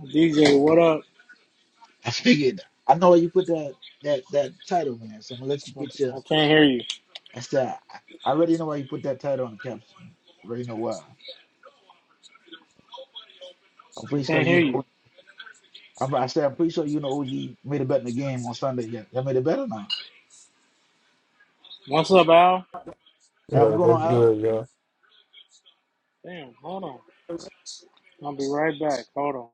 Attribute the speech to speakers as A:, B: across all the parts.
A: DJ, what up?
B: I figured I know why you put that that that title, man. So I'm gonna let you get your.
A: I I can't hear you.
B: I said I, I already know why you put that title on the caption, man. I already know why. I'm
A: I
B: pretty sure
A: can't
B: you
A: hear you.
B: know. I'm, I said I'm pretty sure you know OG made a bet in the game on Sunday. Yeah, y'all made a bet or not?
A: What's up, Al?
B: Al, what's
C: Yeah, that's
B: going on, Al?
C: good, y'all.
A: Damn, hold on. I'll be right back. Hold on.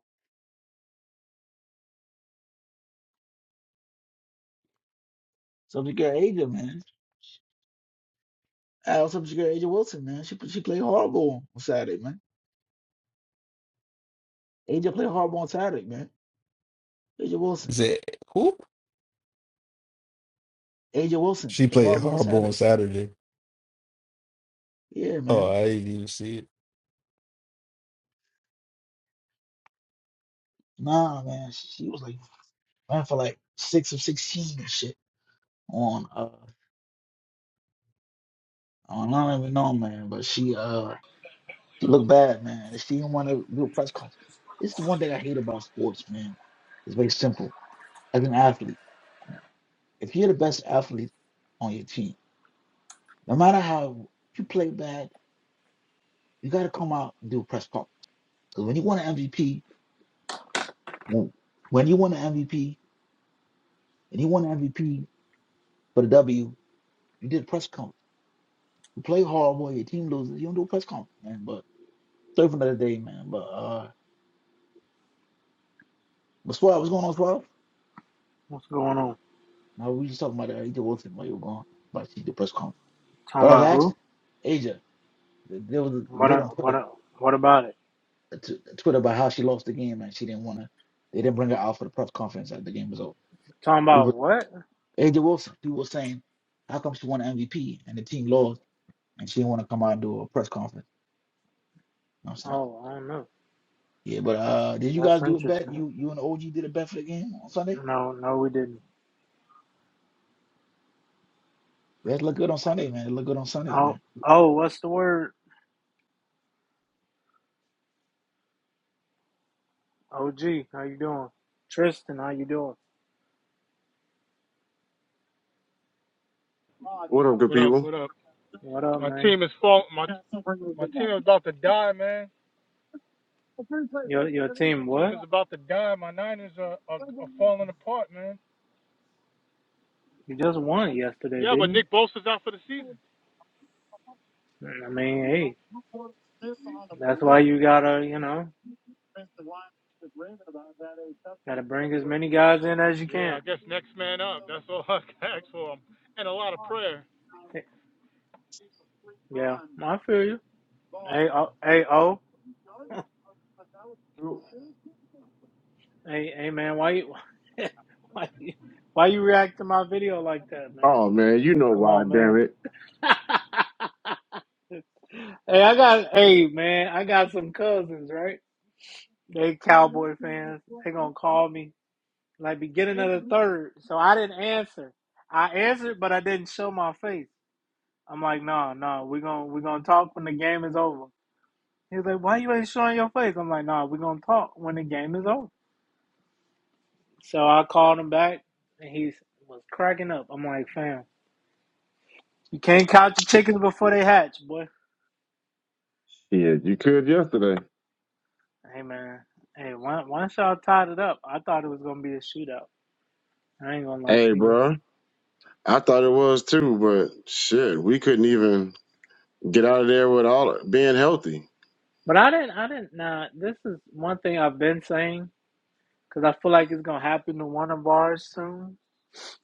B: Subject girl Aja, man. Al, subject girl Aja Wilson, man. She she played hardball on Saturday, man. Aja played hardball on Saturday, man. Aja Wilson.
C: Is it who?
B: Aja Wilson
C: She
B: played
C: played
B: hardball on
C: horrible on
B: Saturday.
C: Saturday.
B: Yeah,
C: Oh,
B: man.
C: I didn't even see it.
B: Nah, man. She, she was like man for like six of sixteen and shit. on uh on I don't even know man, but she uh she looked bad man. She didn't want to do a press conference. It's the one thing I hate about sports, man. It's very simple. As an athlete, if you're the best athlete on your team, no matter how you play bad, you got to come out and do a press conference. Because when you win an MVP, when when you win an MVP, when you win an MVP for the W, you did a press conference. You play horrible, your team loses, you don't do a press conference, man. But serve another day, man. But uh, but Swab, what's going on, Swab?
A: What's going on?
B: Now we just talking about uh, AJ Wilson while you were gone, but see the press conference.
A: Talking
B: But I was
A: about who?
B: asking Asia, th- there was a
A: What?
B: debate
A: a-
B: on
A: What?
B: Twitter,
A: a- What about it?
B: uh, t- Twitter about how she lost the game and she didn't want to. They didn't bring her out for the press conference after the game was over.
A: Talking
B: It
A: about
B: was
A: what?
B: AJ Wilson. People were saying, how come she won MVP and the team lost and she didn't want to come out and do a press conference? You know what I'm saying,
A: Oh, I don't know.
B: yeah, but
A: That's
B: uh, did you
A: that's
B: guys do a bet?
A: interesting.
B: You you and the OG did a bet for the game on Sunday.
A: No, no, we didn't.
B: We had to look good on Sunday, man. It looked good on Sunday,
A: Oh,
B: man.
A: oh, what's the word? OG, how you doing? Tristan, how you doing?
D: What up, good
E: What up?
D: people?
E: What up?
A: What up,
E: My
A: man?
E: team is fall. My my team is about to die, man.
A: Your your team,
E: My team
A: what?
E: is about to die. My Niners are are, are falling apart, man.
A: You just won yesterday,
E: Yeah,
A: didn't
E: but
A: you?
E: Nick Bosa's out for the season.
A: Mm, I mean, hey, that's why you gotta, you know, gotta bring as many guys in as you
E: Yeah,
A: can.
E: I guess next man up. That's all I can ask for him, and a lot of prayer.
A: Hey, Yeah, I feel you. Hey, oh, hey, oh, hey, hey, man, why you, why you, why you react to my video like that, man?
D: Oh man, you know
A: Come
D: why?
A: on,
D: Damn
A: man.
D: it!
A: hey, I got, hey, man, I got some cousins, right? They Cowboy fans, they gonna call me like beginning of the third. So I didn't answer. I answered, but I didn't show my face. I'm like, no, nah, no, nah, we gonna we gonna talk when the game is over. He's like, why you ain't showing your face? I'm like, no, nah, we gonna talk when the game is over. So I called him back, and he was cracking up. I'm like, fam, you can't count your chickens before they hatch, boy.
D: Shit, you could yesterday.
A: Hey man, hey, once once y'all tied it up, I thought it was gonna be a shootout. I ain't gonna lie
D: Hey,
A: to you.
D: bro, I thought it was too, but shit, we couldn't even get out of there with all being healthy.
A: But I didn't. I didn't. Nah. this is one thing I've been saying because I feel like it's gonna happen to one of ours soon.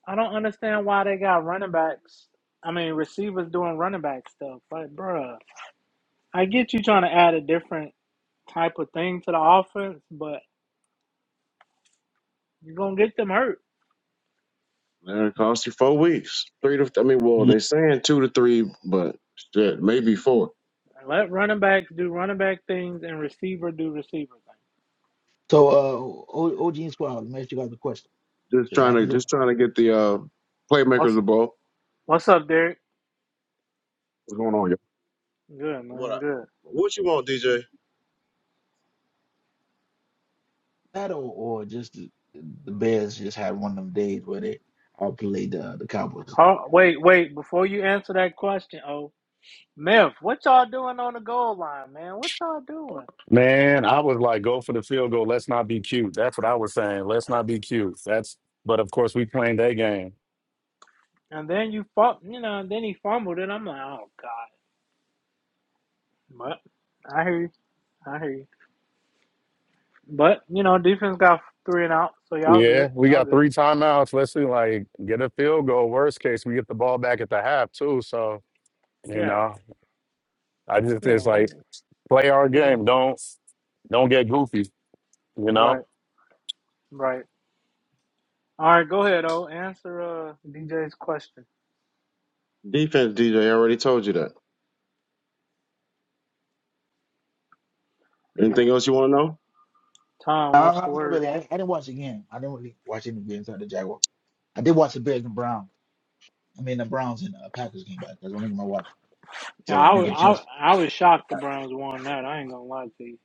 A: I don't understand why they got running backs. I mean, receivers doing running back stuff. Like, bruh, I get you trying to add a different type of thing to the offense, but you're gonna get them hurt.
D: Man, It cost you four weeks, three to. I mean, well,
B: Yeah.
D: they saying two to three, but shit, maybe four.
A: Let running backs do running back things and receiver do receiver things.
B: So uh, O- OG and Squad, let me ask you guys a question.
D: Just
B: Because I
D: trying to,
B: haven't looked
D: just trying to get the uh, playmakers
A: What's
D: the ball.
A: What's up, Derek?
F: What's going on,
A: Good
D: What?
A: man.
D: I,
A: Good.
D: what you want, DJ?
B: That or, or just the, the Bears just had one of them days where they outplayed the the Cowboys.
A: Oh, wait, wait. Before you answer that question, oh. Meth, what y'all doing on the goal line, man? What y'all doing?
G: Man, I was like, go for the field goal. Let's not be cute. That's what I was saying. Let's not be cute. That's but of course we playing that game.
A: And then you fum you know, and then he fumbled it. I'm like, oh god. But I hear you. I hear you. But you know, defense got three and out, so y'all
G: Yeah,
A: good.
G: we
A: Y'all
G: got
A: good.
G: three timeouts. Let's see, like get a field goal. Worst case, we get the ball back at the half too. So you
A: Yeah,
G: know, I just
A: yeah.
G: it's
A: We
G: like play our
A: we're gonna
G: game.
A: see.
G: Don't don't get goofy. You
A: Right,
G: know,
A: right. All right, go ahead. Oh, answer uh DJ's question.
D: Defense, DJ. I already told you that.
A: Yeah,
D: Anything else you want to know?
A: Tom, what's
B: Uh,
A: the
B: not
A: word?
B: really. I, I didn't watch the game. I didn't really watch any games out of the Jaguars. I did watch the Bears and Browns. I mean the Browns and uh, Packers game, but that's the only game I watched.
A: Yeah,
B: So I
A: I
B: didn't
A: was
B: get a chance
A: I, I was shocked the Browns won that. I ain't gonna lie to you,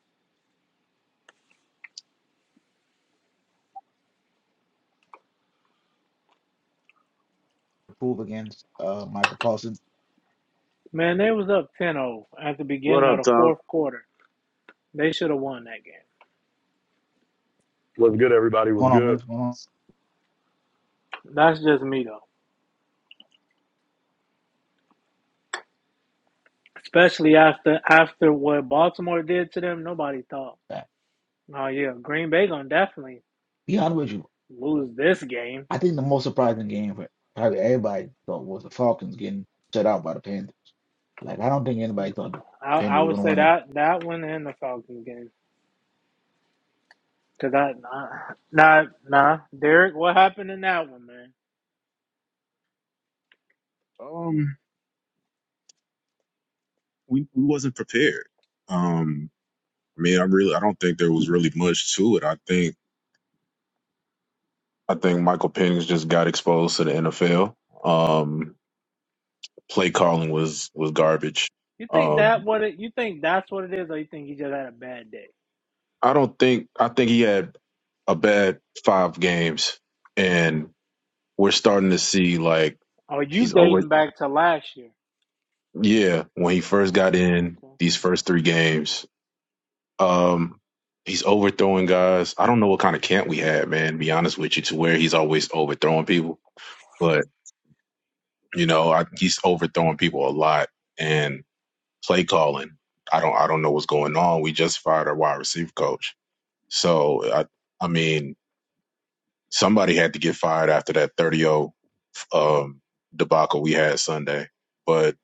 B: to prove against uh Michael Paulson.
A: man. They was up ten zero at the
D: What
A: beginning of
D: up,
A: the
D: Tom?
A: fourth quarter. They should have won that game.
G: was good. Everybody was
B: Going on,
G: good.
B: Miss, going on.
A: That's just me though. Especially after after what Baltimore did to them, nobody thought.
B: Uh,
A: Oh yeah, Green Bay gonna definitely
B: Be honest with you.
A: lose this game.
B: I think the most surprising game for probably everybody thought was the Falcons getting shut out by the Panthers. Like I don't think anybody thought the
A: I, I
B: Panthers
A: would
B: were gonna
A: say
B: win it.
A: that that one and the Falcons game. Cause I nah nah, nah. Derek, what happened in that one, man?
F: y'all? Um, we, we wasn't prepared. Um, I mean, I really I don't think there was really much to it. I think I think Michael Penix just got exposed to the NFL. Um, play calling was was
A: You,
F: garbage.
A: you think that
F: Um,
A: what it you think that's what it is, or you think he just had a bad day?
F: I don't think I think he had a bad five games, and we're starting to see like
A: Are you
F: he's always
A: dating back to last year?
F: yeah. When he first
A: Oh,
F: got in
A: okay.
F: these first three games. Um, he's overthrowing guys. I don't know what kind of camp we had, man. To be honest with you, to where he's always overthrowing people, but you know, I, he's overthrowing people a lot and play calling. I don't, I don't know what's going on. We just fired our wide receiver coach, so I, I mean, somebody had to get fired after that thirty o um, debacle we had Sunday. But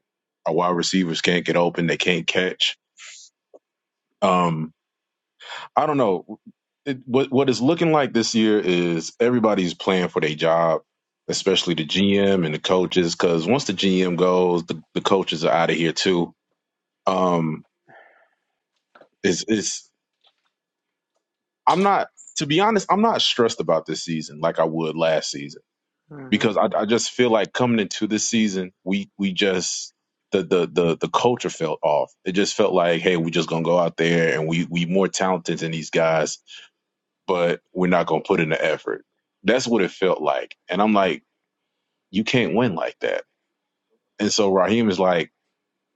F: our wide receivers can't get open; they can't catch. Um I don't know. It, what what it's looking like this year is everybody's playing for their job, especially
A: hmm
F: the GM and the coaches. Because once the GM goes, the, the coaches are out of here too. Um, it's it's I'm not to be honest. I'm not stressed about this season like I would last season
A: hmm
F: because I, I just feel like coming into this season, we we just the, the the the culture felt off. It just felt like, hey, we just gonna go out there and we we more talented than these guys but we're not going to put in the effort. That's what it felt like. And I'm like, you can't win like that. And so Raheem is like,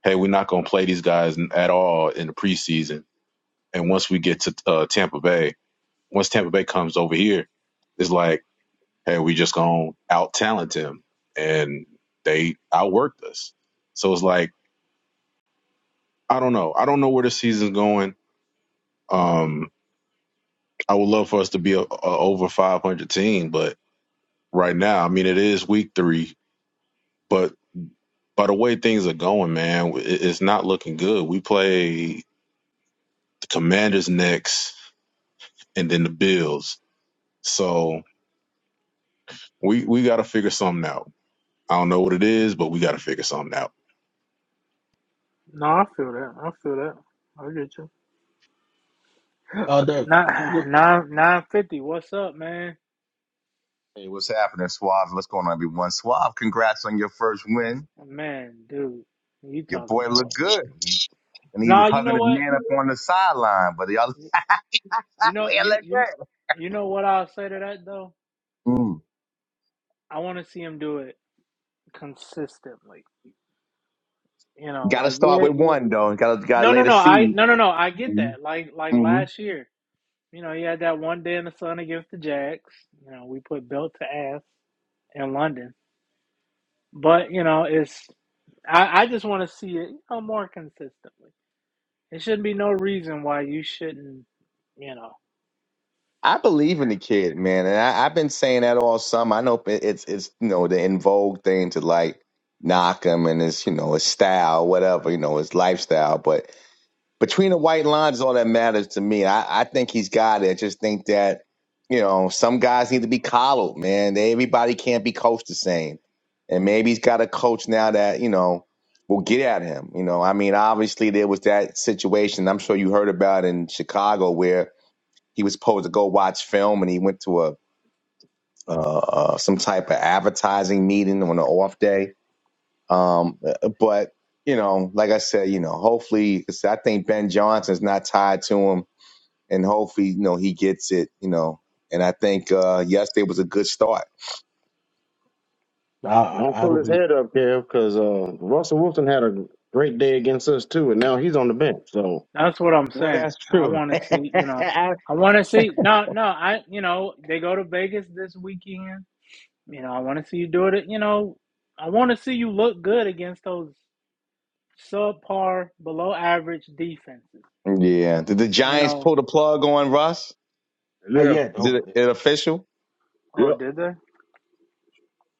F: hey, we're not going to play these guys at all in the preseason. And once we get to uh, Tampa Bay, once Tampa Bay comes over here, it's like, hey, we just going to out talent him. And they outworked us. So it's like, I don't know. I don't know where the season's going. Um, I would love for us to be a, a over 500 team, but right now, I mean, it is week three, but by the way things are going, man, it- it's not looking good. We play the Commanders next, and then the Bills. So we we got to figure something out. I don't know what it is, but we got to figure something out.
A: No, I feel that. I feel that. I get you.
B: Uh, the
A: Nine nine nine fifty. What's up, man?
H: Hey, what's happening, Suave? What's going on, everyone? Suave, congrats on your first win.
A: Man, dude, you
H: Your
A: talk
H: boy
A: about.
H: looked good. And he
A: Nah,
H: was
A: you
H: hugging
A: know
H: his
A: what?
H: man up on the sideline, but y'all
A: You know
H: he
A: you
H: look
A: you
H: good.
A: you know what I'll say to that though.
H: Mm.
A: I want to see him do it consistently. You know,
H: Gotta
A: like
H: start
A: yeah,
H: with
A: yeah.
H: one though. Gotta gotta
A: No,
H: lay
A: no,
H: the
A: no. I
H: seed.
A: no, no, no. I get
H: Mm-hmm.
A: that. Like like
H: Mm-hmm.
A: last year, you know, he had that one day in the sun against the Jags. You know, we put belt to ass in London, but you know, it's I I just want to see it you know, more consistently. It shouldn't be no reason why you shouldn't, you know.
H: I believe in the kid, man. And I, I've been saying that all summer. I know it- it's it's you know the in vogue thing to like knock him and his, you know, his style, whatever, you know, his lifestyle. But between the white lines is all that matters to me. I, I think he's got it. I just think that, you know, some guys need to be coddled, man. They, everybody can't be coached the same. And maybe he's got a coach now that, you know, will get at him. You know, I mean, obviously there was that situation I'm sure you heard about in Chicago where he was supposed to go watch film and he went to a uh, uh, some type of advertising meeting on an off day um, uh, but you know, like I said, you know, hopefully, 'cause I think Ben Johnson's not tied to him, and hopefully, you know, he gets it. You know, and I think uh, yesterday was a good start.
B: I, I
D: Don't
B: I
D: fill
B: don't.
D: his head up, Kev, because uh, Russell Wilson had a great day against us too, and now he's on the bench. So
A: That's what I'm
H: Well,
A: saying.
H: that's
A: I
H: true.
A: want to see, you know, I want to see. No, no, I, you know, they go to Vegas this weekend. You know, I want to see you do it. You know, I want to see you look good against those subpar, below average defenses.
H: Yeah. Did the
A: You
H: Giants
A: know,
H: pull the plug on Russ?
B: Not
D: Yeah,
B: yet.
H: Is
B: Oh,
H: it, it official?
A: oh,
D: yep.
A: did they?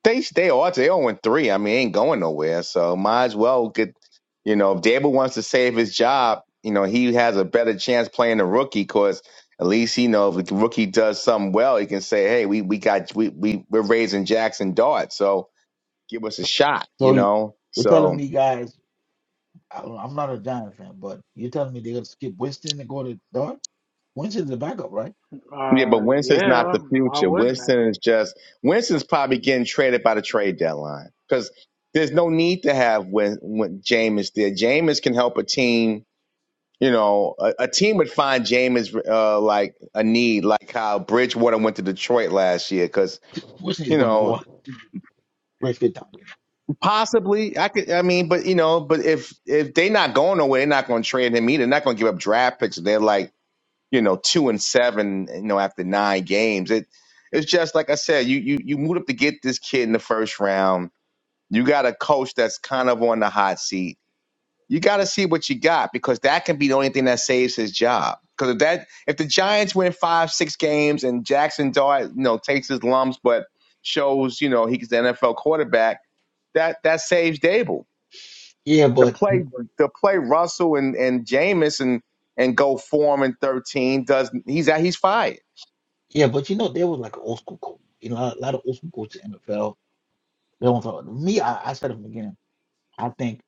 H: They they are they on three. I mean, ain't going nowhere. So might as well get. You know, if Dable wants to save his job, you know he has a better chance playing the rookie because at least he know if the rookie does something well, he can say, "Hey, we we got we we we're raising Jackson Dart, so give us a shot." You
B: so you-
H: know,
B: you're telling
H: so
B: me, guys, I I'm not a Giant fan, but you're telling me they're going to skip Winston and go to Dart? Winston's the backup, right?
H: yeah. But
A: Uh,
H: Winston's not
A: yeah.
H: the
A: Why
H: future.
A: wouldn't they?
H: Winston is just Winston's probably getting traded by the trade deadline because there's no need to have when when Jameis there. Jameis can help a team You know, a, a team would find Jameis uh, like a need, like how Bridgewater went to Detroit last year, because
B: Winston is
H: you
B: going to
H: know
B: walk break it down. there.
H: possibly I could. I mean, but you know, but if if they not going nowhere, they're not going to trade him either. They're not going to give up draft picks. They're like you know two and seven, you know, after nine games. It it's just like I said, you you you moved up to get this kid in the first round. You got a coach that's kind of on the hot seat you got to see what you got because that can be the only thing that saves his job. Because if that if the Giants win five six games and Jackson Dart you know takes his lumps but shows you know he's the NFL quarterback that that saves Dable
B: Yeah,
H: to
B: but
H: play to play Russell and and Jameis and and go form in thirteen does he's out he's fired.
B: yeah, but you know, they was like an old school coach. You know, a lot of old school coaches in NFL. They don't talk. Me, I, I said it from the beginning. I think.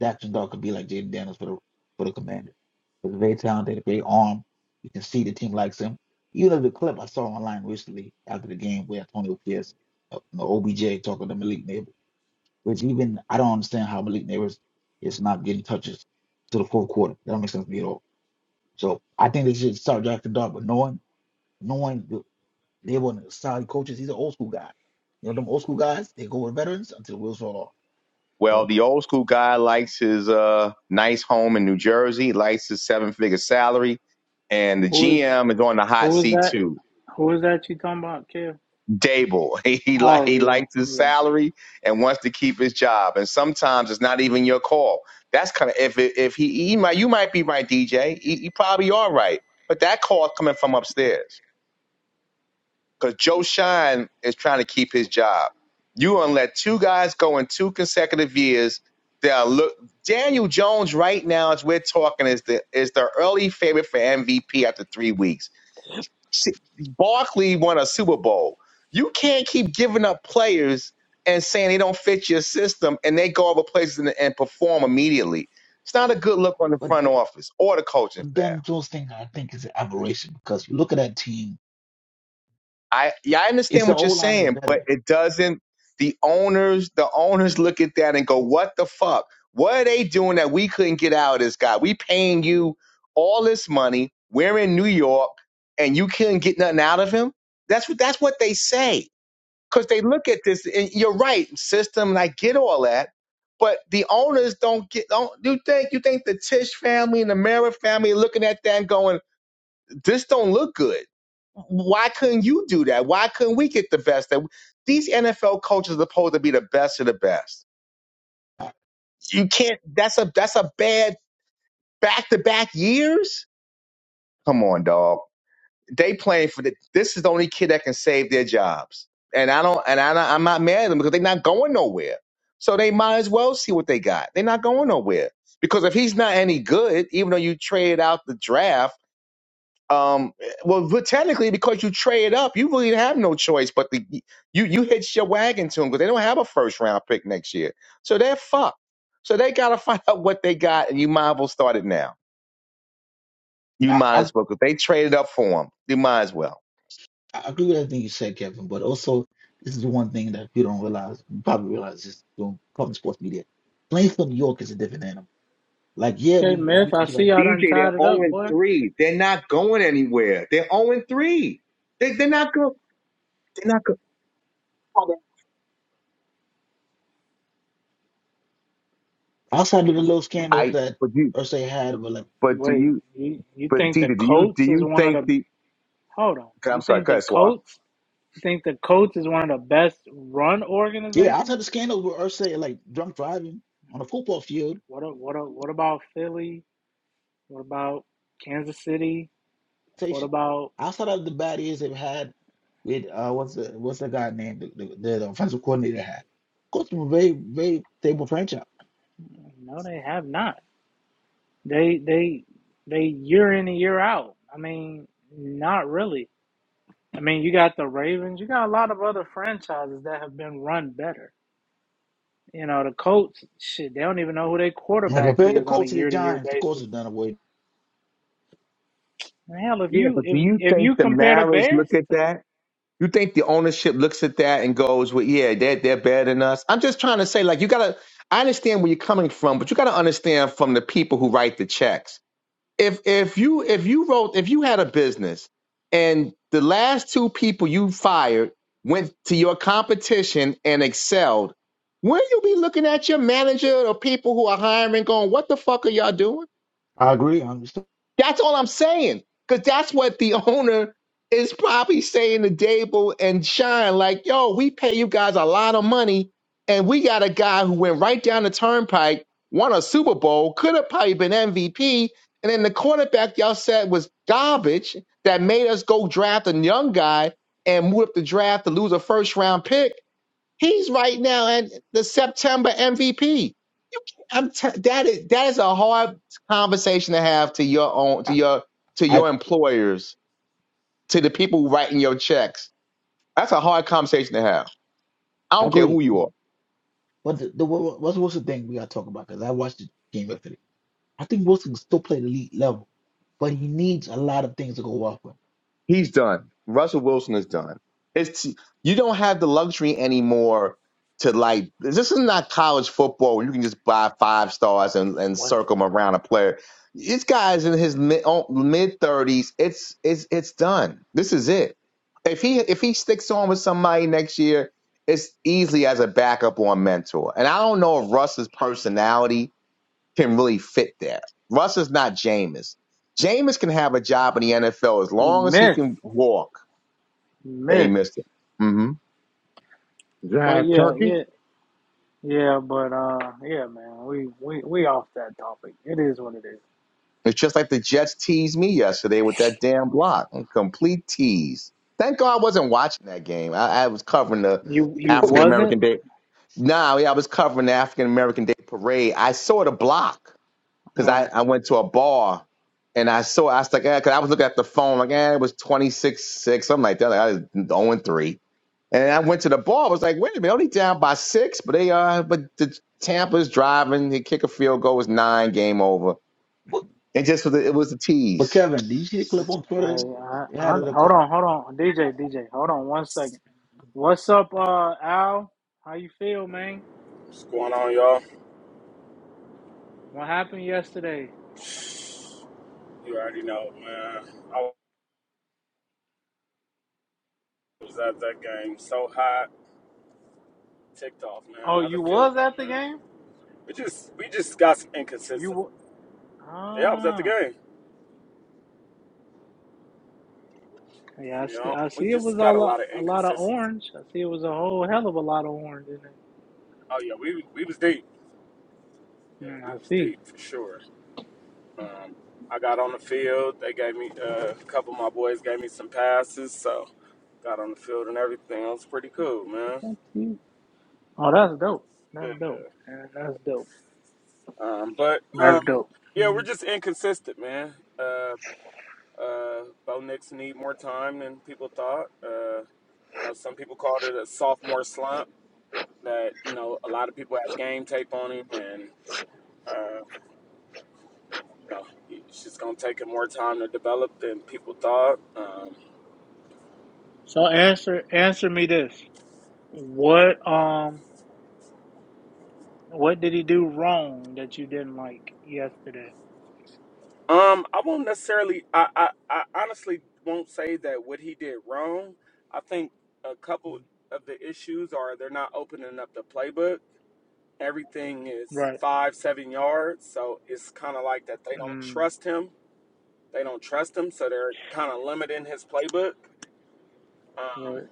B: Daxter Dog could be like Jaden Daniels for the for the Commanders. He's very talented, very armed. You can see the team likes him. Even there's a clip I saw online recently after the game where Antonio Pierce, uh, you know, OBJ talking to Malik Neighbors, which even I don't understand how Malik Neighbors is not getting touches to the fourth quarter. That don't make sense to me at all. So I think they should start Daxter Dog, but knowing knowing the, they were solid coaches. He's an old school guy. You know them old school guys. They go with veterans until wheels fall off.
H: Well,
B: So,
H: the old school guy likes his uh nice home in New Jersey, likes his seven figure salary, and the
A: Who is
H: GM is on the hot
A: who is
H: seat
A: that?
H: too
A: Who is that you talking about, Kev?
H: Dable. He like
A: Oh
H: he
A: yeah,
H: likes his
A: yeah.
H: salary and wants to keep his job. And sometimes it's not even your call. That's kind of if it, if he, he might you might be right, DJ. You you probably are right, but that call is coming from upstairs because Joe Shine is trying to keep his job. You gonna let two guys go in two consecutive years? They'll look Daniel Jones right now as we're talking is the is the early favorite for MVP after three weeks. Sh- Barkley won a Super Bowl. You can't keep giving up players and saying they don't fit your system and they go other places and, and perform immediately. It's not a good look on the
B: but
H: front office or the coaching
B: But
H: staff.
B: Dan Jones thing, I think, is an aberration because you look at that team.
H: I yeah, I
B: It's
H: understand
B: the
H: what
B: O
H: you're
B: line is
H: saying, but
B: better.
H: it doesn't the owners the owners look at that and go, What the fuck? What are they doing that we couldn't get out of this guy? We paying you all this money. We're in New York and you couldn't get nothing out of him? That's what that's what they say because they look at this and you're right system and i get all that but the owners don't get don't you think you think the tish family and the Mara family are looking at that and going this don't look good why couldn't you do that why couldn't we get the best that these nfl coaches are supposed to be the best of the best you can't that's a that's a bad back-to-back years come on dog they playing for the, this is the only kid that can save their jobs. And I don't, and I, don't- I'm not mad at them because they're not going nowhere. So they might as well see what they got. They're not going nowhere because if he's not any good, even though you trade out the draft, um, well, but technically because you trade up, you really have no choice but the you you hitch your wagon to them because they don't have a first round pick next year, so they're fucked. So they gotta find out what they got, and you might as well start it now. You
B: I,
H: might
B: I,
H: as well because they traded up for him. You might as well.
B: I agree with everything you said, Kevin. But also, this is one thing that you don't realize. You probably realize this from from sports media. Playing for New York is a different animal. Like, yeah,
A: Okay,
B: we
A: Myth.
B: agree.
A: I
B: that You
A: see
B: got
A: y'all done
H: DJ, they're
A: tied it up,
H: 0 and
A: boy.
H: 3. They're not going anywhere. They're 0 and 3. They, they're not going. They're not going.
B: outside of the little scandals
H: I,
B: that
H: but you,
B: Ursay had, but like,
H: but do
A: Wait,
H: you,
A: you you
H: but
A: think the
H: DJ, do you, do
A: Colts is
H: you
A: one of
H: think
A: the
H: the,
A: hold on?
H: I'm
A: You
H: sorry,
A: think the
H: cut Swa.
A: Colts? You think the Colts is one of the best run
B: yeah,
A: organizations?
B: outside the scandals with Ursay like drunk driving on a football field.
A: What a, what a, what about Philly? What about Kansas City? What
B: station.
A: about
B: Outside of the bad years they've had with uh, what's the what's the guy named the, the, the offensive coordinator had. Colts were a very very stable franchise.
A: no? They have not. They they they year in and year out. I mean, not really. I mean, you got the Ravens. You got a lot of other franchises that have been run better. You know, the Colts, shit, they don't even know who their
B: Like
A: quarterback
B: compared to the
A: is on a
B: Colts to the
A: year to year
B: Giants, the
A: basis
B: Colts have done away.
A: Hell, if
H: Yeah,
A: you
H: but do
A: if
H: you
A: if
H: think
A: you
H: the
A: compare the
H: Maras
A: Bears
H: look at
A: to the
H: that? You think the ownership looks at that and goes, well, yeah, they're, they're better than us? I'm just trying to say, like, you got to, I understand where you're coming from, but you got to understand from the people who write the checks if if you if you wrote if you had a business and the last two people you fired went to your competition and excelled, wouldn't you be looking at your manager or people who are hiring going, what the fuck are y'all doing?
B: I agree. I'm
H: That's all I'm saying. Because that's what the owner is probably saying to Dable and Shine, like, yo, we pay you guys a lot of money, and we got a guy who went right down the turnpike, won a Super Bowl, could have probably been MVP, and then the quarterback y'all said was garbage that made us go draft a young guy and move up the draft to lose a first round pick. He's right now at the September MVP. I'm t- that is that is a hard conversation to have to your own to
B: I,
H: your to
B: I
H: your employers to the people writing your checks. That's a hard conversation to have. I
B: I
H: don't care
B: agree.
H: who you are.
B: But but the, the what- what's Wilson thing we gotta talk about? Because I watched the game yesterday. I think Wilson can still play the elite level, but he needs a lot of things to go off with.
H: He's done. Russell Wilson is done. It's you don't have the luxury anymore to like. This is not college football where you can just buy five stars and, and
A: what's
H: circle
A: the
H: them around a player. This guy's in his mid thirties. It's it's it's done. This is it. If he if he sticks on with somebody next year, it's easily as a backup or a mentor. And I don't know if Russ's personality can really fit there. Russ is not Jameis. Jameis can have a job in the NFL as
A: he
H: long as he
A: missed
H: can walk. Hey,
A: missed,
H: Mister. it. hmm
A: but
D: drive
A: yeah
D: turkey
A: yeah yeah but uh yeah man we we we off that topic. It is what it is.
H: It's just like the Jets teased me yesterday with that damn block. complete tease. Thank God I wasn't watching that game. I, I was covering the
A: You you
H: African
B: Okay.
A: wasn't
H: American Day. Nah, yeah, I was covering the African American Day parade. I saw the block because I,
A: well.
H: I went to a bar and I saw I was like, eh, 'cause I was looking at the phone like, eh, it was 26-6, something like that. Like I was 0 and 3 And I went to the bar. I was like, wait a minute, only down by six, but they uh, but the Tampa's driving. They kick a field goal it was nine, game over.
B: But,
H: And just was a, it was a
B: but
H: tease.
B: Kevin, did you see the clip on
A: I,
B: Twitter?
A: I,
B: They had
A: I
B: it in the
A: hold on hold on DJ DJ hold on one second. What's up uh Al? How you feel man?
I: What's going on, y'all?
A: What happened yesterday?
I: You already know, man. I was at that game so hot, ticked off, man.
A: Oh
I: Another
A: you
I: field
A: was
I: goal,
A: at the
I: man.
A: game?
I: We just we just got some
A: You
I: inconsistency.
A: wa-
I: Yeah, I was at the
A: ah.
I: game.
A: Yeah, I
I: You
A: see.
I: know,
A: I
I: we
A: see. It
I: just
A: was
I: got a
A: all
I: lot
A: a,
I: of
A: a lot of
I: inconsistency.
A: orange. I see. It was a whole hell of a lot of orange in there.
I: Oh yeah, we we was deep. Yeah,
A: Mm,
I: we
A: I
I: was
A: see.
I: deep for sure. Um, I got on the field. They gave me uh, a couple of my boys gave me some passes, so got on the field and everything. It was pretty cool, man.
A: I see. Oh, that's dope. That's dope. Yeah, That's dope.
I: Um, but
A: That's
I: um,
A: dope.
I: yeah, we're
A: Mm.
I: just inconsistent, man. Uh, Uh, Bo Nix need more time than people thought. Uh, you know, some people called it a sophomore slump. That you know, a lot of people have game tape on him, and uh, you know, it's just gonna take him more time to develop than people thought. Um,
A: So answer answer me this: What um what did he do wrong that you didn't like yesterday?
I: um, I won't necessarily. I, I, I honestly won't say that what he did wrong. I think a
A: Mm.
I: couple of the issues are they're not opening up the playbook. Everything is
A: Right.
I: five, seven yards, so it's kind of like that they don't
A: Mm.
I: trust him They don't trust him, so they're kind of limiting his playbook. Um,
A: Right.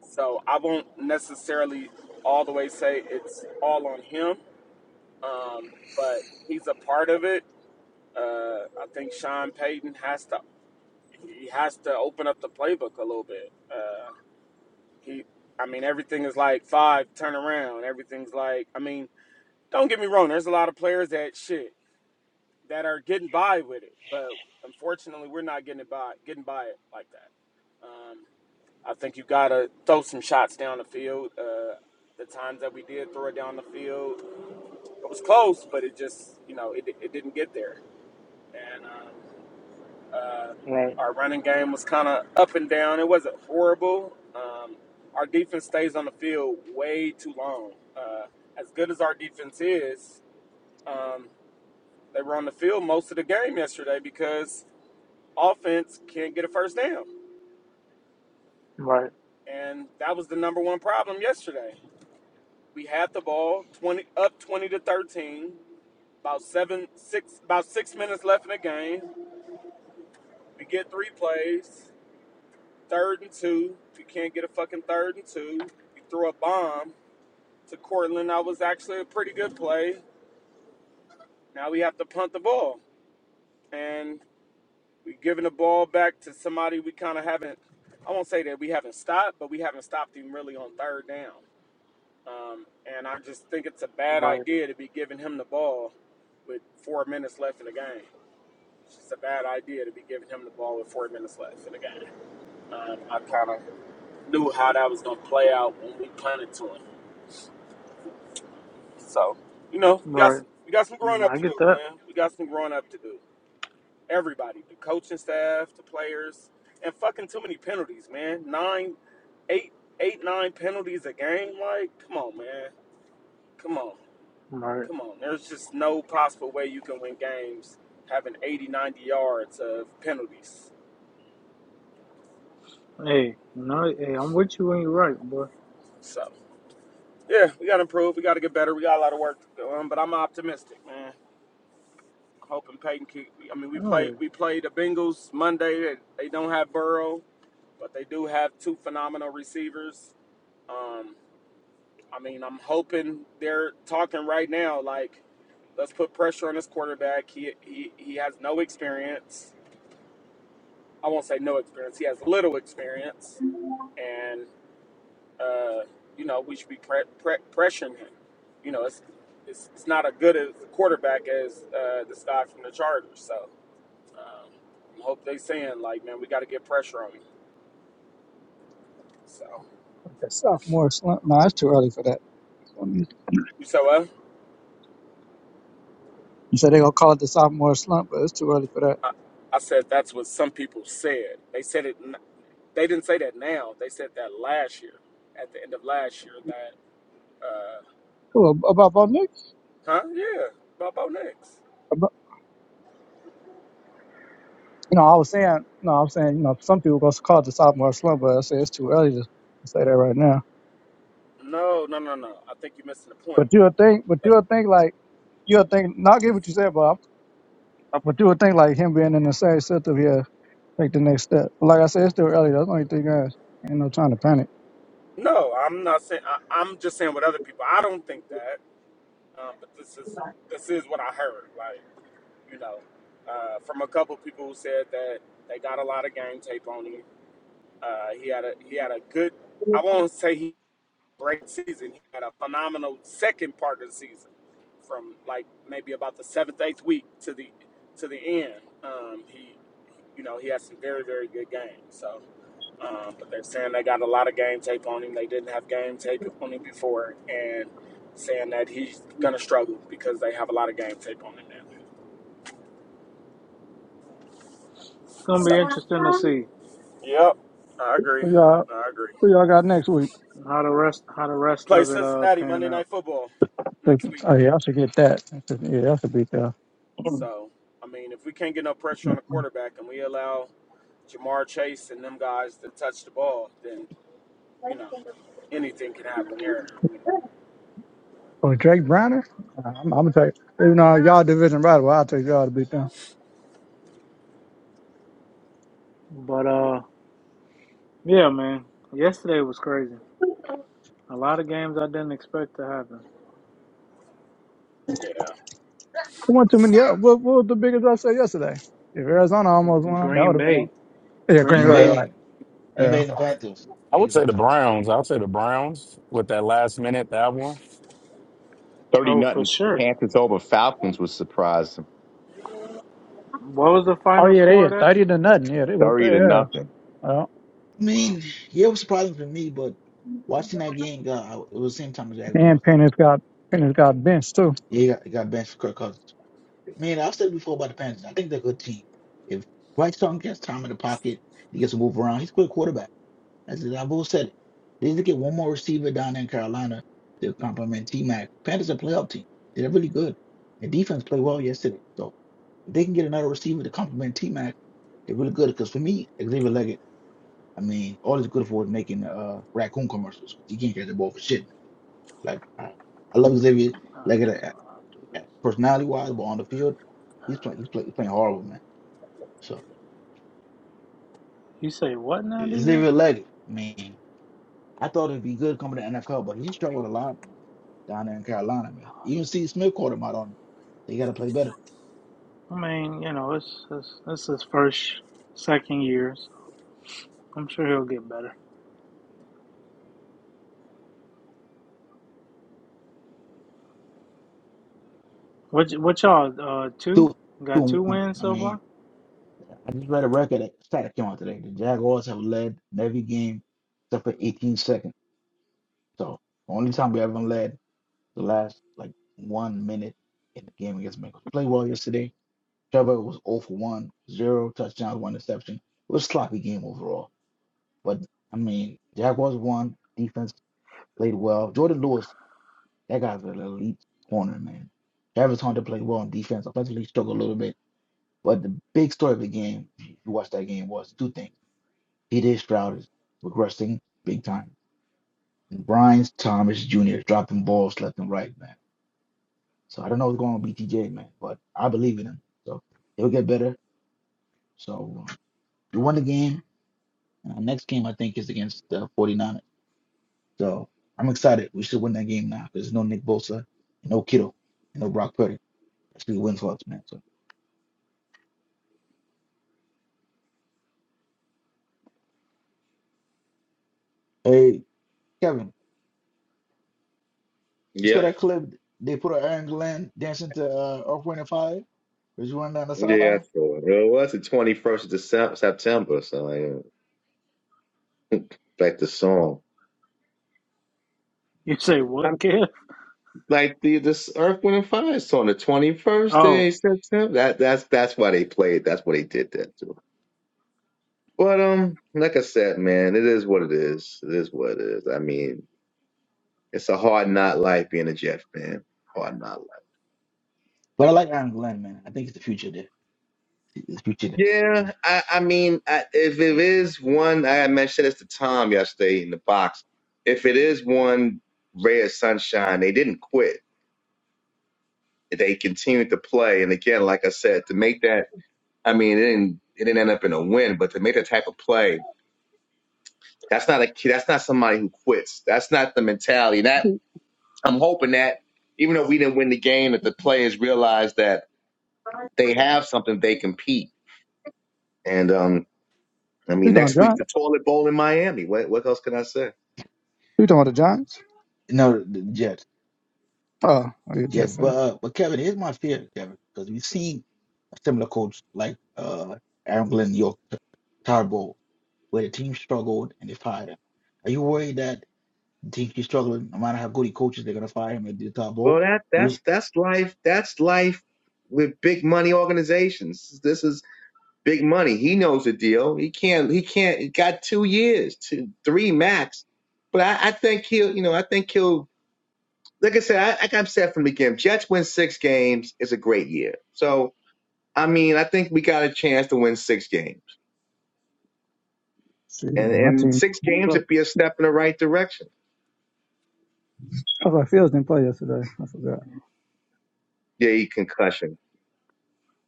I: so I won't necessarily all the way say it's all on him, um, but he's a part of it. Uh, I think Sean Payton has to he has to open up the playbook a little bit. Uh, he, I mean, everything is like five turn around. Everything's like, I mean, don't get me wrong. There's a lot of players that shit that are getting by with it, but unfortunately, we're not getting it by getting by it like that. Um, I think you gotta throw some shots down the field. Uh, the times that we did throw it down the field, it was close, but it just you know it, it didn't get there. And um, uh,
A: Right.
I: our running game was kind of up and down. It wasn't horrible. Um, our defense stays on the field way too long. Uh, as good as our defense is, um, they were on the field most of the game yesterday because offense can't get a first down,
A: Right.
I: and that was the number one problem yesterday. We had the ball, twenty up twenty to thirteen. About seven, six, about six minutes left in the game. We get three plays, third and two. We can't get a fucking third and two. We throw a bomb to Cortland. That was actually a pretty good play. Now we have to punt the ball, and we are giving the ball back to somebody we kind of haven't. I won't say that we haven't stopped, but we haven't stopped him really on third down. Um, and I just think it's a bad
A: Right.
I: idea to be giving him the ball with four minutes left in the game. It's a bad idea to be giving him the ball with four minutes left in the game. Um, I kind of knew how that was gonna play out when we punted to him. So, you know, we got
A: Right.
I: some, we got some growing
A: Mm,
I: up
A: I
I: to
A: get
I: do,
A: that.
I: man. We got some growing up to do. Everybody, the coaching staff, the players, and fucking too many penalties, man. Nine, eight, eight, nine penalties a game. Like, come on, man. Come on,
A: Right.
I: come on. There's just no possible way you can win games having 80, 90 yards of penalties.
A: Hey, no. Hey, I'm with you when you're right, boy.
I: So. Yeah, we got to improve. We got to get better. We got a lot of work to do. Um, but I'm optimistic, man. Hoping Peyton keep. I mean, we play
A: No.
I: we play the Bengals Monday. They they don't have Burrow, but they do have two phenomenal receivers. Um, I mean, I'm hoping they're talking right now. Like, let's put pressure on this quarterback. He he he has no experience. I won't say no experience. He has little experience, And. uh, you know, we should be pre- pre- pressuring him. You know, it's, it's it's not as good a quarterback as uh, this guy from the Chargers. So um, I hope they saying like, man, we got to get pressure on him. So
J: That sophomore slump. No, it's too early for that. You
I: you said well,
J: said they're gonna call it the sophomore slump, but it's too early for that.
I: I, I said that's what some people said. They said it. n- They didn't say that now. They said that last year, at the end of last year. That uh,
J: Well, about Bo Nick,
I: huh? Yeah, Bobo next.
J: about, you know, I was saying, no, I'm saying, you know, some people gonna call it the sophomore slump, but I say it's too early to, to say that right now.
I: No, no, no, no. I think you're missing the point.
J: But you'll think, but you'll think like you'll think. Not get what you said, Bob. But you'll think like him being in the same system here, take the next step. But like I said, it's too early. That's the only thing, guys. Ain't no time to panic.
I: No, I'm not saying. I, I'm just saying what other people. I don't think that. Um, but this is this is what I heard, like you know, uh, from a couple people who said that they got a lot of game tape on him. Uh, he had a he had a good. I won't say he great season. He had a phenomenal second part of the season, from like maybe about the seventh eighth week to the to the end. Um, he, you know, he had some very very good games. So um, but they're saying they got a lot of game tape on him. They didn't have game tape on him before, and saying that he's gonna struggle because they have a lot of game tape on him now.
A: It's gonna
I: So,
A: be interesting to see
I: yep, I agree.
J: Who y'all,
I: I agree.
J: who y'all got next week?
A: how the rest how the rest
I: Play
A: of it uh
I: Cincinnati
A: pan
I: Monday Night
A: out.
I: Football next week.
J: Oh yeah, I should get that. I should- Yeah, I should be there.
I: So, I mean, if we can't get no pressure on the quarterback and we allow Jamar Chase and them guys to touch the ball, then you know anything can happen there.
J: Oh, Drake Browner? Uh, I'm, I'm gonna take even though y'all division rival, I'll take y'all to beat them.
A: But uh yeah, man. Yesterday was crazy. A lot of games I didn't expect to happen.
I: Yeah.
J: Who won too many? Yeah, what, what was the biggest upset yesterday? If Arizona almost won, that
A: Green
J: would have been on.
A: Bay.
J: Yeah, Green
A: Green
J: Bay,
A: Bay
B: NBA,
J: right? Yeah.
B: NBA and the Panthers.
G: I would say the Browns. I would say the Browns with that last minute that one.
H: Thirty
A: oh for
H: nothing.
A: sure.
H: Panthers over Falcons was surprising.
A: What was the
J: Oh
A: final
J: yeah, they
A: score of
J: had
A: that?
J: thirty to nothing. Yeah, they whooped
H: Thirty to
J: their ass.
H: nothing.
J: Well,
B: I
A: Wow.
B: mean, yeah, it was surprising for me, but watching that game, God, I- it was the same time as
J: and
B: Jaguars.
J: Pennis got Pennis got benched too.
B: Yeah, he got, he got benched for Kirk Cousins. Man, I've said before about the Panthers. I think they're a good team. If Bryce Young gets time in the pocket, he gets to move around. He's a good quarterback. That's it. I've always said it. They need to get one more receiver down there in Carolina to complement T Mac. Panthers are a playoff team. They're really good. Their defense played well yesterday. So if they can get another receiver to complement T Mac, they're really good. Because for me, Xavier Leggett. I mean, all he's good for is making uh raccoon commercials. he can't catch the ball for shit. Like I, I love Xavier,
A: Alright,
B: like
A: so
B: uh,
A: I'll do
B: uh,
A: this.
B: personality wise, but on the field, he's playing he's, play, he's playing horrible, man. So
A: You say what now, DJ?
B: Xavier Leggett, man, I thought it'd be good coming to NFL, but he struggled a lot down there in Carolina, man. Even Steve Smith called him out on it. They got to play better.
A: I mean, you know, it's it's it's his first second year, so I'm sure he'll get better. What y- what y'all uh two?
B: Two,
A: Got
B: two.
A: two
B: one.
A: wins
B: I
A: so
B: mean,
A: far?
B: I just read a record that stat that came out today. The Jaguars have led in every game except for 18 seconds. So only time we ever led the last like one minute in the game against Bengals. Played well yesterday. Trevor was 0 for 1, zero touchdowns, one interception. It was a sloppy game overall. But I mean, Jaguars won. Defense played well. Jordan Lewis, that guy's an elite corner, man. Travis Hunter played well on defense. Offensively struggled a little bit. But the big story of the game, if you watch that game, was two things. P.J. Stroud is regressing big time. And Brian Thomas Jr. is dropping balls left and right, man. So I don't know what's going on with BTJ, man, but I believe in him. So he'll get better. So uh, we won the game. And our next game, I think, is against the 49ers. So I'm excited. We should win that game now because there's no Nick Bosa, no Kittle, and no Brock Purdy. That's three wins for us, man. So, hey, Kevin, you saw
H: Yep.
B: that clip? They put an Aaron Glenn dancing to uh, Off Wind and Fire. Was you running down the
H: Yeah,
B: sideline?
H: So it was the 21st of December, September, so yeah. back to song.
A: You say what, kid?
H: like the this Earth Wind and Fire song, the twenty first
A: Oh.
H: day of September. That that's that's why they played. That's why they did that too. But um, like I said, man, it is what it is. It is what it is. I mean, it's a hard not life being a Jeff fan. Hard not life.
B: But I like Aaron Glenn, man. I think it's the future there. It's the future there.
H: Yeah, I I mean, I, if it is one, I mentioned this to Tom yesterday in the box. If it is one ray of sunshine, they didn't quit. They continued to play, and again, like I said, to make that I mean, it didn't it didn't end up in a win, but to make that type of play, that's not a kid. That's not somebody who quits. That's not the mentality. And that I'm hoping that even though we didn't win the game, that the players realize that they have something they compete. And um, I
J: You
H: mean,
J: talking
H: next week the
J: Giants?
H: toilet bowl in Miami. What what else can I say?
J: You talking about the Giants?
B: No, the Jets.
J: Oh, oh you Jeff.
B: Yes,
J: fan?
B: but uh, but Kevin, here's my fear, Kevin, because we've seen a similar coach like uh Aaron Glenn York Tarbo, where the team struggled and they fired him. Are you worried that the team keeps struggling, no matter how good he coaches, they're gonna fire him and do
H: Well,
B: Tarbo?
H: that
B: Who's
H: that's that's life. That's life with big money organizations. This is Big money. He knows the deal. He can't. He can't. He got two years, two, three max. But I, I think he'll. You know, I think he'll. Like I said, I, like I've said from the beginning, Jets win six games is a great year. So I mean, I think we got a chance to win six games,
J: See,
H: and
J: my
H: and
J: team.
H: six games
J: Bro,
H: would be a step in the right direction.
J: I thought Fields didn't play yesterday. I forgot.
H: Yeah, he concussion.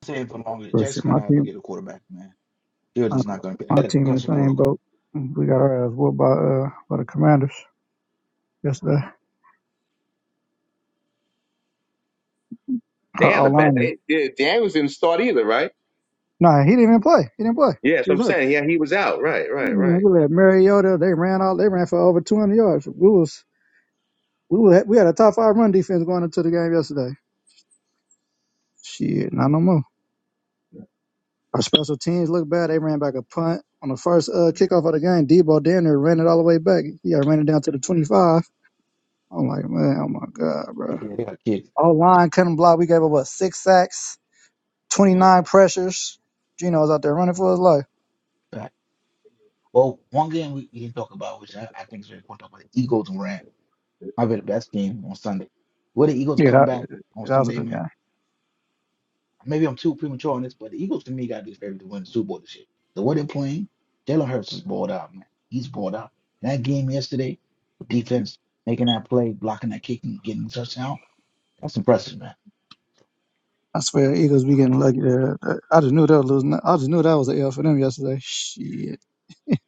B: saying for longer? they're
J: But shit,
B: Just
J: my
B: gonna have to
J: team,
B: get a quarterback, man. Fields
J: my,
B: is not gonna be they
J: my
B: got a
J: team in the
B: concussion
J: same
B: protocol.
J: boat. We got our ass whooped by uh by the Commanders. Yes, sir.
H: They had the bad.
J: Alani.
H: They, yeah, Daniels didn't start either, right?
J: Nah, he didn't even play. He didn't play.
H: Yeah,
J: He
H: so
J: was
H: I'm
J: hurt.
H: saying. Yeah, he was out. Right, right,
J: And
H: right.
J: we let Mariota. They ran out. They ran for over 200 yards. We was we were, we had a top five run defense going into the game yesterday. Shit, not no more. Our special teams look bad. They ran back a punt on the first uh, kickoff of the game. Debo Danner ran it all the way back. Yeah, ran it down to the 25. I'm like, man, oh my god, bro.
B: Yeah, they got kids.
J: Our line couldn't block. We gave up what six sacks, 29 pressures. Gino was out there running for his life.
B: Right. Well, one game we, we didn't talk about, which I, I think is very important, about the Eagles and Rams. Might be the best game on Sunday. Will the Eagles
J: Yeah,
B: come
J: that,
B: back on
J: that was a
B: Sunday,
J: good
B: man?
J: game.
B: Maybe I'm too premature on this, but the Eagles to me got to be favored to win the Super Bowl this year. The way they're playing, Jalen Hurts is balled out, man. He's balled out. That game yesterday, defense making that play, blocking that kick, and getting the touchdown. That's impressive, man.
J: I swear, Eagles be getting lucky there. I just knew they were losing. I just knew that was an L for them yesterday. Shit.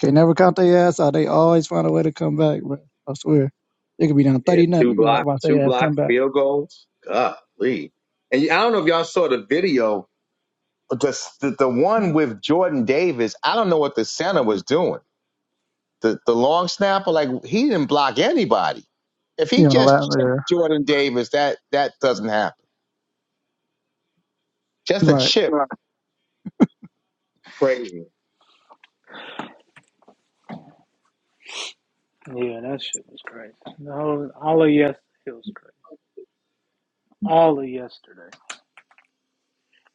J: Can't never count their ass out. They always find a way to come back, bro. I swear. They could be down
H: Yeah,
J: 30 nothing.
H: two
J: You be like,
H: block,
J: watch
H: two
J: their ass
H: block
J: come back.
H: field goals. Golly. And I don't know if y'all saw the video. Just the, the the one with Jordan Davis, I don't know what the center was doing. The the long snapper, like he didn't block anybody. If
J: You
H: he
J: know, the last
H: just chipped
J: there.
H: Jordan Davis, that that doesn't happen. Just a
J: Right.
H: chip. Nah, Crazy.
A: Yeah, that shit was crazy. All, all of yesterday it was crazy. All of yesterday.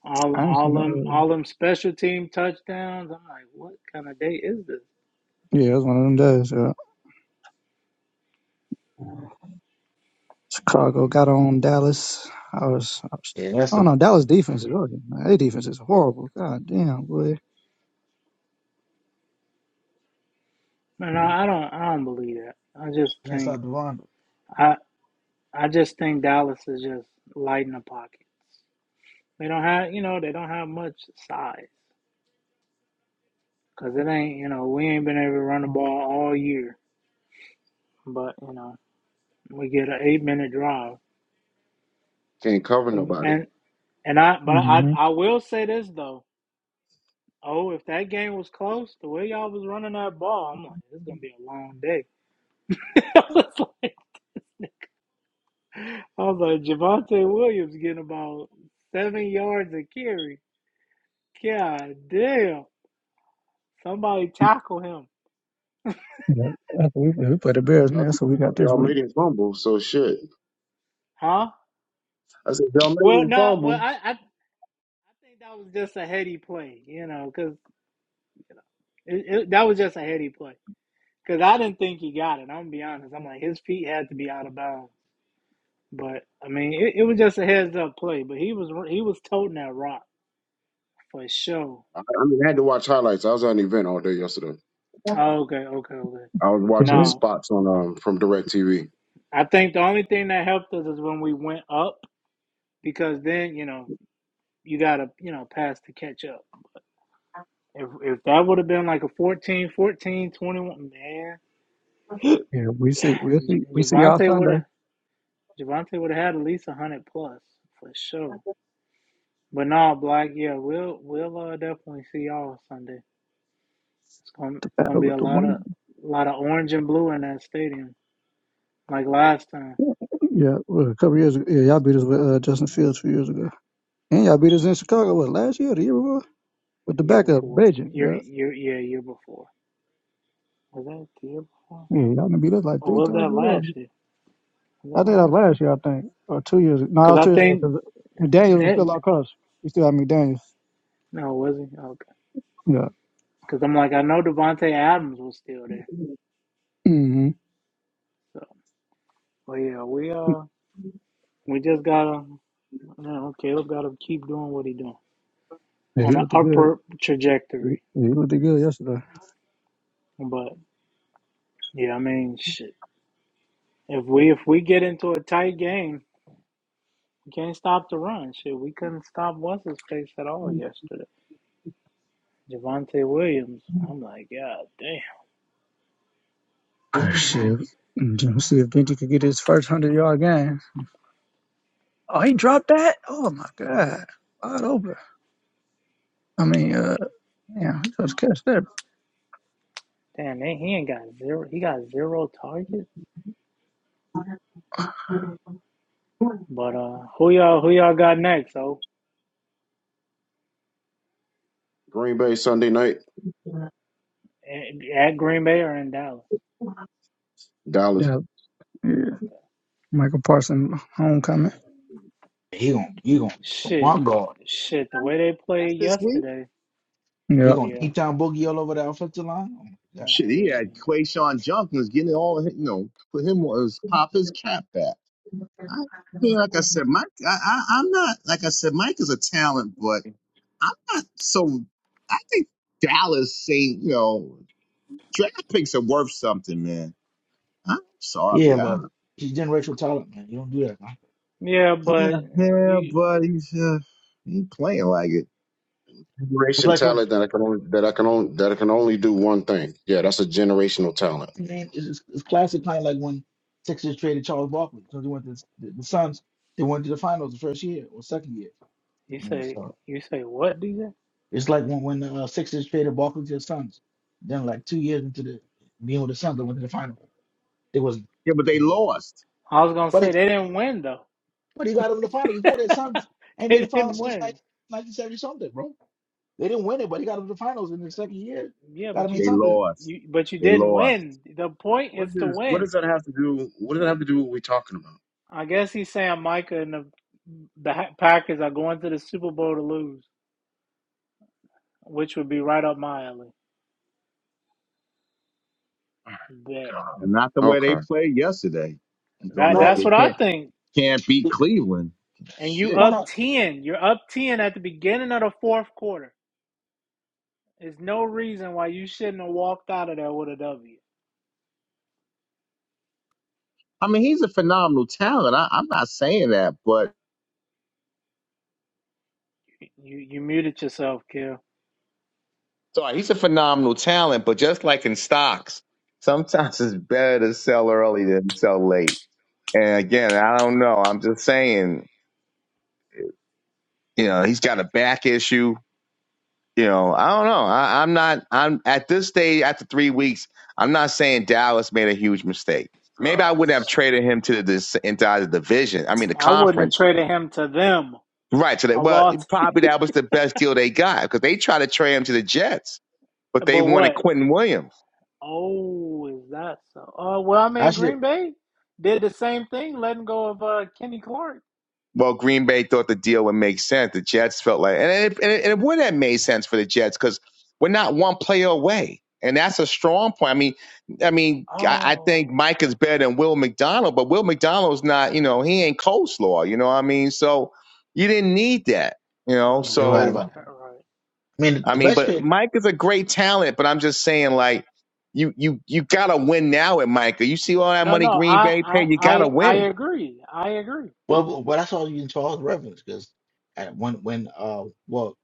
A: All
J: I ain't
A: all
J: seen
A: them
J: no.
A: all them special team touchdowns. I'm like, what kind of day is this?
J: Yeah, it was one of them days. Yeah. Chicago got on Dallas. I was, I was,
B: Yeah, that's
J: I don't
B: the
J: know. Dallas defense is really, man. Their defense is horrible. God damn, boy.
A: Man, I, I don't I don't believe that. I just
B: can't
A: think
B: stop the run.
A: I I just think Dallas is just light in the pocket. They don't have you know, they don't have much size. Cause it ain't you know, we ain't been able to run the ball all year. But, you know, we get an eight minute drive.
D: can't cover nobody.
A: And and I but I
J: hmm
A: I will say this though. Oh, if that game was close, the way y'all was running that ball, I'm like, it's gonna be a long day. I was like, I was like, Javante Williams getting about seven yards a carry. God damn! Somebody tackle him,
J: Yeah, that's what we, we put the Bears, man.
D: Y'all
J: That's what we got this week.
D: made him fumble, so shit.
A: huh?
D: I said y'all made
A: Well,
D: him
A: no, well,
D: fumble.
A: I, I, I think that was just a heady play, you know, because that was just a heady play. Because I didn't think he got it. I'm gonna be honest. I'm like, his feet had to be out of bounds. But I mean, it, it was just a heads up play. But he was he was toting that rock for sure.
D: I I mean, I had to watch highlights. I was at an event all day yesterday.
A: Oh, okay, okay, okay.
D: I was watching
A: No,
D: spots on um from Direct TV.
A: I think the only thing that helped us is when we went up because then, you know, you got to, you know, pass to catch up. If if that would have been like a 14, 14, 21,
J: Yeah, we see, we
A: man,
J: see, we
A: J-
J: see y'all
A: Javante would
J: Sunday.
A: have Javante would have had at least 100 plus for sure. But no, Black, yeah, we'll we'll uh, definitely see y'all Sunday. It's going to
J: The
A: going to
J: battle
A: be
J: with
A: a
J: the
A: lot of
J: one.
A: lot of orange and blue in that stadium like last time,
J: Yeah, well, a couple years ago, yeah, y'all beat us with uh, Justin Fields two years ago, and y'all beat us in Chicago what last year, or the year before, with the
A: year
J: backup
A: before.
J: Beijing.
A: Year
J: Yeah,
A: year yeah, year before. Was that the year before?
J: yeah, y'all done beat us like
A: Or
J: three
A: was that
J: times in a row.
A: last year? Was
J: I
A: that
J: think that was
A: last year?
J: last year, I think, or two years. ago. No, it
A: Because
J: was
A: I
J: two years ago
A: think
J: because McDaniel's was
A: it,
J: still our coach. We still had McDaniel's.
A: no, it wasn't. Okay.
J: Yeah.
A: Because I'm like, I know Devonte Adams was still there.
J: hmm
A: So, but yeah, we uh, we just gotta, you know, Caleb gotta keep doing what he doing
J: Yeah, he
A: on an
J: looked good.
A: upward
J: He,
A: trajectory.
J: he looked good yesterday.
A: But yeah, I mean, shit. If we if we get into a tight game, we can't stop the run. Shit, we couldn't stop what's his face at all yesterday. Javante Williams. I'm like, God damn.
J: Shit. Let's see if Benji could get his first hundred yard game. Oh, he dropped that? Oh my god. Wide open. I mean, uh yeah, he just catch that.
A: Damn, man, he ain't got zero. He got zero targets. But uh, who y'all who y'all got next? Oh,
D: Green Bay Sunday night,
A: at Green Bay or in Dallas?
D: Dallas.
J: Yeah. yeah.
A: Okay.
J: Michael Parsons homecoming.
B: He gon' he gon' oh my
A: Shit,
B: God,
A: shit. The way they
H: That's
A: played
H: this week.
A: yesterday.
J: Yeah.
B: he gonna
A: Yeah.
B: deep down boogie all over the offensive line. Oh my
A: Nah,
B: God.
H: Shit, he had Quayshawn Junkins getting all you know, put him on his pop his cap back. I mean, like I said, Mike, I, I, I'm not like I said, Mike is a talent, but. I'm not so. I think Dallas, Saint, you know, draft picks are worth something, man. I'm
B: Yeah,
H: sorry. I,
B: but he's generational talent, man. You don't do that, man.
A: Yeah,
H: yeah,
A: but
H: yeah,
A: you
H: but he's uh, he ain't playing like it.
B: It's
D: generation
B: Like for
D: talent that I can only that I can only that I can only do one thing. Yeah, that's a generational talent.
B: name is it's, it's classic, kind of like when Sixers traded Charles Barkley because they went to the, the Suns. They went to the finals the first year or second year.
A: you
B: I mean,
A: say
B: so
A: you say what, DJ?
B: it's like when when the uh, Sixers traded Barkley to the Suns. Then like two years into the being with the Suns, they went to the final. It was,
H: Yeah, but they
B: you know,
H: lost.
A: I was gonna
B: but
A: say
B: it,
A: they didn't win though.
B: but he got them to the final before that. Suns ain't been
A: they
B: in the
A: didn't
B: finals since like
A: win.
B: 1970 something, bro. They didn't win it, but he got them to the finals in the second year.
A: Yeah,
B: Got to
A: but
B: mean
H: They
A: you
B: something.
H: lost.
A: you but you
H: They
A: didn't
H: lost,
A: win. The point
D: What
A: is to
D: does what
A: win.
D: does that have to do? What does that have to do with what we're talking about?
A: I guess he's saying Micah and the the Ha- Packers are going to the Super Bowl to lose, which would be right up my alley. Bet
H: and
D: God.
H: not the way they
D: Okay.
H: played yesterday. He's doing
A: that
H: that.
B: No,
A: that's
H: They
A: what I
H: can't
A: think.
H: can't beat Cleveland.
A: And you
H: Shit.
B: why
A: up
B: not?
A: ten. You're up ten at the beginning of the fourth quarter. There's no reason why you shouldn't have walked out of there with a W.
H: I mean, he's a phenomenal talent. I, I'm not saying that, but
A: You you muted yourself, Kill.
H: sorry, he's a phenomenal talent. But just like in stocks, sometimes it's better to sell early than sell late. And again, I don't know. I'm just saying, you know, he's got a back issue. You know, I don't know. I, I'm not. I'm at this stage after three weeks. I'm not saying Dallas made a huge mistake. Maybe I
A: Oh,
H: would not have
A: shit.
H: traded him to the entire division. I mean, the
A: I wouldn't have
H: conference,
A: traded him to them
H: right? So that
A: of
H: well,
A: all. T-
H: probably that was the best deal they got because they tried to trade him to the Jets, but they
A: but
H: wanted
A: what?
H: Quentin Williams.
A: Oh, is that so? Oh well, I mean,
B: Actually,
A: Green Bay did the same thing, letting go of uh, Kenny Clark.
H: well, Green Bay thought the deal would make sense. The Jets felt like, and it, and it, and it would have made sense for the Jets because we're not one player away, and that's a strong point. I mean, I mean, I, I think
A: Oh,
H: Mike is better than Will McDonald, but Will McDonald's not, you know, he ain't coleslaw, you know what I mean? So you didn't need that, you
A: right,
H: know.
B: you're right
H: So
B: about that.
A: right. right.
B: I mean,
H: I
B: the
A: That's
H: mean,
B: best
H: but
A: true.
B: trade.
H: Mike is a great talent, but I'm just saying, like, you you you gotta win now at Micah. You see all that
A: No,
H: money
A: no,
H: Green
A: I,
H: Bay
A: I,
H: paid, you gotta
A: I, I
H: win.
A: agree. I agree.
B: Well, but I saw you in Charles Reference because at when when uh well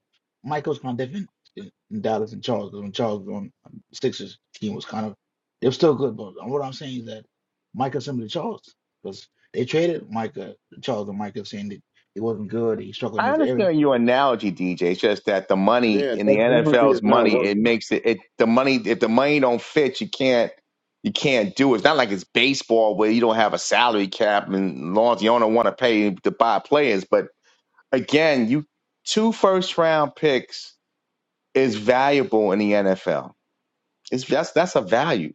B: Michael's kind of different in, in Dallas and Charles 'cause when Charles was on um, Sixers team was kind of they were still good, but uh, what I'm saying is that Michael similar to Charles because they traded Micah Charles and Michael saying that he wasn't good, he struggled in
H: I
B: this area.
H: understand your analogy, DJ. It's just that the money
D: Yeah,
H: in the
D: that penalty
H: NFL's
D: is not
H: money, it
D: working.
H: makes it, it the money if the money don't fit, you can't you can't do it. It's not like it's baseball where you don't have a salary cap and laws you don't want to pay to buy players. But again, you two first round picks is valuable in the NFL. It's that's that's a value.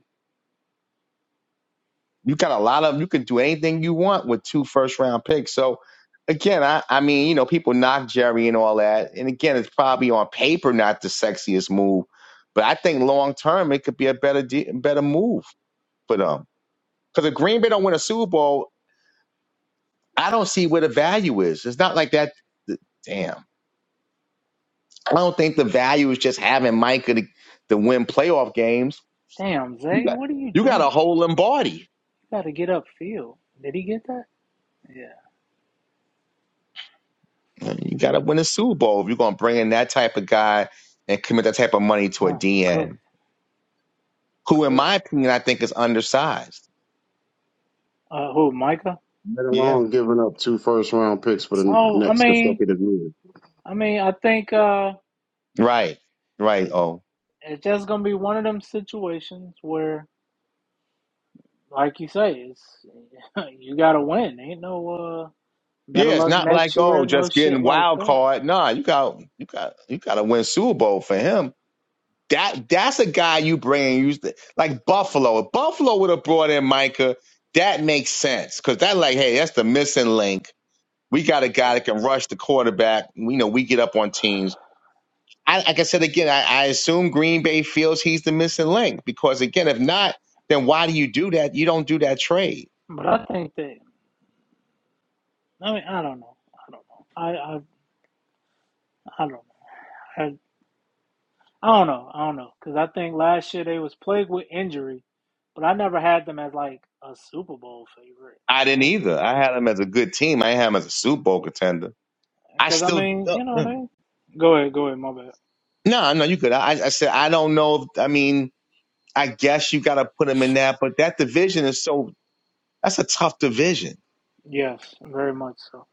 H: You got a lot of you can do anything you want with two first round picks. So again, I, I mean, you know, people knock Jerry and all that. And again, it's probably on paper not the sexiest move, but I think long term it could be a better de- better move for them. Because if Green Bay don't win a Super Bowl, I don't see where the value is. It's not like that. Damn, I don't think the value is just having Micah to, to win playoff games.
A: Damn,
H: You
A: Zay,
H: got
A: what are you
H: you got a
A: doing?
H: whole Lombardi.
A: You gotta get upfield. Did he get that? Yeah. Fuck is
H: You got
A: he?
H: to win a Super Bowl if you're going to bring in that type of guy and commit that type of money to a
A: Oh, cook,
H: DN, who, in
A: cook.
H: my opinion, I think is undersized.
A: Uh, who, Micah?
D: Let
H: Yeah.
D: alone giving up two first round picks for the
A: Oh, I
D: next
A: mean,
D: consecutive
A: I mean, I think uh,
H: Right. Right.
A: it,
H: Oh.
A: it's just gonna be one of them situations where, like you say, it's you gotta win. Ain't no uh, better
H: Yeah, it's
A: luck
H: not like
A: next
H: oh,
A: year, no
H: just
A: shit
H: getting
A: like
H: wild
A: that.
H: card. Nah, you got you got you got to win Super Bowl for him. That that's a guy you bring. You like Buffalo. If Buffalo would have brought in Micah, that makes sense because that like hey, that's the missing link. We got a
A: Yeah.
H: guy that can rush the quarterback. We know we get up on teams I, like I said again, I, I assume Green Bay feels he's the missing link because again, if not, then why do you do that? You don't do that trade.
A: But I think that I mean, I don't know. I don't know. I I, I don't know. I, I don't know. I don't know. Because I think last year they was plagued with injury, but I never had them as like a Super Bowl favorite.
H: I didn't
A: That's
H: either.
A: just
H: I
A: me.
H: had him as a good team. I had him as a Super Bowl contender. I
A: Because I
H: still
A: mean, you
H: don't-
A: know,
H: mm.
A: they go ahead, go ahead. My bad.
H: no, no, you could. I, I said I don't know. If, I mean, I guess you got to put him in that, but that division is so that's a tough division.
A: Yes, very much so.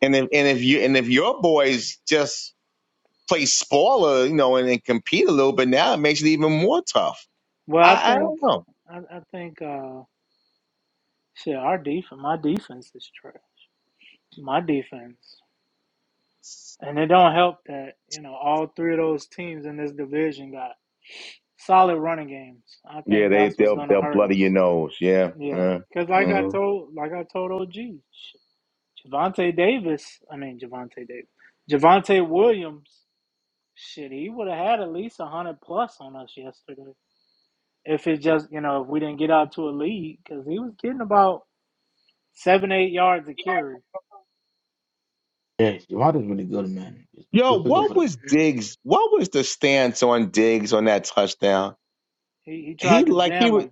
H: And if and if you and if your boys just play spoiler, you know, and, and compete a little bit now, it makes it even more tough.
A: Well, I
H: I, I
A: think
H: don't know.
A: I, I think uh shit. Our defense, my defense is trash. My defense, and it don't help that you know all three of those teams in this division got. solid running games. I
H: Yeah,
A: think
H: they
A: that's what's
H: they'll
A: gonna
H: they'll
A: hurt
H: bloody your
A: us.
H: nose. Yeah.
A: Yeah,
H: yeah.
A: because like I
H: hmm
A: told, like I told OG, Javante Davis. I mean Javante Davis, Javante Williams. Shit, he would have had at least a hundred plus on us yesterday if it just you know if we didn't get out to a lead because he was getting about seven eight yards a carry.
B: Yeah, Javante is really good, man. It's a
H: Yo,
B: good pickup
H: what
B: for them.
H: was
K: Hey,
H: Diggs? What was the stance on Diggs on that touchdown?
A: He he
H: He
A: tried to
H: like he
A: jam
H: was
A: him.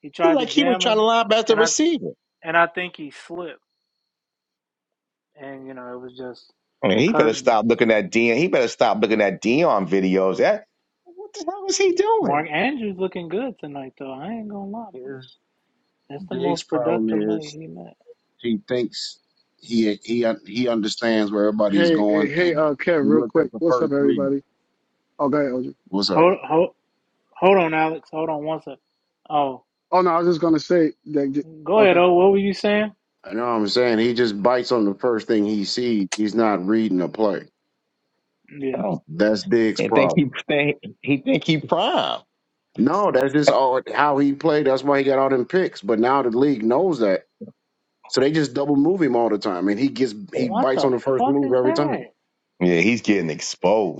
A: He
H: he
A: tried to
H: like he was
A: jam
H: trying
A: him,
H: to line up as the
A: and I
H: receiver.
A: and I think he slipped, and you know it was just
H: I mean, he better
A: curtains.
H: stop looking at Dion. He better stop looking at Dion videos. That what the hell was he doing?
A: Mark Andrews looking good tonight, though. I ain't gonna lie, boy.
D: year.
A: That's the
D: Dig's
A: most
D: problem
A: productive night
D: is
A: he met.
D: he thinks he he he understands where everybody is
K: hey,
D: going,
K: hey,
D: and
K: uh, Kev,
D: he
K: real
D: looked
K: quick.
D: at the
K: What's up,
D: first read.
K: everybody? Oh, go ahead, OJ.
D: What's up?
A: Hold, hold, hold on, Alex. Hold on one sec. Oh,
K: Oh no, I was just gonna say that.
A: go ahead.
K: Okay,
A: Oh, what were you saying?
D: I know what I'm saying. He just bites on the first thing he sees. He's not reading the play.
A: Yeah.
H: Oh,
D: That's Dig's
H: and think he
D: problem.
H: think he think he prime.
D: No, that's just all how he played. That's why he got all them picks. But now the league knows that, so they just double move him all the time, and he gets he
A: What
D: bites
A: the
D: on the first
A: fuck
D: move
A: is
D: every time.
A: that?
H: Yeah, he's getting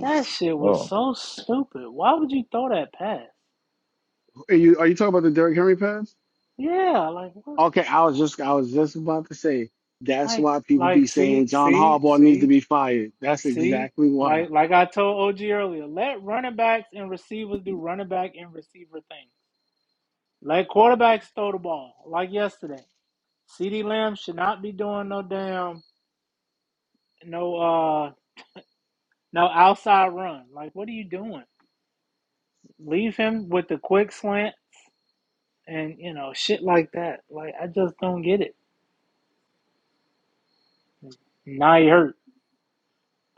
A: That shit was
H: Oh.
A: so stupid. Why would you throw that pass?
K: are you are you talking about the Derrick Henry pass?
A: Yeah, like what?
K: Okay, I was just I was just about to say that's
A: Like,
K: why people be
A: like,
K: saying
A: see,
K: John
A: see,
K: Harbaugh needs to
A: see,
K: be fired. That's
A: see.
K: exactly why.
A: Like, like I told OG earlier, let running backs and receivers do running back and receiver things. Let quarterbacks throw the ball, like yesterday. CeeDee Lamb should not be doing no damn no uh no outside run. Like what are you doing? Leave him with the quick slants and you know, shit like that. Like I just don't get it. Now he hurt.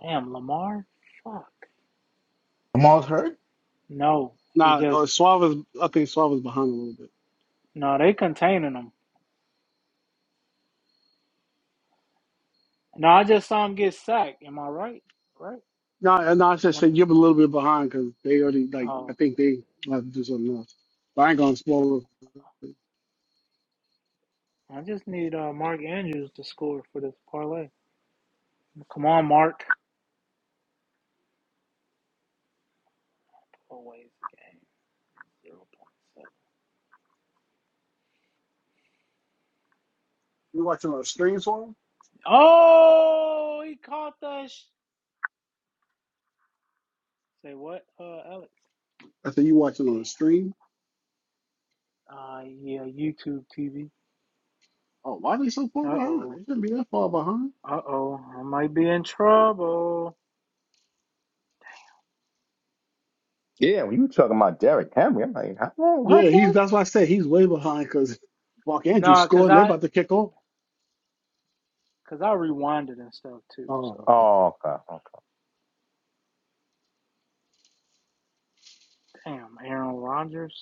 A: Damn, Lamar? Fuck.
B: Lamar's hurt.
A: No. He
K: Now,
A: just
K: uh, Suave is, I think Suave is behind a little bit.
A: no, they containing him. No, I just saw him get sacked. Am I right? Right?
K: No, uh, no, I should say
A: When
K: you're a little bit behind because they already like I
A: oh
K: think they have to do something else. But I ain't gonna spoil. it.
A: I just need uh, Mark Andrews to score for this parlay. Come on, Mark. Always the game. zero point 0.7.
K: You watching on a stream, Suave?
A: Oh, he caught that. Sh- Say what, uh, Alex?
K: I said you watching on a stream.
A: Uh, yeah, YouTube TV.
K: Oh, why are they so far
A: Uh
K: behind? They
A: oh.
K: shouldn't be that far behind.
A: Uh oh. I might be in trouble.
H: Yeah, when you were talking about Derrick Henry, I'm like, how, how
K: Yeah, he's
H: far?
K: that's why I said he's way behind because Mark Andrews
A: Nah,
K: scored
A: cause
K: and they're
A: I,
K: about to kick off.
A: cause I rewinded and stuff too.
K: Oh.
A: So
H: Oh, okay. okay.
A: damn, Aaron Rodgers.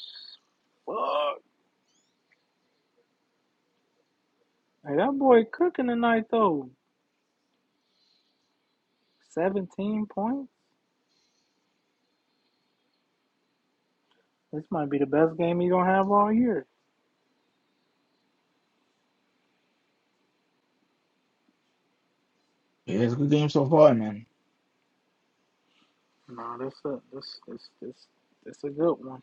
A: Fuck. Hey, that boy cooking tonight though. Seventeen points. This might be the best game he's gonna have all year.
B: Yeah, it's a good game so far, man.
A: Nah, this a this this this this a good one.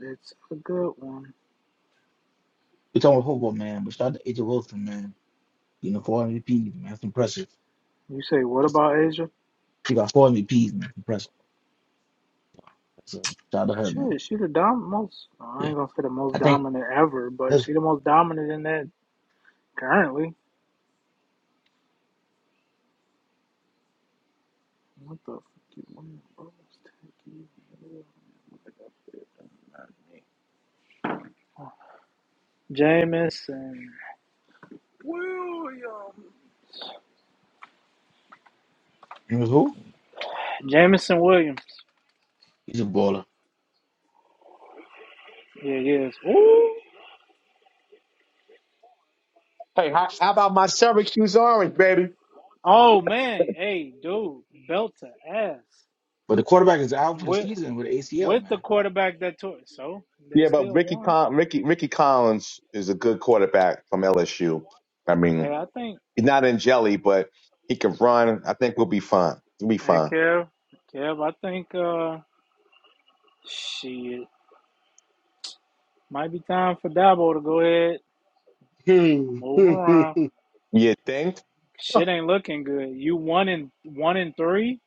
A: It's a good one.
B: We're talking about football, man. But shout out to AJ Wilson, man. You know, four M V P's, man. That's impressive.
A: You say what
B: That's,
A: about Asia?
B: he got four M V P's, man. Impressive. So shout out to her, man.
A: Shit, she the dom most. I
B: Yeah.
A: ain't gonna say the most
B: I think
A: dominant ever, but
B: that's
A: she the most dominant in that currently. What the fuck you want, Jamison,
B: you know who?
A: Jamison Williams.
B: He's a baller.
A: Yeah, yes. Ooh.
H: Hey, how, how about my Syracuse Orange, baby?
A: Oh man, hey dude, belt to ass
B: But the quarterback is out for the
A: with
B: season with ACL,
A: with
B: man.
A: the quarterback that tore. So they
H: Yeah, but
A: still
H: Ricky
A: won.
H: Con- Ricky Ricky Collins is a good quarterback from LSU. I
A: Hey,
H: mean,
A: I think.
H: he's not in jelly, but he can run. I think we'll be fine. We'll be
A: Hey
H: fine.
A: Kev, Kev, I think. uh she. Might be time for Dabo to go ahead,
K: Hmm.
A: move
K: yeah.
A: around.
H: You think?
A: Shit ain't looking good. You one in one in three.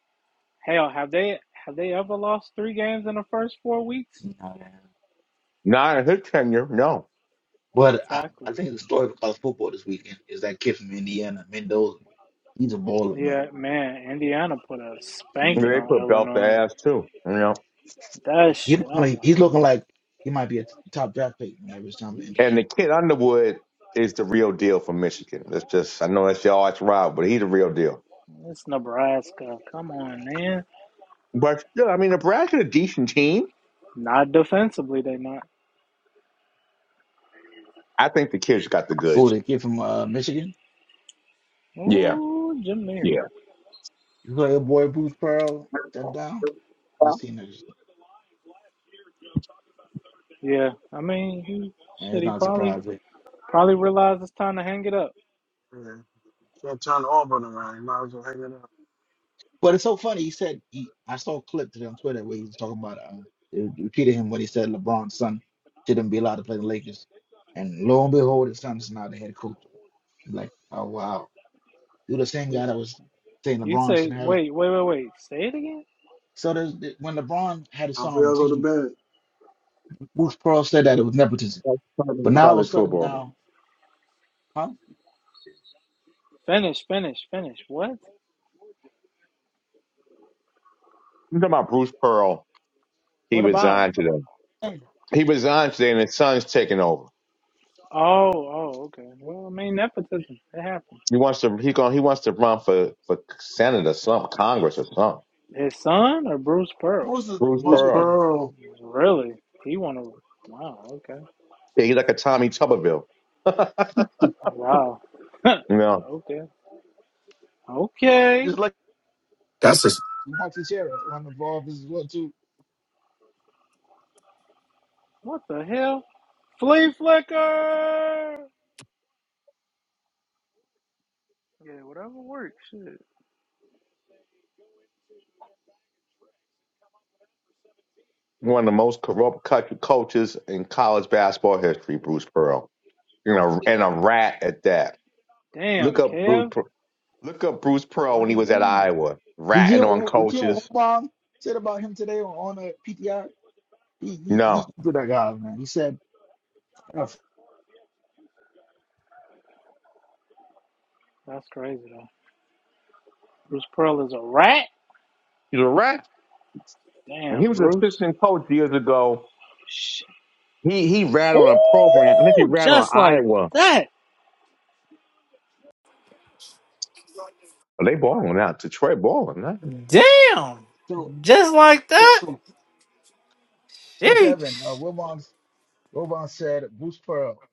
A: Hell, have they have they ever lost three games in the first four weeks?
B: Nah, man.
H: Not in his tenure, no.
B: But I,
A: Exactly.
B: I think the story of college football this weekend is that kid from Indiana, Mendoza. He's a baller, man.
A: Yeah, man. Indiana put a
B: He's,
A: spanking
H: They
A: on
H: could belt the
A: Illinois.
H: ass too, you know.
A: That
B: he
A: shit.
B: looking
A: I'm
B: like,
A: like,
B: he's looking like he might be a top draft pick whenever it's time to enter the
H: And the
B: league.
H: kid Underwood is the real deal for Michigan. That's just I know that's your arch rival, but he's the real deal.
A: it's Nebraska. Come on, man.
H: But still, I mean, Nebraska's a decent team.
A: Not defensively, they not.
H: I think the kids got the
B: Who
H: goods.
B: the kid from uh, Michigan?
H: Yeah,
A: Ooh, Jim Neer.
H: yeah.
B: You like a boy Bruce Pearl step
H: Well,
B: down? Just
H: You
B: seen that,
A: Yeah, I mean, he,
B: and
A: shit.
B: it's
A: He
B: not
A: probably
B: surprising.
A: probably realized it's time to hang it up.
K: Can't turn Auburn around. You might as well hang it up.
B: But it's so funny. He said he, I saw a clip today on Twitter where he was talking about uh, it repeated him what he said LeBron's son shouldn't be allowed to play the Lakers, and lo and behold, his son's now the head coach. I'm like, oh wow, you're the same
A: He
B: guy that was saying
A: You
B: LeBron
A: say,
B: shouldn't have it.
A: wait, wait, wait, wait. Say it again.
B: So there's, when LeBron had his
K: Time
B: son
K: for
B: on the
K: y'all to go to
B: team,
K: bed.
B: Bruce Pearl said that it was nepotism.
D: That's the problem
B: But
D: with
B: now all of
D: college
B: a sudden
D: football.
B: now, huh?
A: Finish, finish, finish. What?
H: talking about Bruce Pearl? He
A: What about him?
H: resigned today.
B: Hey,
H: He resigned today, and his son's taking over.
A: Oh, oh, okay. Well, I mean, nepotism. It happened.
H: He wants to. He going. He wants to run for for Senate or something, Congress or something.
A: His son or Bruce Pearl?
B: Bruce is
H: Bruce
K: Who's
H: Pearl.
B: Republican,
K: Pearl?
A: Really? He want to. Wow. Okay.
H: Yeah, he's like a Tommy Tuberville. you
A: Wow.
H: know,
A: okay. Okay.
B: just like
L: That's just,
B: Mark Teixeira on the ball as well too.
A: What the hell? Flea flicker. Yeah, whatever works. Shit.
H: one of the most corrupt co- coaches in college basketball history, Bruce Pearl. You know, and a rat at that. Look
A: Damn,
H: up Bruce.
A: Kev.
H: Per- Look up Bruce Pearl
A: What
H: when he
A: he
H: was at
A: do?
H: Iowa,
B: Did you hear
H: ratting on
B: what did you hear what
H: coaches.
B: Obama said about him today on, on the PTI? he, he, he
H: No,
B: good at God, man. He said, uh,
A: That's crazy though. Bruce Pearl is a rat.
H: he's a rat. When he
A: Damn,
H: was
A: Bruce.
H: assistant coach years ago,
A: Shit.
H: he he ran on a program. I think he
A: Ooh,
H: ran on
A: just like
H: Iowa.
A: that.
H: They balling out. Detroit balling now.
A: Damn!
B: so,
A: Just like
B: so,
A: that?
B: so, so, Kevin, uh,
A: Sheesh.
B: Wilbon, Wilbon said, Bruce Pearl,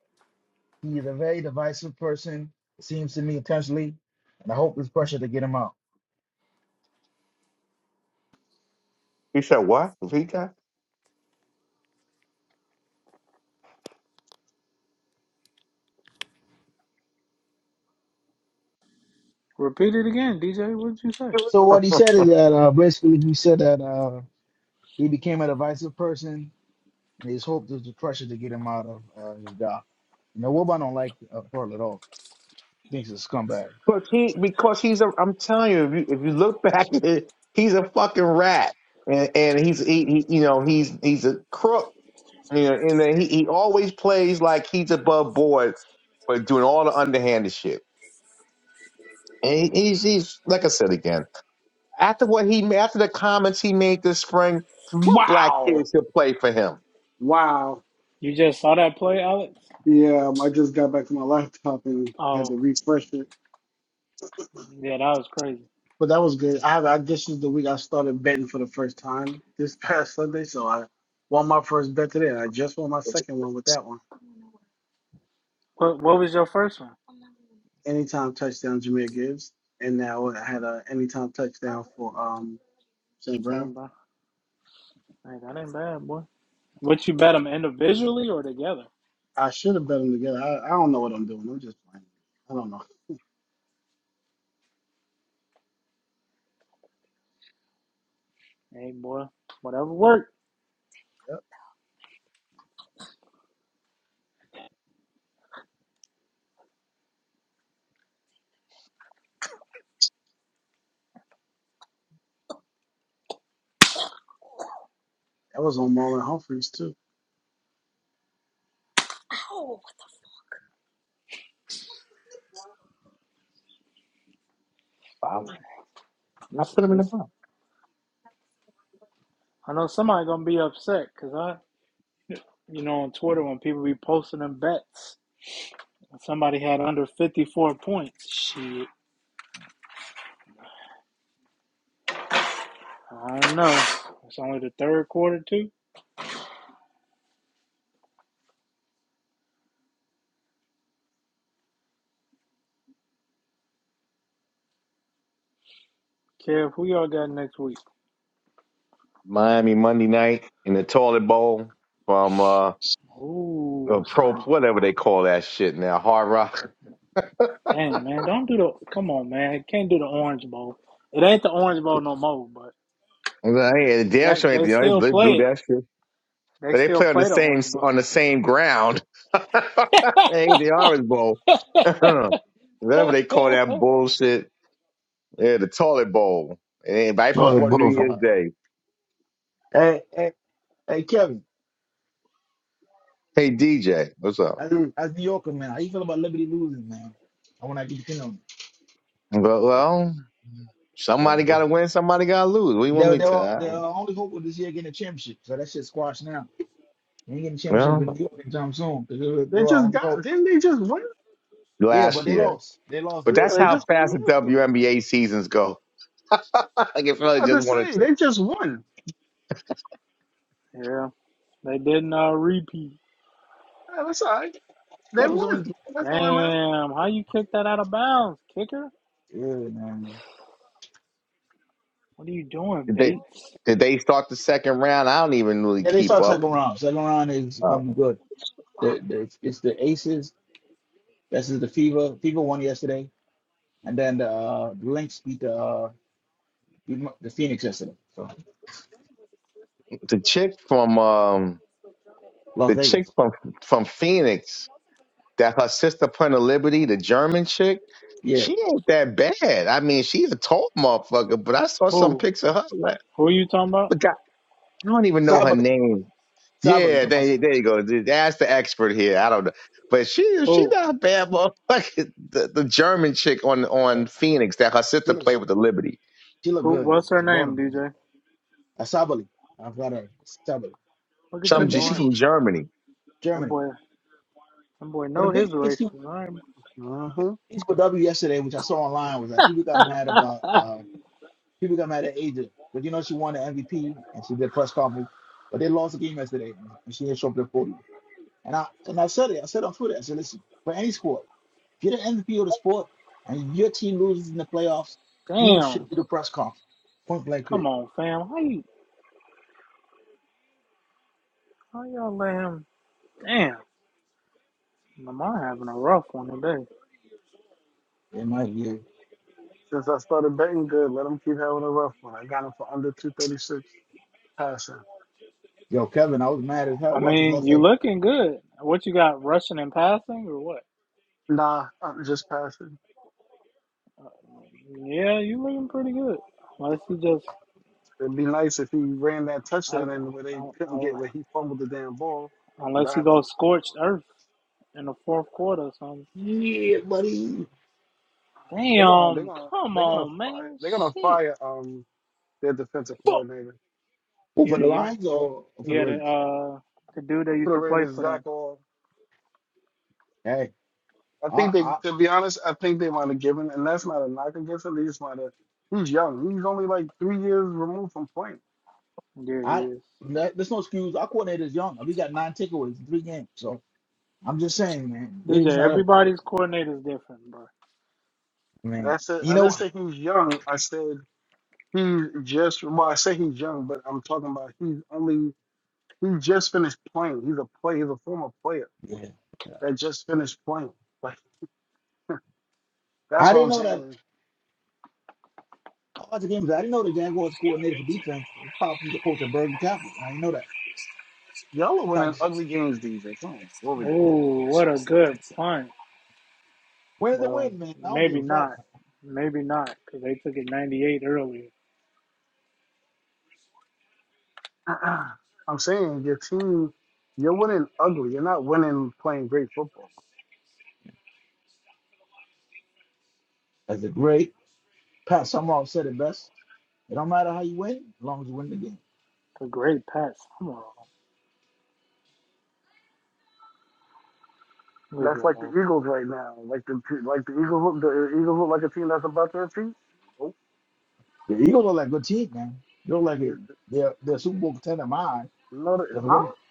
B: he is a very divisive person, it seems to me, intentionally, and I hope there's pressure to get him out.
H: He said what? He got
A: Repeat it again, DJ. What did you say?
B: So, what he said is that uh, basically he said that uh, he became a divisive person, and his hope there's the pressure to get him out of uh, his job. You know, Wilbon don't like uh, Pearl at all, thinks he's a scumbag.
H: Because he because he's a I'm telling you, if you, if you look back at it, he's a fucking rat. And and he's he, he you know, he's he's a crook. You know, and then he, he always plays like he's above board, but doing all the underhanded shit. And he- he's he's like I said again. After what he after the comments he made this spring, what black
K: Wow.
H: kids should play for him?
K: Wow.
A: You just saw that play, Alex?
K: Yeah, um, I just got back to my laptop and had
A: Oh,
K: to refresh it.
A: yeah, that was crazy.
K: But that was good. I have I, this is the week I started betting for the first time this past Sunday, so I won my first bet today. and I just won my second one with that one.
A: What What was your first one?
K: Anytime touchdown, Jameer Gibbs, and now I had a anytime touchdown for um St.
A: Same,
K: Brown.
A: bro. Hey, that ain't bad, boy. What you bet them individually or together?
K: I should have bet them together. I, I don't know what I'm doing. I'm just playing. I don't know.
A: Hey, boy, whatever worked.
K: Yep. That was on Marlon Humphreys too.
H: Wow. I
A: This,
H: put him in the
A: this.
H: box.
A: I know somebody gonna be upset because I, you know, on Twitter when people be posting them bets, somebody had under fifty four points. Shit. I don't know. It's only the third quarter too. Kev, who y'all got next week?
H: Miami Monday night in the toilet bowl from uh,
A: Ooh,
H: uh
A: it's
H: pro
A: going.
H: whatever they call that shit now, Hard Rock.
A: Dang man, don't do the. Come on man, You can't do the Orange Bowl. It ain't the Orange Bowl no more, but
H: Well, I ain't- Damn
A: that
H: sure ain't
A: they
H: the only
A: still
H: they blew
A: play it.
H: that shit.
A: They
H: But they
A: still
H: play on the
A: play the
H: same
A: Orange Bowl.
H: on the same ground. ain't the Orange Bowl. whatever they call that bullshit. Yeah, the toilet bowl. And right
B: Oh, they
H: before New
B: both.
H: Year's Day.
B: Hey, hey, hey, Kevin.
H: Hey DJ, what's up?
B: as
K: Hmm.
B: as New Yorker man, how you feel about Liberty losing, man? I want to get your opinion
H: Well,
B: on it
H: well Somebody
B: because they
H: got to win, somebody got to lose. What do you want
B: they
H: me
B: they were they
H: to?
B: were only hope of this year getting a championship, so that shit's squashed now. They ain't getting championship
H: Well,
B: in New York anytime soon because they were they
K: They
B: were
K: just
B: only
K: got
B: hope.
K: didn't they just win?
B: Yeah,
H: last
B: but they
H: year.
B: lost. They lost
H: But
B: the
K: Yeah,
H: that's
B: first
K: they
H: how
B: round.
K: just won
H: fast the
K: last week.
H: WNBA seasons go. like if
K: I'm
H: I
K: about to
H: just wanted
K: say
H: to,
K: they just won.
A: yeah, they didn't uh, repeat.
K: Yeah, that's all right. They
B: That was
K: won.
B: only
K: That's all that matters.
A: Damn, how you kick that out of bounds, kicker?
B: yeah, man.
A: What are you doing,
H: did they
A: Bates?
H: did they start the second round? I don't even really
B: Yeah, they
H: keep
B: start second
H: up.
B: round. Second round is
H: Uh,
B: gonna be good. The, the, it's, it's the Aces. This is the Fever. Fever won yesterday, and then the, uh, the Lynx beat the uh, beat the Phoenix yesterday. So
H: the chick from um
B: Las
H: the chick
B: Vegas.
H: from from Phoenix that her sister put in Liberty, the German chick,
B: Yeah.
H: she ain't that bad. I mean, she's a tall motherfucker, but I saw some
A: Who?
H: pics of her. Like,
A: Who are you talking about?
H: look, I don't even know
B: Sorry
H: her
B: about the
H: name.
B: Sabali, talking
H: Yeah,
B: about
H: there, there you go. That's the expert here. I don't know, but she she
A: Who?
H: not a bad motherfucker. The, the German chick on
B: yeah,
H: on Phoenix that her
B: she
H: sister played
B: looks
H: with the Liberty.
B: she look
A: Who?
B: good.
A: What's her
B: She bought
A: name,
B: him. man.
A: DJ?
B: Uh, Sabali, I got her. Sabali.
A: Look at
B: But the
A: you,
H: Some she
A: Norton.
H: from
B: biggest
H: Germany.
A: That
B: Germany.
A: boy. That boy
B: But the
A: know his
B: biggest
A: races.
B: issue
A: I ain't-
K: Uh-huh.
B: issue with W yesterday, which I saw online, was that people got mad about uh people got mad at Aja. But you know she won the MVP and she did a press conference, but they lost the game yesterday and she didn't show up to the podium. And I and I said it. I said on Twitter. I said, listen, for any sport, if you're the MVP of the sport and your team loses in the playoffs, you should
A: Damn.
B: do the press conference. Point blank
A: Come
B: period.
A: on, fam. How you how y'all let him damn. Lamar having a rough one today.
B: In my view.
K: Since I started betting good, let him keep having a rough one. I got him for under 236 passing.
B: Yo, Kevin, I was mad as hell.
A: I
B: Ruckus
A: mean,
B: lost
A: you
B: like,
A: looking good. What you got, rushing and passing or what?
K: Nah, I'm just passing.
A: Yeah, you looking pretty good. Unless he just
K: It'd be nice if he ran that
A: I,
K: touchdown in where they
A: I,
K: couldn't
A: I,
K: get where he fumbled the damn ball. 'Cause
A: unless
K: I
A: he
K: have a
A: goes scorched earth in the fourth quarter or something.
B: yeah, buddy.
K: they're gonna they're
A: Damn,
K: gonna
A: come
K: they're gonna
A: on,
K: fire
A: man.
K: they're gonna
A: Shit.
K: fire um their defensive
A: Fuck.
K: coordinator
B: Who
A: Yeah,
B: for the
A: the young
B: Lions or or for the
A: yeah, the
B: Ravens?
A: uh the dude that
K: for
A: used
K: the
A: to play
K: Ravens
A: for them.
K: Zach Orr.
B: Hey,
K: I
B: I,
K: think they
B: I,
K: to be honest I think they might have given and that's not a knock against him. They just might have he's young. He's only like three years removed from playing.
A: There he
B: I,
A: is.
B: that, there's no excuse. Our coordinator is young. We got nine takeaways in three games. So I'm just saying, man. It's
A: DJ,
B: not up.
A: everybody's coordinator is different, bro.
B: I mean,
K: That's it. I
B: you
K: didn't
B: know,
K: say he's young. I said He just well, I say he's young, but I'm talking about he's only he just finished playing. He's a play. He's a former player
B: yeah. yeah.
K: that just finished playing. Like
B: I
K: that's what
B: didn't
K: I'm
B: know that.
K: saying.
B: I watched the game. I didn't know the Jaguars coordinator for defense was probably the coach at Bergen Catholic. I didn't know that.
K: Y'all are winning
B: Probably.
K: ugly games, DJ. Come on, what we doing?
A: Oh, what a good punt.
B: Win is a
A: Well,
B: win, man. I don't
A: maybe
B: give a fuck.
A: not. Maybe not, because they took it 98 early.
K: I'm saying your team, you're winning ugly. You're not winning playing great football.
B: As a great. Pat Summerall said it best. It don't matter how you win, as long as you win the game.
A: A great pass. Come on. Leave it
K: That's like the
A: alone.
K: Eagles right now. Like the t- like the Eagles look the Eagles look like a team that's about to retreat. Nope.
B: The Eagles look like a good team, man. They look like a,
K: It's
B: they're they're a Super Bowl contender of mine
K: not, a-
B: because the way
K: huh?
B: they-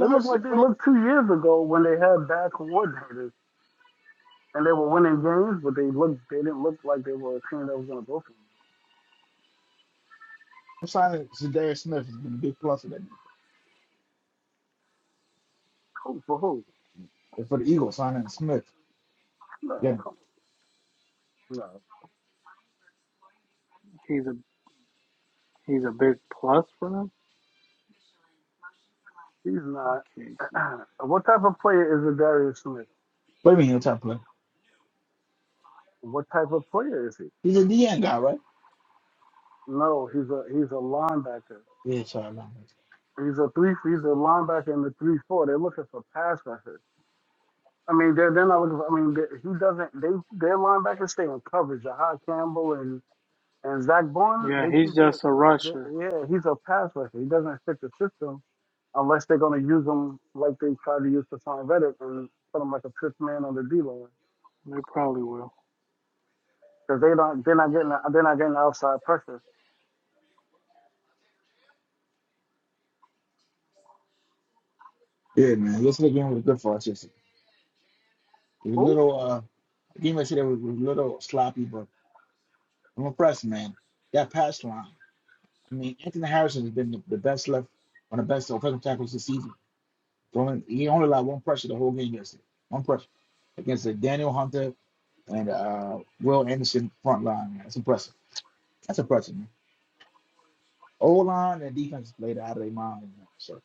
K: They look
B: Hurts is
K: like they
B: playing.
K: looked two years ago when they had bad coordinators. and they were winning games, but they looked they didn't look like they were a team that was going to go for who
B: I'm signing Zadarius Smith has been a big plus for that defense.
K: for who?
B: and for the Eagles signing Smith.
K: No,
B: Yeah,
K: come on. no,
A: He's a, he's a big plus for them.
K: he's not.
A: Casey.
K: what type of player is a Darius Smith?
B: what do you mean he'll try to play?
K: What type of player is he?
B: He's a DN guy, right?
K: No, he's a he's a linebacker.
B: Yeah, sorry, i
K: He's a three. He's a linebacker in the three four. They're looking for pass rushers. I mean, they're they're not looking. For, I mean, they, he doesn't. They their linebackers stay in coverage. Jahad Campbell and And Zach Bond,
A: Yeah,
K: they
A: he's
K: keep it.
A: just a
K: They,
A: rusher.
K: yeah, he's a pass rusher. He doesn't fit the system unless they're going to use him like they tried to use Hassan Reddick and put him like a fifth man on the D line
A: They probably will.
K: because they don't. They're not getting. They're not getting outside pressure.
B: Yeah, man. Yesterday game was good for us. Yesterday, it was a
K: Who?
B: little uh, the game yesterday was, was a little sloppy, but I'm impressed, man. That pass line. I mean, Anthony Harrison has been the, the best left on the best offensive tackles this season. Throwing, he only allowed one pressure the whole game yesterday. One pressure against the Daniel Hunter and uh, Will Anderson front line. man. That's impressive. That's impressive, man. O line and defense played out of their mind. Man. So,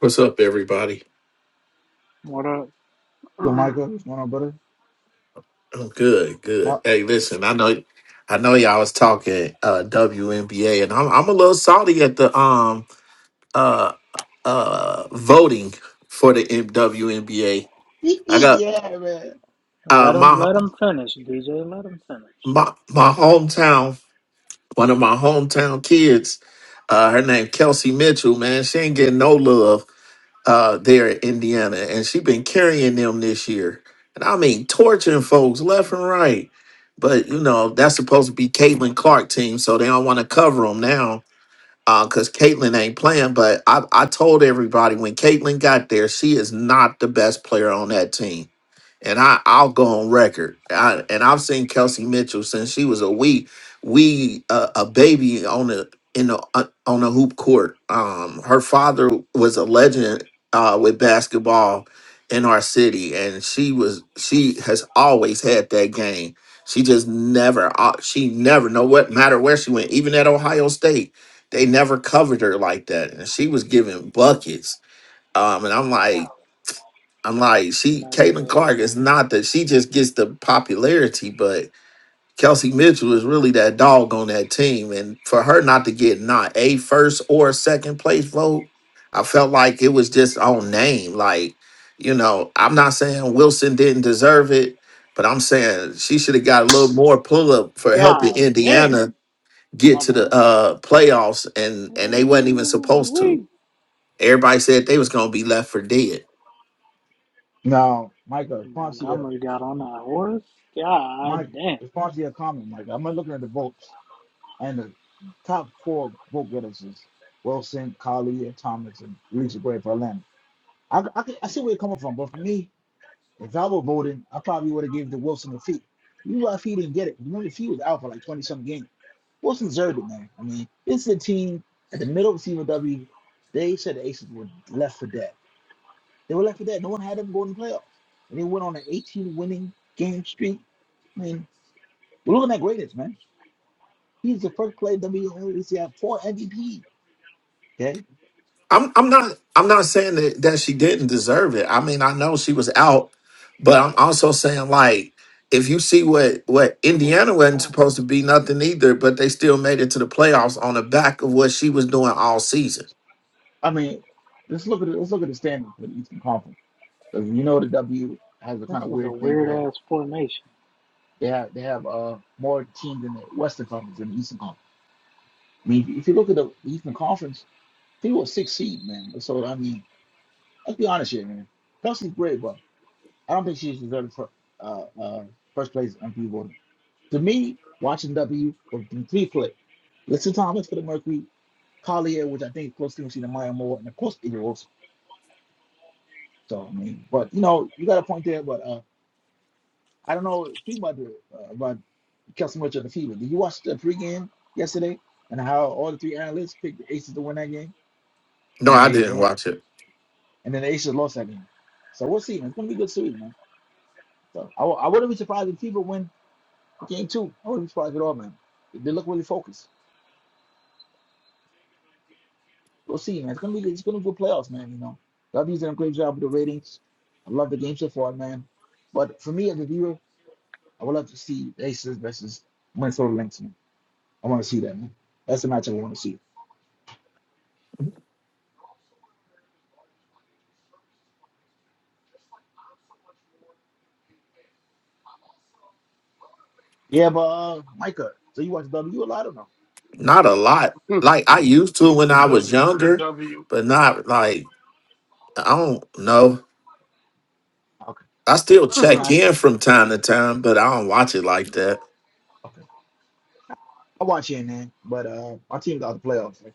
L: what's up, everybody.
A: What up?
B: yo, Micah,
K: the,
B: what's going on, brother?
L: Oh, good, good.
B: How-
L: Hey, listen, I know, I know y'all was talking uh, WNBA, and I'm I'm a little salty at the um uh uh voting for the M- WNBA. I got
B: yeah, man.
L: uh
A: Let him,
L: my
A: let him finish, DJ. Let him finish.
L: my my hometown, one of my hometown kids. Uh, her name Kelsey Mitchell. Man, she ain't getting no love. uh, there in Indiana, and she been carrying them this year, and I mean torturing folks left and right. But you know that's supposed to be Caitlin Clark team, so they don't want to cover them now because Caitlin ain't playing. But I, I told everybody when Caitlin got there, she is not the best player on that team and I I'll go on record. I, and I've seen Kelsey Mitchell since she was a wee wee uh, a baby on the in the uh, on the hoop court. Um, her father was a legend uh, with basketball in our city, and she was she has always had that game. She just never uh, she never know what matter where she went, even at Ohio State. They never covered her like that, and she was giving buckets. Um, and I'm like, I'm like,
A: I'm
L: she
A: not gonna say
L: Caitlin
A: it
L: Clark
A: again.
L: is not that she just gets the popularity, but Kelsey Mitchell is really that dog on that team. And for her not to get not a first or second place vote, I felt like it was just on name. Like, you know, I'm not saying Wilson didn't deserve it, but I'm saying she should have got a little more pull up for helping
A: God dang!
L: Indiana get
A: My
L: to
A: bad.
L: the uh playoffs and and they wasn't even supposed to.
A: ooh
L: Everybody said they was gonna be left for dead.
B: Now, Micah, response to your
A: Montgomery got on that horse. God
B: Mike,
A: damn.
B: response to your comment, Micah. I'm looking at the votes, and the top four vote getters is Wilson, Collie, and Thomas, and Lisa Gray for Atlanta. I, I, can- I see where you're coming from, but for me. If I were voting, I probably would have given the Wilson a fee. You know, if he didn't get it. Remember, he was out for like 20 some games. Wilson deserved it, man. I mean, this is a team at the middle of the CMW. They said the Aces were left for dead. They were left for dead. No one had them going to the playoffs. And they went on an 18 winning game streak. I mean, we're looking at greatness, man. He's the first player WNBA have four MVP. Okay.
L: I'm I'm not I'm not saying that, that she didn't deserve it. I mean, I know she was out, but I'm also saying like if you see what what
A: Boy,
L: Indiana wasn't supposed to be nothing either, but they still made it to the playoffs on the back of what she was doing all season.
B: I mean, let's look at it. Let's look at the standings for the Eastern Conference. 'Cause You know the W has a
A: This
B: kind of
A: is a
B: weird thing
A: weird
B: where
A: ass formation.
B: They have they have uh more teams in the Western Conference than the Eastern Conference. I mean, if you look at the Eastern Conference, he was six seed, man. So I mean, let's be honest here, man. Kelsey's great, but I don't think she's deserved for uh, uh first place MVP voting. To me, watching W was the three play. Listen Thomas for the Mercury, Collier, which I think is close to him, the Maya Moore, and of course Igor Wilson. So I mean, but you know, you got a point there, but. uh. I don't know too much uh, about so much of the fever. Did you watch the pregame yesterday and how all the three analysts picked the Aces to win that game
L: No,
B: and
L: I
B: they
L: didn't
B: and,
L: watch it.
B: and then the Aces lost that game. So we'll see, man. It's gonna be a good series, man. So I, w- I wouldn't be surprised if Fever win the game too. I wouldn't be surprised at all, man. They look really focused. We'll see, man. It's gonna be it's gonna be good playoffs, man. You know, W's done a great job with the ratings. I love the game so far, man. But for me as a viewer, I would love to see the Aces versus Minnesota Lynx. Man. I want to see that, man. That's the match I want to see. Yeah, but uh, Micah, so you watch W a lot or no?
L: Not a lot. Like I used to when
K: the
L: I
B: Okay,
L: was
K: W. The
L: younger,
K: W.
L: but not like I don't know.
B: okay,
L: I still check
B: organized.
L: in from time to time, but I don't watch it like that.
B: Okay, I watch it, man. but uh, our team's out the playoffs. Like,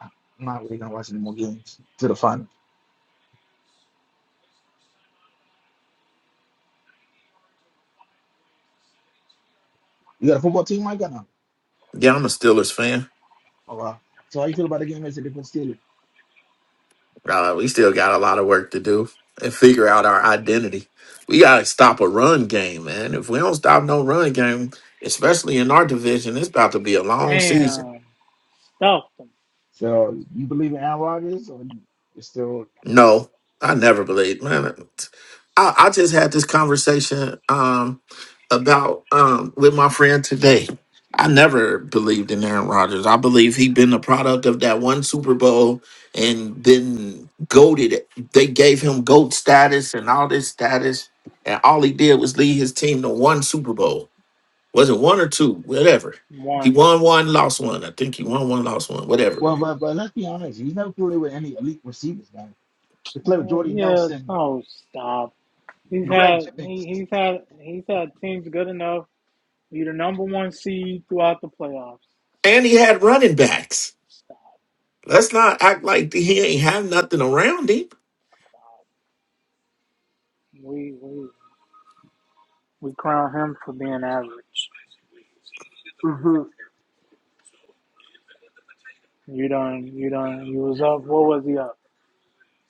B: I'm not really gonna watch any more games to the final. You got a football team, Micah? No.
L: Yeah, I'm a Steelers fan.
B: Oh wow. So how you feel about the game yesterday against Steelers?
L: Uh, we still got a lot of work to do and figure out our identity. We got to stop a run game, man. If we don't stop no run game, especially in our division, it's about to be a long season.
A: Damn. Stuffed him.
B: So you believe in Aaron Rodgers, or you you still?
L: No, I never believed, man. I, I just had this conversation um, about um, with my friend today. I never believed in Aaron Rodgers. I believe he been the product of that one Super Bowl and been goaded. They gave him GOAT status and all this status, and all he did was lead his team to one Super Bowl. Was it one or two? Whatever. He
A: One.
L: won one, lost one. I think he won one, lost one, whatever.
B: Well, but but let's be honest, he's never played with any elite receivers, man. They play with
A: Uh,
B: Jordy
A: yeah.
B: Nelson,
A: Oh, stop. He's
B: Greg
A: had he,
B: Jennings,
A: he's had he's had teams good enough. Be the number one seed throughout the playoffs.
L: And he
A: Stop.
L: had running backs.
A: Stop.
L: Let's not act like he ain't have nothing around him.
A: Stop. We we we crown him for being average.
K: hmm
A: You done you done you was up. What was he up?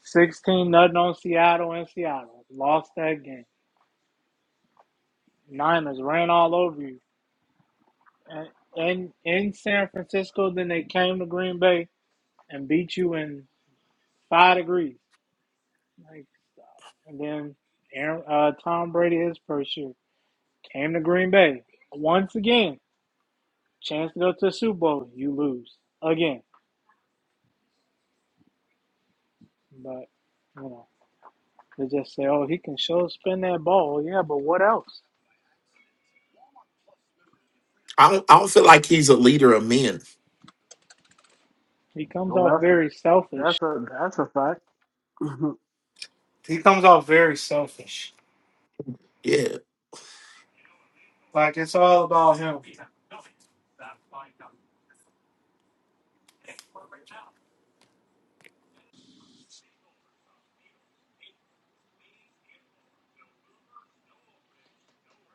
A: 16 nothing on Seattle in Seattle. Lost that game. Niners ran all over you. And in in San Francisco, then they came to Green Bay and beat you in five degrees. Like and then Aaron, uh, Tom Brady his first year came to Green Bay once again. Chance to go to the Super Bowl, you lose again. But you know they just say, "Oh, he can show spin that ball." Yeah, but what else?
L: I don't, I don't feel like he's a leader of men.
A: He comes
K: Well,
A: off
K: that's a
A: very selfish.
K: that's a that's a fact. hmm
A: He comes off very selfish.
L: Yeah,
A: Like it's all about him.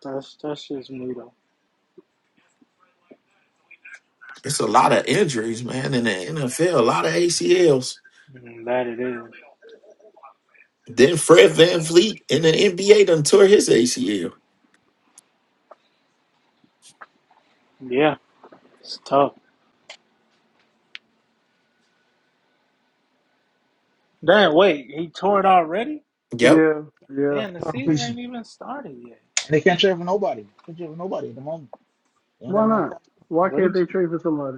A: That's that's just me though.
L: it's a lot of injuries, man, in the NFL, a lot of ACLs.
A: Mm, That it is.
L: Then Fred Van Vliet in the NBA done tore his ACL.
A: Yeah, it's tough. Damn, wait, he tore it already?
L: Yep.
K: Yeah, yeah.
A: Damn, the
B: John
A: season
B: Fisher,
A: ain't even started yet.
B: and they can't
A: Damn.
B: trade for nobody. They can't trade for nobody at the moment. They ain't got
K: Why
B: enough.
K: not? Why
A: What
K: can't
A: did
K: they
A: you
K: trade for somebody?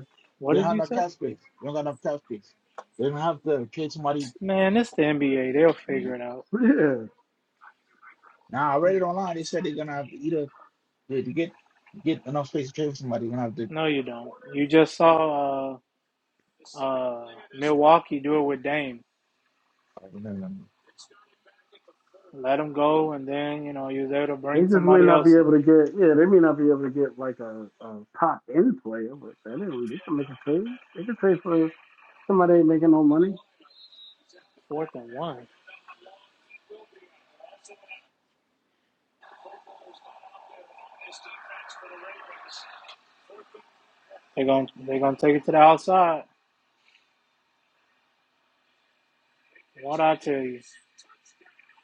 B: They
A: what
B: don't
A: did
B: have
A: you
B: enough
A: say?
B: cap space. They don't got enough cap space. They don't have to trade somebody.
A: Man, it's the NBA. They'll figure it out.
K: Yeah,
B: Now I read
A: Mm,
B: it online. They said they're gonna have to either to, to get get enough space to trade with somebody. They're gonna have to.
A: No you don't. You just saw uh uh Milwaukee do it with Dame. Let him go and then, you know, you was able to
K: They
A: bring
K: just may
A: somebody
K: not be
A: else in.
K: able to get, yeah, they may not be able to get like a, a top end player, but anyway, they can make a trade. They can trade for somebody that ain't making no money.
A: Fourth and one. They're gonna they're gonna take it to the outside. What I tell you.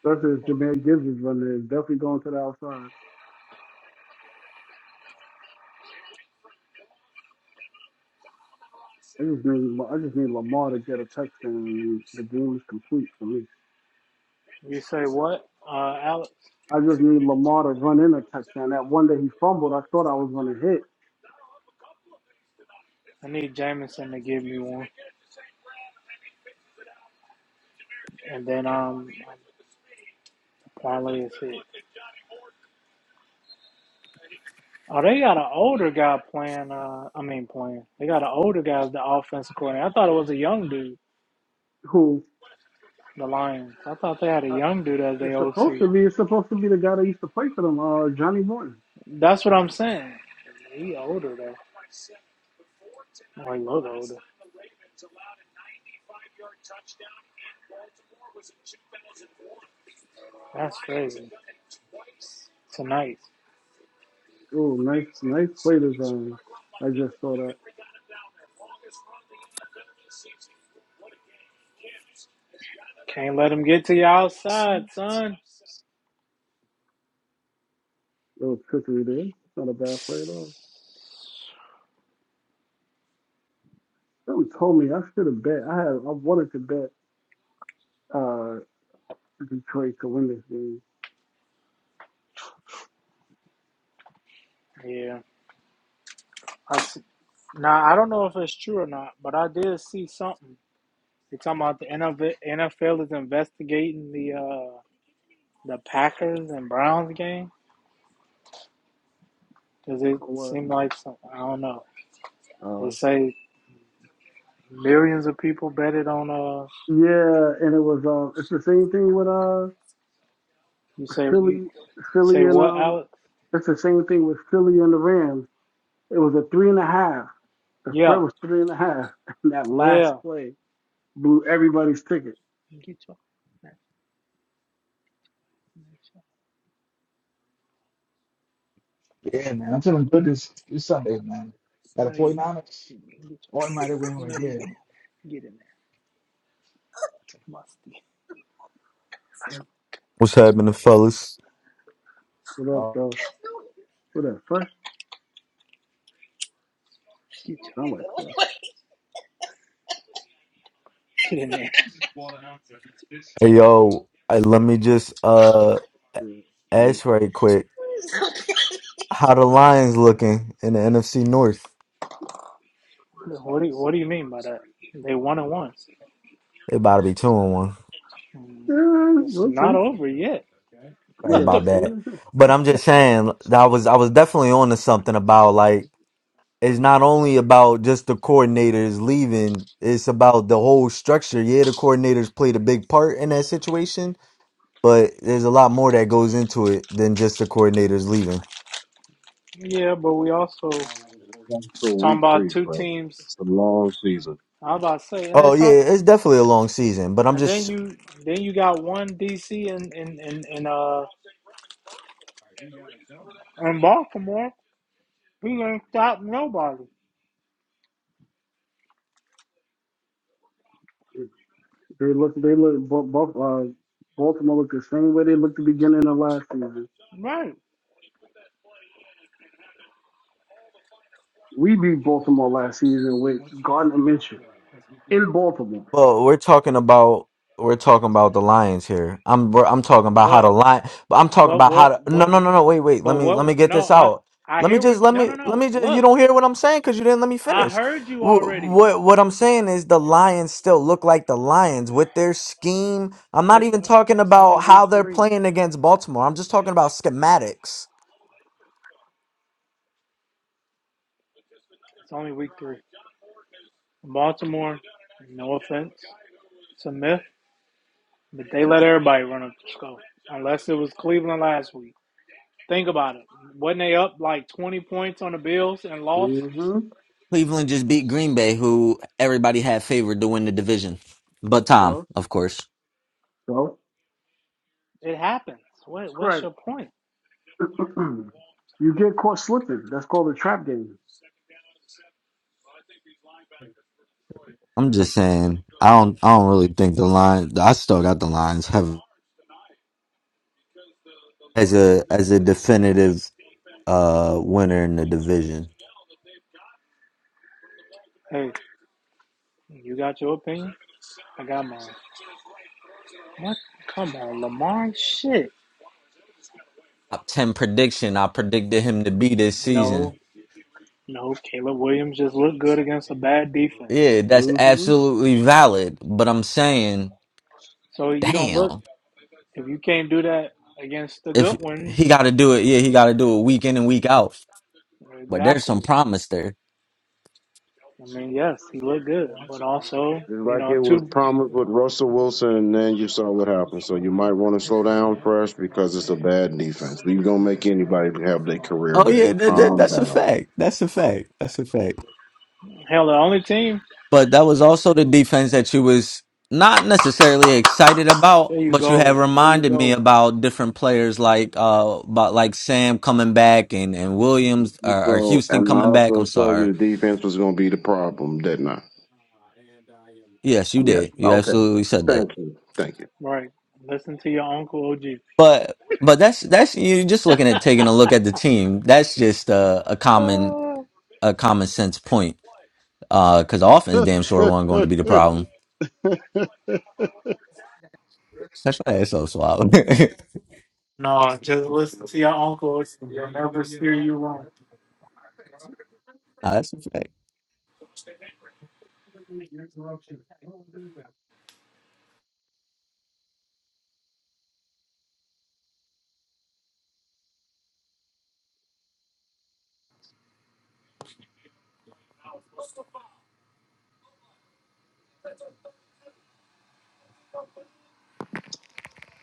K: Versus Jameer Gibbs is running, is definitely going to the outside. I just need, I just need Lamar to get a touchdown, and the game is complete for me.
A: You say what, uh, Alex?
K: I just need Lamar to run in a touchdown. That one that he fumbled, I thought I was going to hit.
A: I need Jamison to give me one, and then um, parlay is it. Oh, they got an older guy playing. Uh, I mean, playing. They got an older guy as the offensive coordinator. I thought it was a young dude.
K: Who
A: The Lions. I thought they had a
K: uh,
A: young dude as their
K: it's supposed
A: OC.
K: to be? It's supposed to be the guy that used to play for them, uh, Johnny Morton.
A: That's what I'm saying. He older though. Well, he look older. That's crazy. Tonight.
K: Oh, nice, nice play design. I just saw that.
A: Can't let him get to you outside, son.
K: little trickery there. It's not a bad play at all. Someone told me I should have bet. I had I wanted to bet uh Detroit to win this game.
A: Yeah. I s- now, I don't know if it's true or not, but I did see something. They're talking about the NF NFL is investigating the uh, the Packers and Browns game. Does it
K: For what?
A: seem like some? I don't know. They
K: Uh,
A: say millions of people betted on uh
K: yeah, and it was uh, it's the same thing with uh
A: you say you
K: Philly, Philly
A: say
K: and
A: what,
K: um,
A: Alex?
K: it's the same thing with Philly and the Rams. It was a three and a half. The
A: Yeah,
K: spread was three and a half, and that last
A: yeah.
K: play blew everybody's ticket.
B: Yeah, man. I'm feeling good this this Sunday, man. Got a 49ers automatic win right there.
M: What's happening, fellas?
K: What up
B: Uh,
K: though? What up? First, I like first.
M: Hey, yo, hey, let me just uh
K: Yeah, it's
M: ask right
K: first.
M: quick. How the Lions looking in the NFC North?
A: What do you, what do you mean by that? They won and one.
M: They about to be two and one.
A: Mm,
K: Yeah,
A: It's
K: we'll
A: not
K: see.
A: over yet.
M: Right
K: Yeah,
M: about
K: they
M: that.
K: ain't.
M: But I'm just saying that I was I was definitely on to something about like it's not only about just the coordinators leaving, it's about the whole structure. Yeah, the coordinators played a big part in that situation, but there's a lot more that goes into it than just the coordinators leaving.
A: yeah, but we also
D: That's for
A: talking
D: week
A: about
D: three,
A: two
D: Fred.
A: teams.
D: It's a long season.
A: I was about to say, and they
M: Oh yeah,
A: talk,
M: it's definitely a long season, but I'm
A: and then
M: just
A: you then you got one DC and and and, and uh and Baltimore. We ain't stop nobody,
K: They look, they look, both, both uh, Baltimore looked the same way they looked the beginning of last season.
A: right?
K: We beat Baltimore last season with Gardner Minshew in Baltimore.
M: well, we're talking about we're talking about the Lions here. I'm we're- I'm talking about how the
A: But
M: lion, but I'm talking
A: but
M: about how
A: what
M: to no
A: what
M: no no no wait wait let
A: But
M: me let
A: what?
M: me get
A: No,
M: this
A: I
M: out.
A: I
M: Let me
A: hear what.
M: just let
A: No,
M: me
A: no,
M: let
A: no.
M: me just you
A: Look,
M: don't hear what I'm saying because you didn't let me
A: I
M: finish.
A: heard you
M: Wh-
A: already.
M: What what I'm saying is the Lions still look like the Lions with their scheme. I'm not
A: It's
M: even
A: uh,
M: talking
A: it's only
M: about how
A: week
M: they're
A: three.
M: playing against Baltimore. I'm just talking about schematics.
A: It's only week three. Baltimore. No offense, it's a myth, but they let everybody run up the score unless it was Cleveland last week. Think about it. Wasn't they up like twenty points on the Bills and lost?
K: hmm
M: Cleveland just beat Green Bay, who everybody had favored to win the division, but Tom,
K: So,
M: of course.
K: so,
A: It happens. What What's
K: right.
A: your point?
K: you get caught slipping. That's called a trap game.
M: I'm just saying, I don't, I don't really think the line. I still got the Lions have as a as a definitive uh winner in the division.
A: Hey, you got your opinion. I got mine. What? Come on, Lamar. Shit.
M: Top ten prediction. I predicted him to be this
A: No.
M: season.
A: No, Caleb Williams just looked good against a bad defense.
M: Yeah, that's
K: hmm hmm
M: absolutely valid. But I'm saying,
A: So you don't look
M: damn,
A: if you can't do that against the
M: if
A: good
M: he
A: ones.
M: got to do it, yeah, he got to do it week in and week out. But there's some
A: Exactly.
M: promise there.
A: I mean, yes, he looked good, but also,
D: Just
A: you
D: like it
A: know,
D: was
A: two
D: promised with Russell Wilson, and then you saw what happened. So you might want to slow down first because it's a bad defense. We're gonna make anybody have their career
M: Oh yeah,
D: day.
M: that, that,
D: Calm
M: that's a
D: down.
M: fact. That's a fact. That's a fact.
A: hell the only team.
M: But that was also the defense that you was not necessarily excited about,
A: There you
M: but you have
A: go. There you
M: reminded me
A: go.
M: about different players like uh about like Sam coming back and and Williams or, or
D: So,
M: Houston
D: and I
M: coming back. I'm
D: also told
M: sorry.
D: you the defense was gonna be the problem, didn't I?
M: Yes, you
D: Yes.
M: did. You
D: Okay.
M: absolutely said that.
D: Thank you. Thank you.
A: Right. Listen to your uncle OG.
M: But but that's that's you're just looking at taking a look at the team. That's just uh, a common
A: Ah.
M: a common sense point. Uh, because the offense damn sure wasn't going to be the problem. That's why it's so suave.
A: no, just listen to your uncle. OG. He'll never steer you wrong.
M: Nah, that's a fact.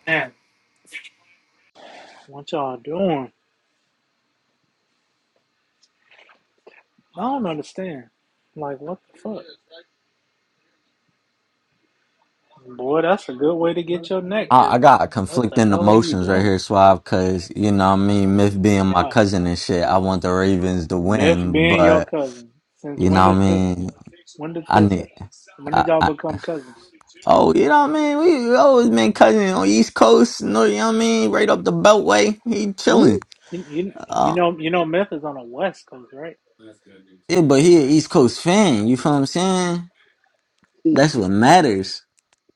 A: Man, what y'all doing? I don't understand. Like, what the fuck? Boy, that's a good way to get your neck
M: I, I
A: hurt.
M: got
A: What the
M: conflicting
A: hell are you
M: emotions right
A: doing?
M: here, Suave, because, you know what I mean? Myth being my
A: Why?
M: cousin and shit, I want the Ravens to
A: Biff
M: win,
A: being your
M: but,
A: cousin. Since
M: you
A: when
M: know what I
A: did this?
M: mean?
A: When did
M: I
A: this?
M: need.
A: When
M: I,
A: did y'all
M: I,
A: become cousins?
M: oh, you know what I mean? We always been cousin on East Coast, you know what I mean? Right up the Beltway. He chilling.
A: You, you, you
M: Uh,
A: know, you know, Myth is on the West Coast, right?
M: yeah, but he an East Coast fan. You feel what I'm saying? That's what matters.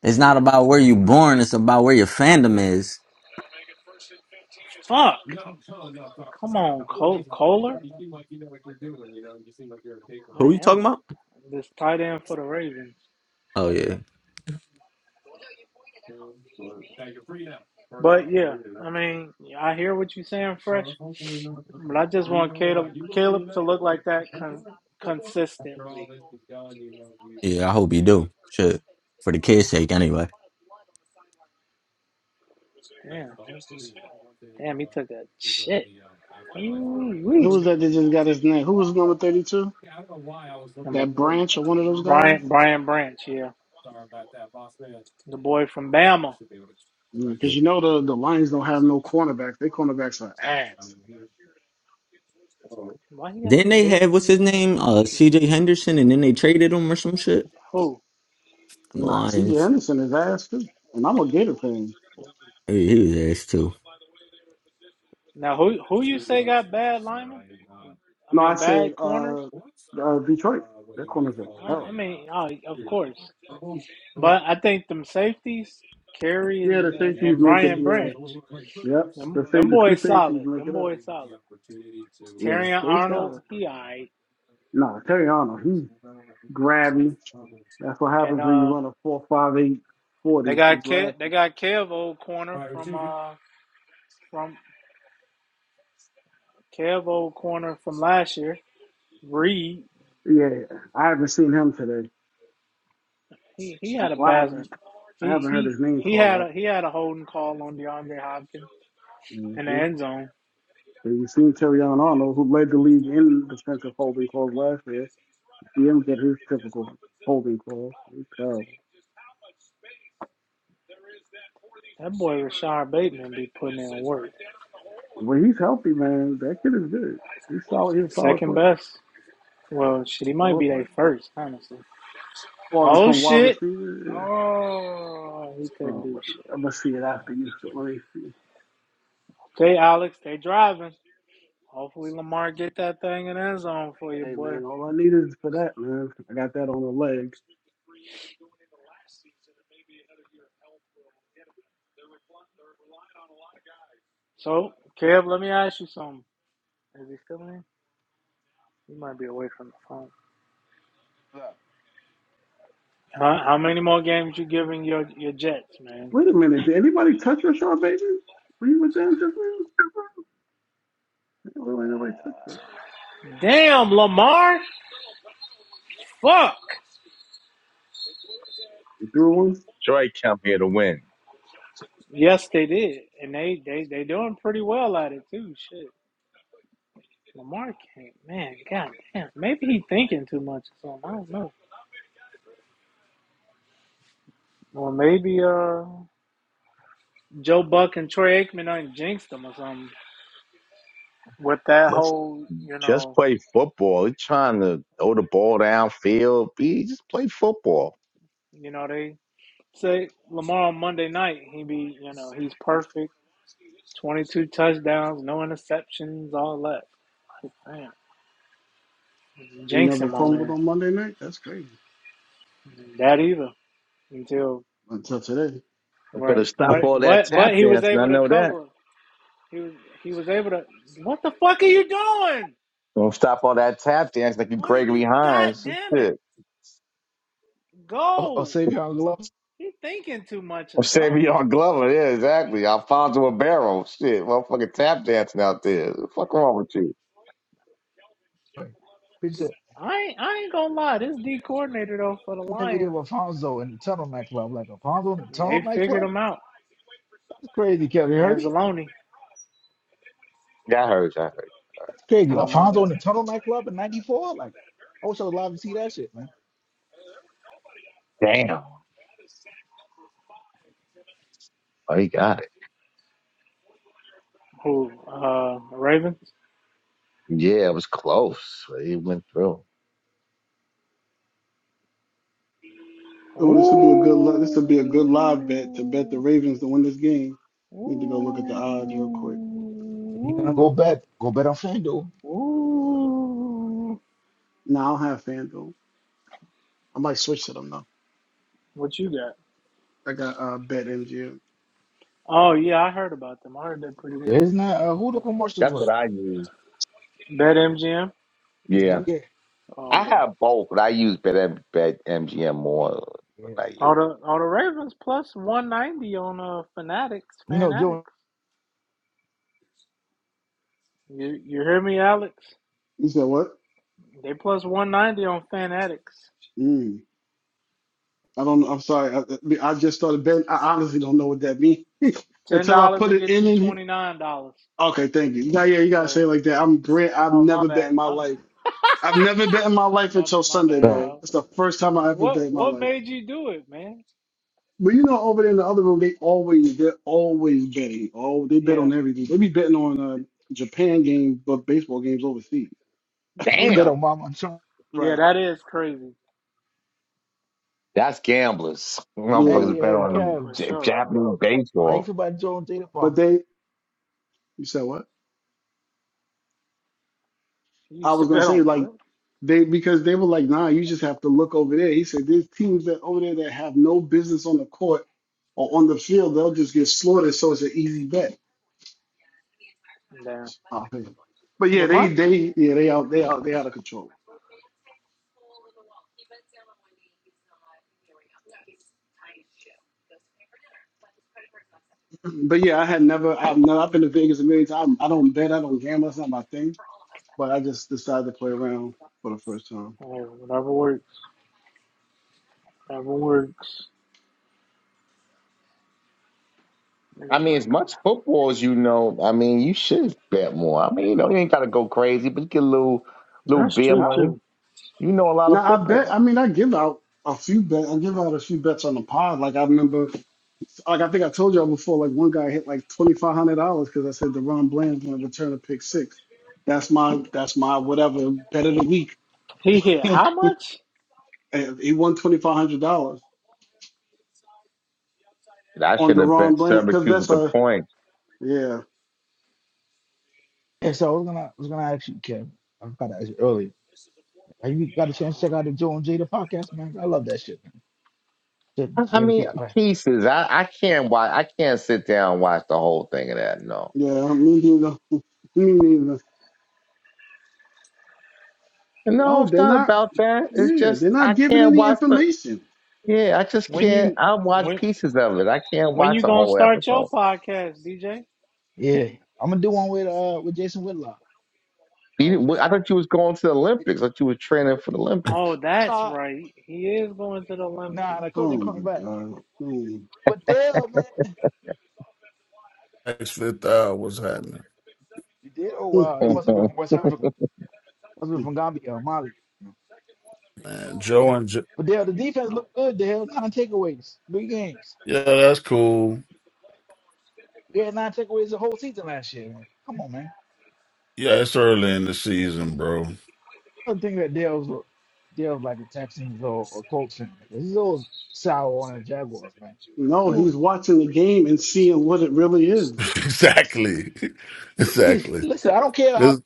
M: It's not about where you born. It's about where your fandom is.
A: Fuck! Come on, Cole, Kohler. Not
M: Who you talking
A: helmet.
M: about?
A: This tight end for the Ravens.
M: Oh yeah,
A: But yeah, I mean, I hear what you're saying, Fresh. But I just want Caleb, Caleb to look like that con- consistently.
M: yeah. I hope you do. Shit, for the kids' sake, anyway.
A: Damn. Damn, he took a shit. Ooh,
K: Who was that that just got his name? Who was number 32?
A: Number
K: That
A: three.
K: branch or one of those guys?
A: Brian, Brian Branch, yeah. The boy from Bama.
K: Because
M: Then
K: yeah, you know the, the Lions don't have no cornerbacks. Their cornerbacks are ass.
A: Why he got
M: Didn't
A: this
M: they
A: baby
M: have what's his
A: blue ass
M: name? Uh,
A: mouthpiece?
M: C.J. Henderson, and then they traded him or some shit.
A: Who?
M: And The
K: Nah, CJ
M: Lions.
K: Henderson is ass too, and I'm a Gator fan.
M: He, he was ass too.
A: Now, who who you say got bad linemen? I
K: No, I
A: mean,
K: said
A: bad corners.
K: uh, uh Detroit. That corner's a
A: Well, I
K: hell.
A: mean, oh, of course, but I think them safeties, Kerry
K: Yeah,
A: and,
K: the
A: and,
K: safeties
A: and
K: make it.
A: Brian
K: Yeah,
A: Branch,
K: yep. The
A: them
K: safe,
A: them
K: the two
A: boys solid.
K: safeties make
A: Them
K: it up.
A: boys solid.
K: Yeah,
A: Terry
K: they solid.
A: Arnold, he alright.
K: Nah, Terry Arnold, he's grabby. That's what
A: And
K: happens when you
A: uh,
K: run a four five eight
A: they
K: forty. He
A: got
K: grabs
A: Kev, they
K: it.
A: got Kev old corner from uh from Kevo corner from last year. Reed,
K: Yeah, I haven't seen him today.
A: he, he
K: I,
A: had a
K: well, I,
A: pass.
K: haven't, I
A: He
K: haven't heard
A: he
K: his name
A: he
K: called
A: had
K: out.
A: a he had a holding call on DeAndre Hopkins in the
K: Mm-hmm.
A: end zone.
K: You seen Terry Arnold, who led the league in defensive holding calls last year. He don't get his typical holding call. He's terrible.
A: That boy Rashard Bateman be putting in work.
K: When he's healthy, man, that kid is good. He's solid. He's a solid
A: Second
K: player.
A: best. Well, shit, he might
K: Solid
A: be their
K: player.
A: first, honestly.
K: Or
A: Oh
K: from wide
A: shit!
K: receiver.
A: Oh, he
K: Yeah.
A: couldn't
K: Oh,
A: do
K: let me.
A: shit.
K: I'm gonna see it after you. So let me see.
A: Okay, Alex, they driving. Hopefully Lamar get that thing in the end zone for you,
K: Hey,
A: boy.
K: man, all I need is for that, man. I got that on the leg.
A: So, Kev, let me ask you something. Is he still in? He might be away from the phone. How, how many more games you giving your, your Jets, man?
K: Wait a minute. Did anybody touch Rashard Bateman? Were you with them just now? Yeah, Really, nobody touched him.
A: Damn, Lamar. Fuck.
K: He threw one.
H: Detroit come here to win.
A: Yes, they did, and they they they doing pretty well at it too. Shit, Lamar can't. Man, god damn. Maybe he thinking too much or something. I don't know. Or maybe uh, Joe Buck and Troy Aikman done jinxed them or something. With that
H: Let's
A: whole, you
H: just
A: know,
H: play football. You're trying to throw the ball downfield. Be just play football.
A: you know they say Lamar on Monday night, he be, you know, he's perfect 22 touchdowns, no interceptions, all that. Like, damn,
K: He never
A: jinxing my
K: fumbled
A: man.
K: on Monday night. That's crazy.
A: That either until you know,
K: Until today.
H: I
A: right.
H: better stop
B: oh,
H: all
A: But
H: that
A: but
H: tap
A: but he was
H: dancing. I
A: able to
H: know that.
A: cover. He was he was able to. What the fuck are you doing?
H: Don't stop all that tap dancing like you
A: What are
H: Gregory
A: you? God
H: Hines.
A: damn it!
B: oh,
A: Go.
B: Savion Love.
A: He thinking too much or something.
H: Savion Glover, yeah, exactly. Alfonso Ribeiro, shit, motherfucking tap dancing out there. What the fuck wrong with you?
B: Picture
A: I ain't, I ain't gonna lie, this D coordinator though for the
B: in the video
A: Lions,
B: of Alfonso in the Tunnel nightclub. Like Alfonso in the Tunnel
A: they figured
B: nightclub.
A: him out.
B: That's crazy, Kelly. You heard me?
A: Anzalone.
H: Yeah, I heard you. I heard
B: That's crazy.
H: you.
A: Oh my
B: Alfonso
A: bad.
B: in the Tunnel nightclub in '94. Like I wish I was alive to see that shit, man.
H: Damn. Oh, he got it.
A: Who? Uh, Ravens.
H: Yeah, it was close. He went through.
A: Ooh.
K: Oh, this would be a good. li- This would be a good live bet to bet the Ravens to win this game.
A: Ooh.
K: Need to go look at the odds real quick.
B: If you're gonna go bet, go bet on FanDuel.
A: Ooh. Ooh.
K: No, I don't have FanDuel. I might switch to them though.
A: What you got?
K: I got uh, Bet MGM.
A: Oh yeah, I heard about them. I heard they're pretty good.
B: There's not a who the commercials
H: That's
B: with him.
H: what I use.
A: Bet MGM.
H: Yeah.
K: hmm
B: Yeah,
A: Oh
H: I
A: god.
H: have both, but I use Bet, Bet MGM more
B: yeah.
H: than I
A: All
H: use.
A: the all the Ravens plus one ninety on uh Fanatics,
B: You know, Joe.
A: Fanatics. You you hear me, Alex?
K: You said what?
A: They plus one ninety on Fanatics.
K: Mm. I don't. know. I'm sorry. I, I just started betting. I honestly don't know what that means
A: Ten
K: until I
A: dollars
K: put
A: will
K: it
A: get
K: in.
A: you
K: in
A: twenty nine dollars.
K: Okay, thank you. Now, yeah, you gotta say
A: So
K: it like that. I'm brand. I've
A: oh my
K: never bet in
A: bad.
K: my
A: My
K: life. I've never bet in my life
A: my
K: until
A: my
K: Sunday,
A: bad
B: Fact.
K: bro.
A: dog.
K: It's the first time I ever
A: What
K: bet in my
A: what
K: life.
A: made you do it, man?
K: But you know, over there in the other room, they always they're always betting. Oh, they bet
A: Yeah,
K: on everything. They be betting on uh, Japan games, but baseball games overseas.
B: They bet
A: okay.
B: on
H: Damn.
B: Mama and Sean.
A: Yeah,
K: Right.
A: that is crazy
H: That's gamblers.
B: Hey,
K: Yeah,
H: Motherfuckers bet
B: hey,
H: on
B: Kev.
A: for sure.
H: Japanese
B: How
H: baseball.
B: you feel about Joe and Jada
K: but
B: Pop?
K: they. You said what?
A: You
K: I
A: used to
K: was gonna
A: bet
K: say
A: on
K: like
A: what?
K: they because they were like, nah, you just have to look over there. He said there's teams that over there that have no business on the court or on the field. They'll just get slaughtered. So it's an easy bet.
A: Damn.
K: Uh, But yeah,
A: But my
K: they they
A: hey,
K: yeah they out they out they out of control. But yeah, I had never I've never I've been to Vegas a million times. I don't bet. I don't gamble. That's not my thing. but I just decided to play around for the first time.
A: whatever works. Whatever works.
H: I mean,
A: like,
H: as much football as you know, I mean, you should bet more. I mean, you know, you ain't gotta go crazy, but you get a little little
A: That's
H: beer
A: true
H: money.
A: too.
H: You know a lot of
K: Now I bet.
H: football.
K: I mean, I give out a few bet. I give out a few bets on the pod. Like I remember, like I think I told y'all before. Like one guy hit like twenty five hundred dollars because I said Deron Bland's going to return a pick six. That's my that's my whatever bet of the week.
A: He hit how much?
K: And he won twenty five hundred dollars
H: And I
K: on
H: should have
K: Deron
H: bet
K: Bland because
H: Syracuse
K: that's
H: at the
K: a
H: point.
K: yeah
B: Yeah, so I was gonna, I was gonna ask you, Kev. I forgot to ask you earlier. Have you got a chance to check out the Joe and Jada podcast, man? I love that shit. Jada,
H: I I
B: Jada
H: mean,
B: gets back.
H: pieces. I, I can't watch. I can't sit down and watch the whole thing of that. No,
K: yeah me neither me neither.
H: no,
K: No,
H: it's
K: they're
H: not
K: not.
H: about that. It's
K: Yeah,
H: just
K: they're not
H: I
K: giving
H: can't
K: any
H: watch the.
K: information.
H: Yeah, I just
A: When
H: can't.
A: you
H: I watch
A: when
H: pieces of it. I can't
A: when
H: watch
A: you
H: the
A: gonna
H: whole
A: start your
H: episode.
A: podcast, DJ?
B: Yeah, I'm gonna do one with uh with Jason Whitlock.
H: You
A: Oh
H: didn't- I
A: God.
H: thought you was going to the Olympics. I thought you was training for the
A: Oh,
H: Olympics.
A: that's
B: Nah,
A: right. He is going to the Olympics.
B: nah, the coach
K: Oh
B: ain't
K: my
B: coming back.
K: god.
B: But damn, man,
N: Next fifth hour, what's happening,
B: you did. Oh
K: Hmm.
B: wow, they must have been from West Africa. Must have been from Gambia or Mali.
N: man? Joe and jo-
B: But Dale, the defense looked good. Dale, nine takeaways, three games.
N: yeah, that's cool.
B: We had nine takeaways the whole season last year. Man. Come on, man.
N: Yeah, it's early in the season, bro.
B: I don't think that Dale's Dale's like the Texans or, or Colts. And he's always sour on the Jaguars, man.
K: No,
B: You
K: he's watching the game and seeing what it really is.
N: exactly,
B: you-
N: exactly.
B: listen. I don't care how
N: This-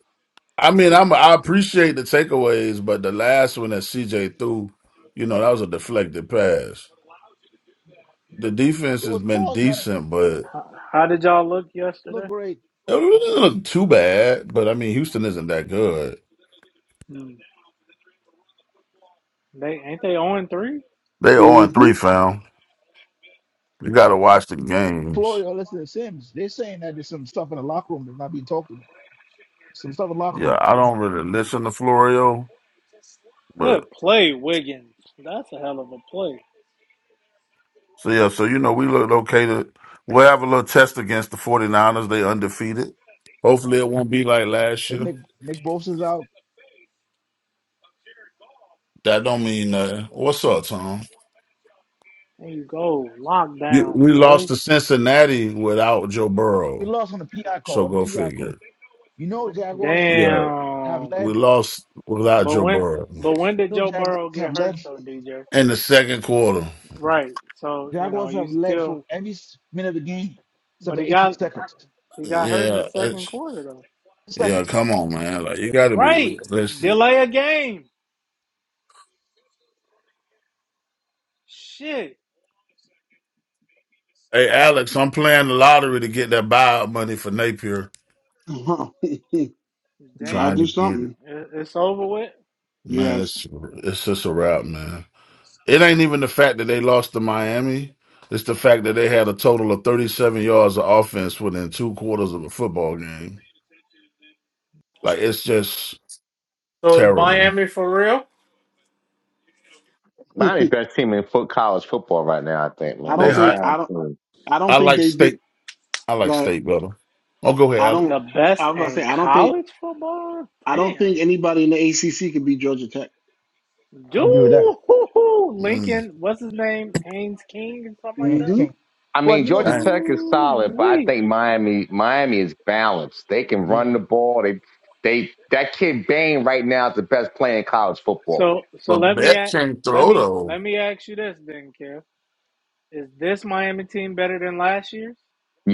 N: I mean, I'm I appreciate the takeaways, but the last one that CJ threw, you know, that was a deflected pass. The defense
B: it
N: has
B: was
N: been
B: caused by the
N: decent, but it
A: How, how did y'all look
B: look
A: yesterday?
B: great.
N: doesn't look too bad. But I mean, Houston isn't that good.
A: Hmm. They ain't they on three?
N: They 0
K: mm
N: and three, fam. You got to watch the games.
B: Florio, listen to Sims. They're saying that there's some stuff in the locker room that's not being talked about. Some stuff in the locker
N: Yeah,
B: room.
N: I don't really listen to Florio, but.
A: Good play, Wiggins. That's a hell of a play.
N: So yeah, so you know we look okay to we'll have a little test against the 49ers. They undefeated. Hopefully it won't be like last
B: That
N: year.
B: Nick Nick Bosa's out.
N: That don't mean nothing. What's up, Tom?
A: There you go.
N: You,
A: Lockdown,
N: we lost
A: boy.
N: to Cincinnati without Joe
B: We
N: Burrow.
B: lost on the PI
N: So
B: call. On
N: go
B: the PI call.
N: figure.
B: You know, Jaguars
N: Yeah,
B: have
A: Damn.
N: we
B: led.
N: lost without
A: But
N: Joe
A: when
N: Burrow
A: but
B: You
A: when did
B: know,
A: Joe
B: Jaguars
A: Burrow
B: have
A: get hurt
B: led
A: though, DJ?
N: in the second quarter.
A: Right. So, you know,
B: Jaguars
A: you
B: have led
A: still
B: for every s- minute of the game
A: but
B: except for
A: he
B: 18
A: got
B: seconds.
A: he got hurt in the
N: Yeah,
A: second
N: it's,
A: quarter though.
N: yeah.
B: Seconds.
N: Come on, man. Like you got to be
A: Right.
N: realistic.
A: Delay a game. Shit.
N: Hey, Alex, I'm playing the lottery to get that buyout money for Napier.
K: hmm Gotta
N: Trying
A: Damn.
K: do
N: to get it.
K: something.
A: It- It's over with.
N: Man,
K: Yes.
N: it's it's just a wrap, man. It ain't even the fact that they lost to Miami. It's the fact that they had a total of 37 yards of offense within two quarters of a football game. Like it's just terrible.
A: Real.
H: Miami's
K: I
H: best team in foot college football right now, I think, man.
K: don't
N: They
H: Most
K: think
N: hot.
K: I
H: balanced.
K: don't
H: team.
K: I don't
N: I
K: think
N: like
K: they beat
N: state. I like
K: like
N: state better. Oh, go ahead,
K: I
N: Alex.
K: don't
A: The best
K: I was gonna say
A: in
K: I don't think
A: college football?
K: I don't
A: Damn.
K: think anybody in the ACC could beat Georgia Tech.
B: I agree with that.
A: Dude,
N: Mm,
A: Lincoln, what's his name? Haynes King and something like
B: Can't,
K: hmm
A: that.
B: can't.
H: I
B: But
H: mean,
B: you know
H: Georgia
N: dang.
B: something?
H: Tech is solid,
A: Ooh
H: but I
A: wee.
H: think Miami Miami is balanced. They can
B: Yeah.
H: run the ball. They they that kid Bain right now is the best player in college football.
A: So so
N: But
A: let me
N: bet
A: ask,
N: can
A: let
N: throw
A: me
N: though.
A: let me ask you this then, Kev. Is this Miami team better than last year's?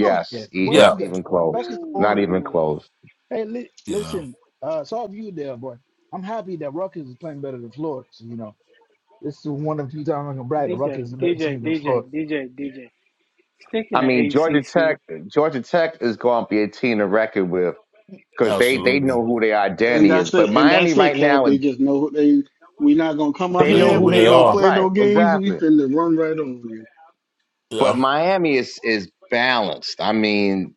B: Oh, yeah.
H: he,
B: Way
H: not
N: Yeah,
B: better.
H: even close.
B: Becky's the
H: Not
B: baller.
H: even
A: Oh
H: close.
B: Hey, li-
N: yeah,
B: listen, uh, saw you there, boy. I'm happy that Rutgers is playing better than Florida. So, you know, this is one of the few times I can brag that Rutgers
A: DJ,
B: is a better
A: DJ,
B: team than Florida.
A: DJ, DJ, DJ. Stick in
H: I
A: the
H: mean, Georgia
A: ACC.
H: Tech Georgia Tech is going to be a team to reckon with because they they
N: absolutely.
H: know who their
K: And
H: identity is.
K: that's
H: But
K: it. And
H: Miami
K: that's it,
H: right
K: Kev.
H: now,
K: They just know they we're not gonna come out
H: they
N: They
H: know
K: here.
N: know
H: who
N: who
K: We
H: they
K: ain't
N: they
K: gonna
H: are.
N: are.
K: play
H: Right?
K: no games.
H: Exactly.
K: We finna run right over you.
H: But
N: Yeah,
H: Miami is is balanced. I mean,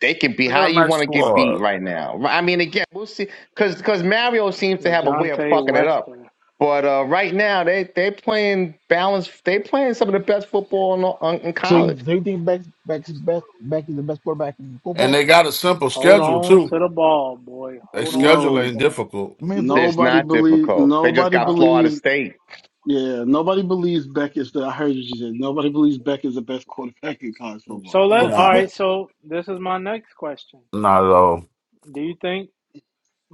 H: they can be
N: they
H: how
N: got a
H: you
N: nice
H: want to get beat
N: squad,
H: right now. I mean, again, we'll see because because Mario seems to have a way of
A: Lejonte
H: fucking it up.
A: Weston.
H: But uh, right now, they they playing balanced. They playing some of the best football in, on, in
B: So you,
H: college.
B: so you think Beck, Beck's best, Beck is the best quarterback in
N: and
B: football?
N: they got a simple
A: Hold
N: schedule
A: on
N: too.
A: to the ball, boy.
N: Their
A: Hold on to
N: schedule
A: the
K: No,
N: ain't
A: ball.
N: difficult.
B: I mean, for,
H: It's
K: nobody
H: not
K: believe
H: difficult. They just
K: nobody
B: uh,
H: got Florida
K: believes
H: State.
K: Yeah, nobody believes Beck is the. I heard you say nobody believes Beck is the best quarterback in college football.
A: So let
B: for,
K: No.
B: for
A: all
N: Nah.
B: me,
A: right, so this is my next question.
N: Not at all.
A: Do you think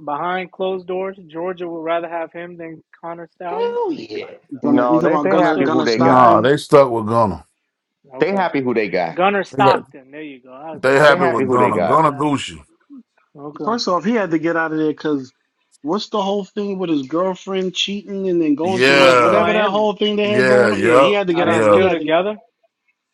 A: behind closed doors Georgia would rather have him than Connor Stallion? I
B: hell
A: mean
B: yeah.
A: Connor Stallion.
K: Gunnar, you
H: No,
K: talking
H: they
K: about
H: they
A: What's
K: Gunnar
H: happy
A: the
H: who
K: Gunnar
H: they got.
N: Nah,
K: Stockton?
N: they stuck with Gunna.
H: They
A: okay.
H: happy who they got.
A: Gunner
N: They got
A: Stockton, there you go. I
N: they
A: called
H: They
N: happy
A: that
H: happy
K: Mm-hmm.
N: with
A: man
H: who they
N: Gunna.
A: Connor
H: got.
N: Gunna
A: Stallion.
N: Gucci.
A: Okay.
K: First off, he had to get out of there because what's the whole thing with his girlfriend cheating and then going to
A: She
K: my
A: went to
N: Yeah.
K: whatever that
A: Miami.
K: whole thing they had
N: Yeah.
K: going on? Yeah,
N: Yep.
K: he had to
A: Are
K: get
A: they
K: out of
N: Yeah.
K: He
A: still
K: had to.
A: together?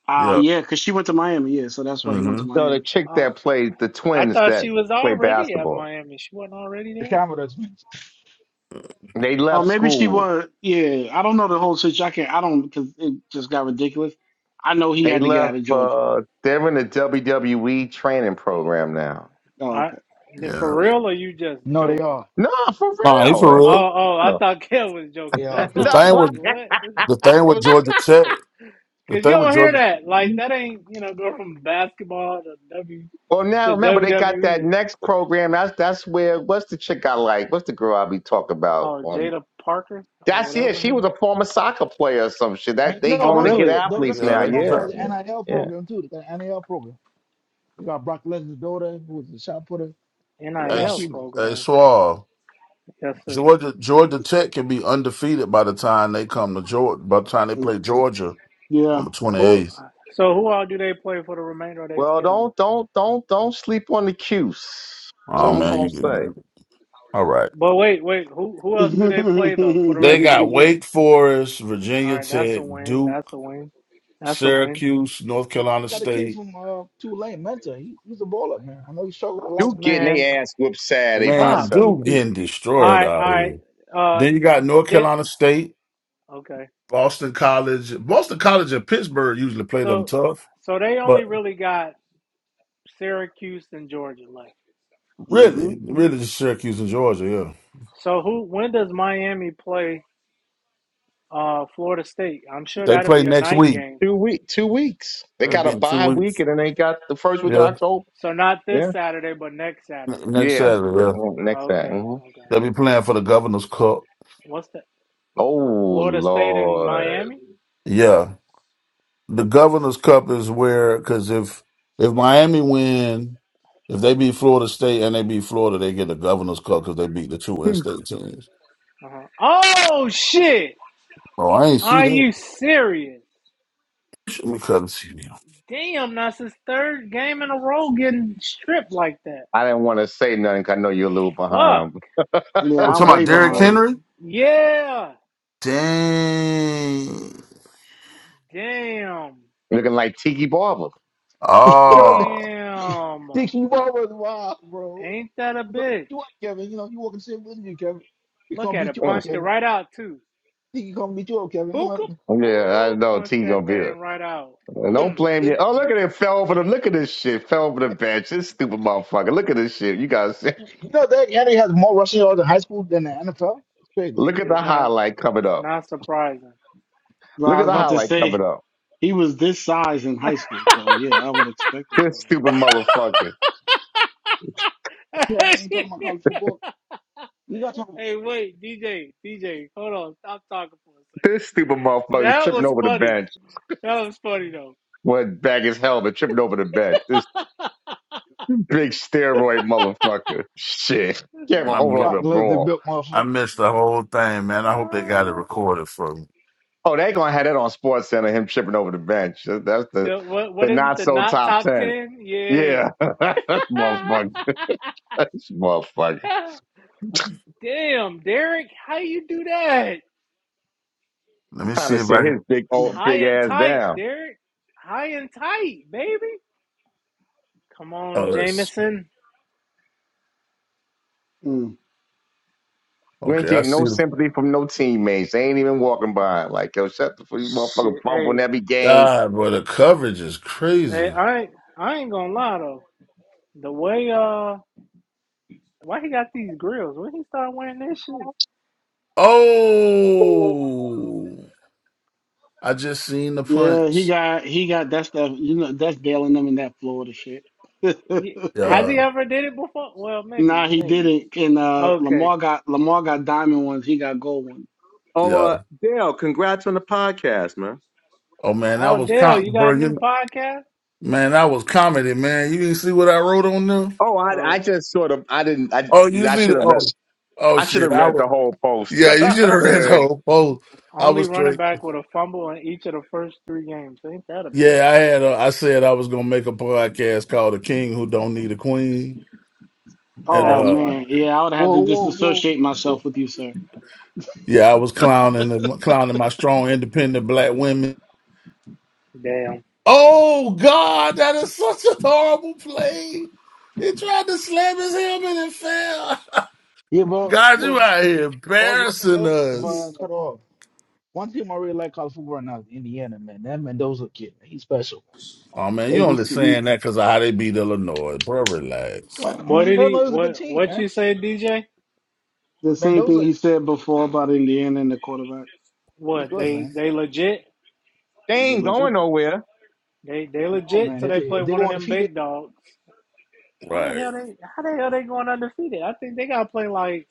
K: Ah,
N: Yeah.
K: yeah, because she went to Miami. Yeah, so that's why he went to
N: Mm-hmm.
H: No, the
K: Miami.
H: chick
A: Uh,
H: that played the
A: I
H: twins
A: thought
H: that
A: she was
H: play
A: already at
H: basketball.
A: Miami. She wasn't already
B: The
A: there.
B: Commodores wins.
H: They
K: Oh,
H: left
K: maybe she
H: school
K: was. Yeah, I don't know the whole situation. I can't. I don't because it just got ridiculous. I know he
H: They
K: had to get
H: left.
K: out of Georgia.
H: Uh, they're in the WWE training program now.
K: Oh,
A: I
K: okay.
A: for
N: Yeah.
A: real or you just
B: No, they
A: joking?
B: are.
H: No, for
N: Nah, he
H: real.
N: for
H: man.
N: real.
A: Oh, oh, I
H: No,
A: thought Kev was joking.
B: Yeah.
A: That's why
N: The
H: No,
A: I'm
N: thing
A: like,
H: what?
N: with
A: what?
N: the
A: Because
N: thing with Georgia Tech. The
A: you
N: thing with
A: don't hear
N: Georgia.
A: that. Like, that ain't, you know, go from basketball to W
H: well, now
A: to
H: remember they got that
A: WWE.
H: next program. That's that's where what's the chick I like? What's the girl I be talking about
A: Oh,
H: on?
A: Jada Parker or
H: That's it.
A: whatever.
H: She
A: her name
H: was
A: is.
H: a former soccer player or some shit. That
B: And you
H: they
B: know,
A: Oh,
H: going to
B: don't
H: get
A: really?
B: forget
H: athletes
N: Yeah,
H: now.
B: WWE
N: they
B: also
H: Yeah,
B: has
N: develop.
H: yeah,
B: an NIL
H: yeah.
B: program too. They got an NIL program. They got Brock Lesnar's daughter, who was a shot putter. They got a
N: Hey,
B: lot of
A: NIL
N: Sh-
B: people.
N: hey,
A: program.
N: Suave.
A: Yes, sir.
N: Georgia Georgia Tech can be undefeated by the time they come to Georgia. By the time they
K: Mm,
N: play Georgia
K: Yeah,
N: on the twenty
A: Who?
N: eighth.
A: So, who all do they play for the remainder of their
H: Well,
A: schedule?
H: don't don't don't don't sleep on the cues. So
N: Oh
A: Who?
H: I'm
N: man, you
H: gonna
N: get
H: say
N: all right.
A: But wait, wait. Who? Who else do they play though for the
N: They
A: rest of the
K: hmm
N: got
A: year?
N: Wake Forest,
A: All
N: Virginia
A: right, that's a
N: Tech,
A: win.
N: Duke,
A: That's a win. That's a win.
N: Syracuse, North Carolina
B: They got a kid
N: State.
B: from uh Tulane, Mentor. He, he's a baller, man. I know he struggled the last.
H: you getting
A: Man,
H: their ass whipped Saturday by
N: Man,
A: stop.
N: Duke
H: Syracuse.
N: getting destroyed out
A: I
N: here.
A: I uh
N: Then you got North
A: did
N: Carolina State,
A: okay
N: Boston College. Boston
A: okay
N: College and Pittsburgh usually play them
A: so
N: tough,
A: so they only
N: but
A: really got Syracuse and Georgia left.
N: really, really just Syracuse and Georgia, yeah.
A: So who when does Miami play uh Florida State? I'm sure
N: They
A: that'll
N: play
A: be a
N: next
A: night
N: week.
A: game.
H: Two week, two weeks. They
N: That'll
H: got
N: be
H: a
N: in two
H: bye week,
N: weeks.
H: and then they got the first week in
N: Yeah.
H: October.
A: So not
H: Yeah,
A: this Saturday, but next Saturday.
N: N- Next
H: yeah.
N: Saturday, yeah.
H: Next that.
A: Okay
H: hmm
A: okay.
N: They'll be playing for the Governor's Cup.
A: What's that
H: Oh
A: for Florida State and
H: Lord,
A: Miami?
N: Yeah. the Governor's Cup is where because if if Miami win, if they beat Florida State and they beat Florida, they get the Governor's Cup because they beat the two in-state teams.
A: Uh-huh. Oh shit!
N: Oh, I ain't see
A: Are
N: that.
A: you serious?
N: Let me cut and see now.
A: Damn, that's his third game in a row getting stripped like that.
H: I didn't want to say nothing 'cause I know you're a little
A: Fuck.
H: behind.
K: Yeah,
N: We're
K: I'm
N: talking
K: way
N: about
H: Like,
N: Derrick
K: behind.
H: Lord.
N: Henry.
A: Yeah.
N: Dang.
A: Damn.
H: Looking like Tiki Barber.
B: You know, the-
N: Oh,
B: yeah,
A: Damn.
B: Dicky Wall was wild, bro.
A: Ain't that a
B: He's gonna
A: bitch?
B: beat you up, Kevin. You know, he walking shit with you, Kevin. He
A: Look
B: gonna
A: at
B: beat
A: it.
B: you up,
H: Mm.
A: Punched it
B: Kevin.
A: right out, too.
B: He gonna beat you up, Kevin. Come
A: Buka.
B: on.
H: Yeah, I
A: Ooh,
H: know
A: punched
H: Tiki
A: that
H: gonna be
A: thing
H: there.
A: right out.
H: Don't
A: Mm,
H: blame you.
A: mm,
H: Oh, look
A: mm.
H: at it. Fell over the. Look at this shit. Fell over the bench. This stupid motherfucker. Look at this shit. You guys.
B: You know that Henry has more rushing yards in high school than the NFL. It's crazy.
H: Look at the
A: It's not,
H: highlight coming
A: it's
H: up.
A: not surprising.
K: But I
H: Look at
K: was
H: the
K: about to
H: highlight
K: say
H: coming up.
K: he was this size in high school, so yeah, I would expect him to.
H: This stupid motherfucker.
B: Yeah, when you talk about college football, you gotta talk about
A: hey, wait, DJ, DJ, hold on. Stop talking for a
H: This stupid
A: second.
H: motherfucker
A: That
H: tripping
A: was
H: over the
A: funny.
H: bench.
A: That was funny, though.
H: Went back as hell, but tripping over the bench. This big steroid motherfucker. Shit. Can't even
N: I
H: hold on
N: missed,
H: to
B: Brock
H: the
B: Lesnar
H: ball.
B: built
N: I
B: motherfucker.
N: missed the whole thing, man. I hope they got it
A: Ah.
N: recorded for me.
H: Oh, they gonna have that on Sports Center, him tripping over the bench. That's the
A: The, what,
H: the
A: what is it?
H: not
A: The
H: so
A: not
H: top
A: top
H: ten.
A: 10? Yeah.
H: Yeah. motherfucker. This motherfucker.
A: Damn, Derek, how you do that?
N: Let me
H: Time
N: see
H: to
N: if
H: sit
N: I can.
H: his big old
A: High
H: big
A: and
H: ass
A: tight,
H: down.
A: Derek. High and tight, baby. Come on,
N: Oh, that's
A: Jameson.
K: Mm.
H: You ain't
N: okay. I
H: getting
N: see
H: no
A: Oh,
N: the
A: well.
H: sympathy from no teammates. They ain't even walking by. Like, yo, shut the fuck, you motherfucker
A: Shit,
H: fumbling
A: hey,
H: every game.
N: God, but the coverage is
A: hey,
N: crazy.
A: I ain't, I ain't gonna lie though. The way uh, why he got these grills? When he start wearing this shit,
N: Oh. I just seen the
K: Yeah, he
N: punch.
K: got he got that stuff. You know, that's bailing them in that Florida shit.
A: he, has
N: Yeah,
A: he ever did it before? Well, maybe,
K: nah, he
A: maybe.
K: didn't. And uh,
A: Okay.
K: Lamar got Lamar got diamond ones. He got gold ones.
H: Oh,
N: yeah.
H: uh, Dale, congrats on the podcast, man.
N: Oh man, that
A: Oh,
N: was
A: Dale,
N: com
A: you got
N: bro.
A: a new
N: You
A: podcast?
N: man, that was comedy, man. You didn't see what I wrote on them?
H: Oh, I, I
A: Oh,
H: just sort of I didn't I
N: Oh, you
H: I
N: see
H: should
N: the
H: have read
N: oh, oh
H: I should
N: shit.
H: have
N: I
H: read
N: was
H: the whole post.
N: yeah. You should have read the whole post. I
A: only
N: was
A: running
N: straight.
A: back with a fumble in each of the first three games. Ain't that a
N: Yeah,
A: bitch?
N: I had. A, I said I was gonna make a podcast called "The King Who Don't Need a Queen," and
K: Oh
A: That's
N: uh,
A: funny.
K: man, yeah, I would have
B: Whoa,
K: to
B: whoa, whoa.
K: disassociate
B: whoa.
K: myself with you, sir.
N: yeah, I was clowning and clowning my strong, independent black women.
A: Damn.
N: Oh God, that is such a horrible play. He tried to slam his helmet and fell.
B: Yeah, but
N: God,
B: what
N: you out here
B: I was gonna say
N: embarrassing
B: uh, if I
N: us.
B: cut off. One team I really like college football right now is Indiana, man. That Mendoza kid, man, he's special.
N: Oh man, you
B: They,
K: You,
N: only
K: s- you,
N: saying that because of how they beat Illinois, bro. Relax.
B: well, I
A: What
B: mean,
A: did
B: Illinois
A: he?
B: is a good
A: What
B: team,
A: what
B: man.
A: you say, DJ?
K: the same thing
B: Mendoza,
K: he said before about Indiana and the quarterback.
B: he's
A: What
B: good,
A: they
B: man.
A: they legit?
H: they
K: They
H: ain't
K: look
B: I don't
H: going
K: good.
H: nowhere.
A: They they
B: know,
A: legit
B: man.
A: till
B: If
A: they
B: they,
A: play
B: if they
A: one of
B: go
A: them
B: undefeated,
A: big dogs. How the
N: Right.
A: hell they? How the hell they going undefeated? I think they got to play like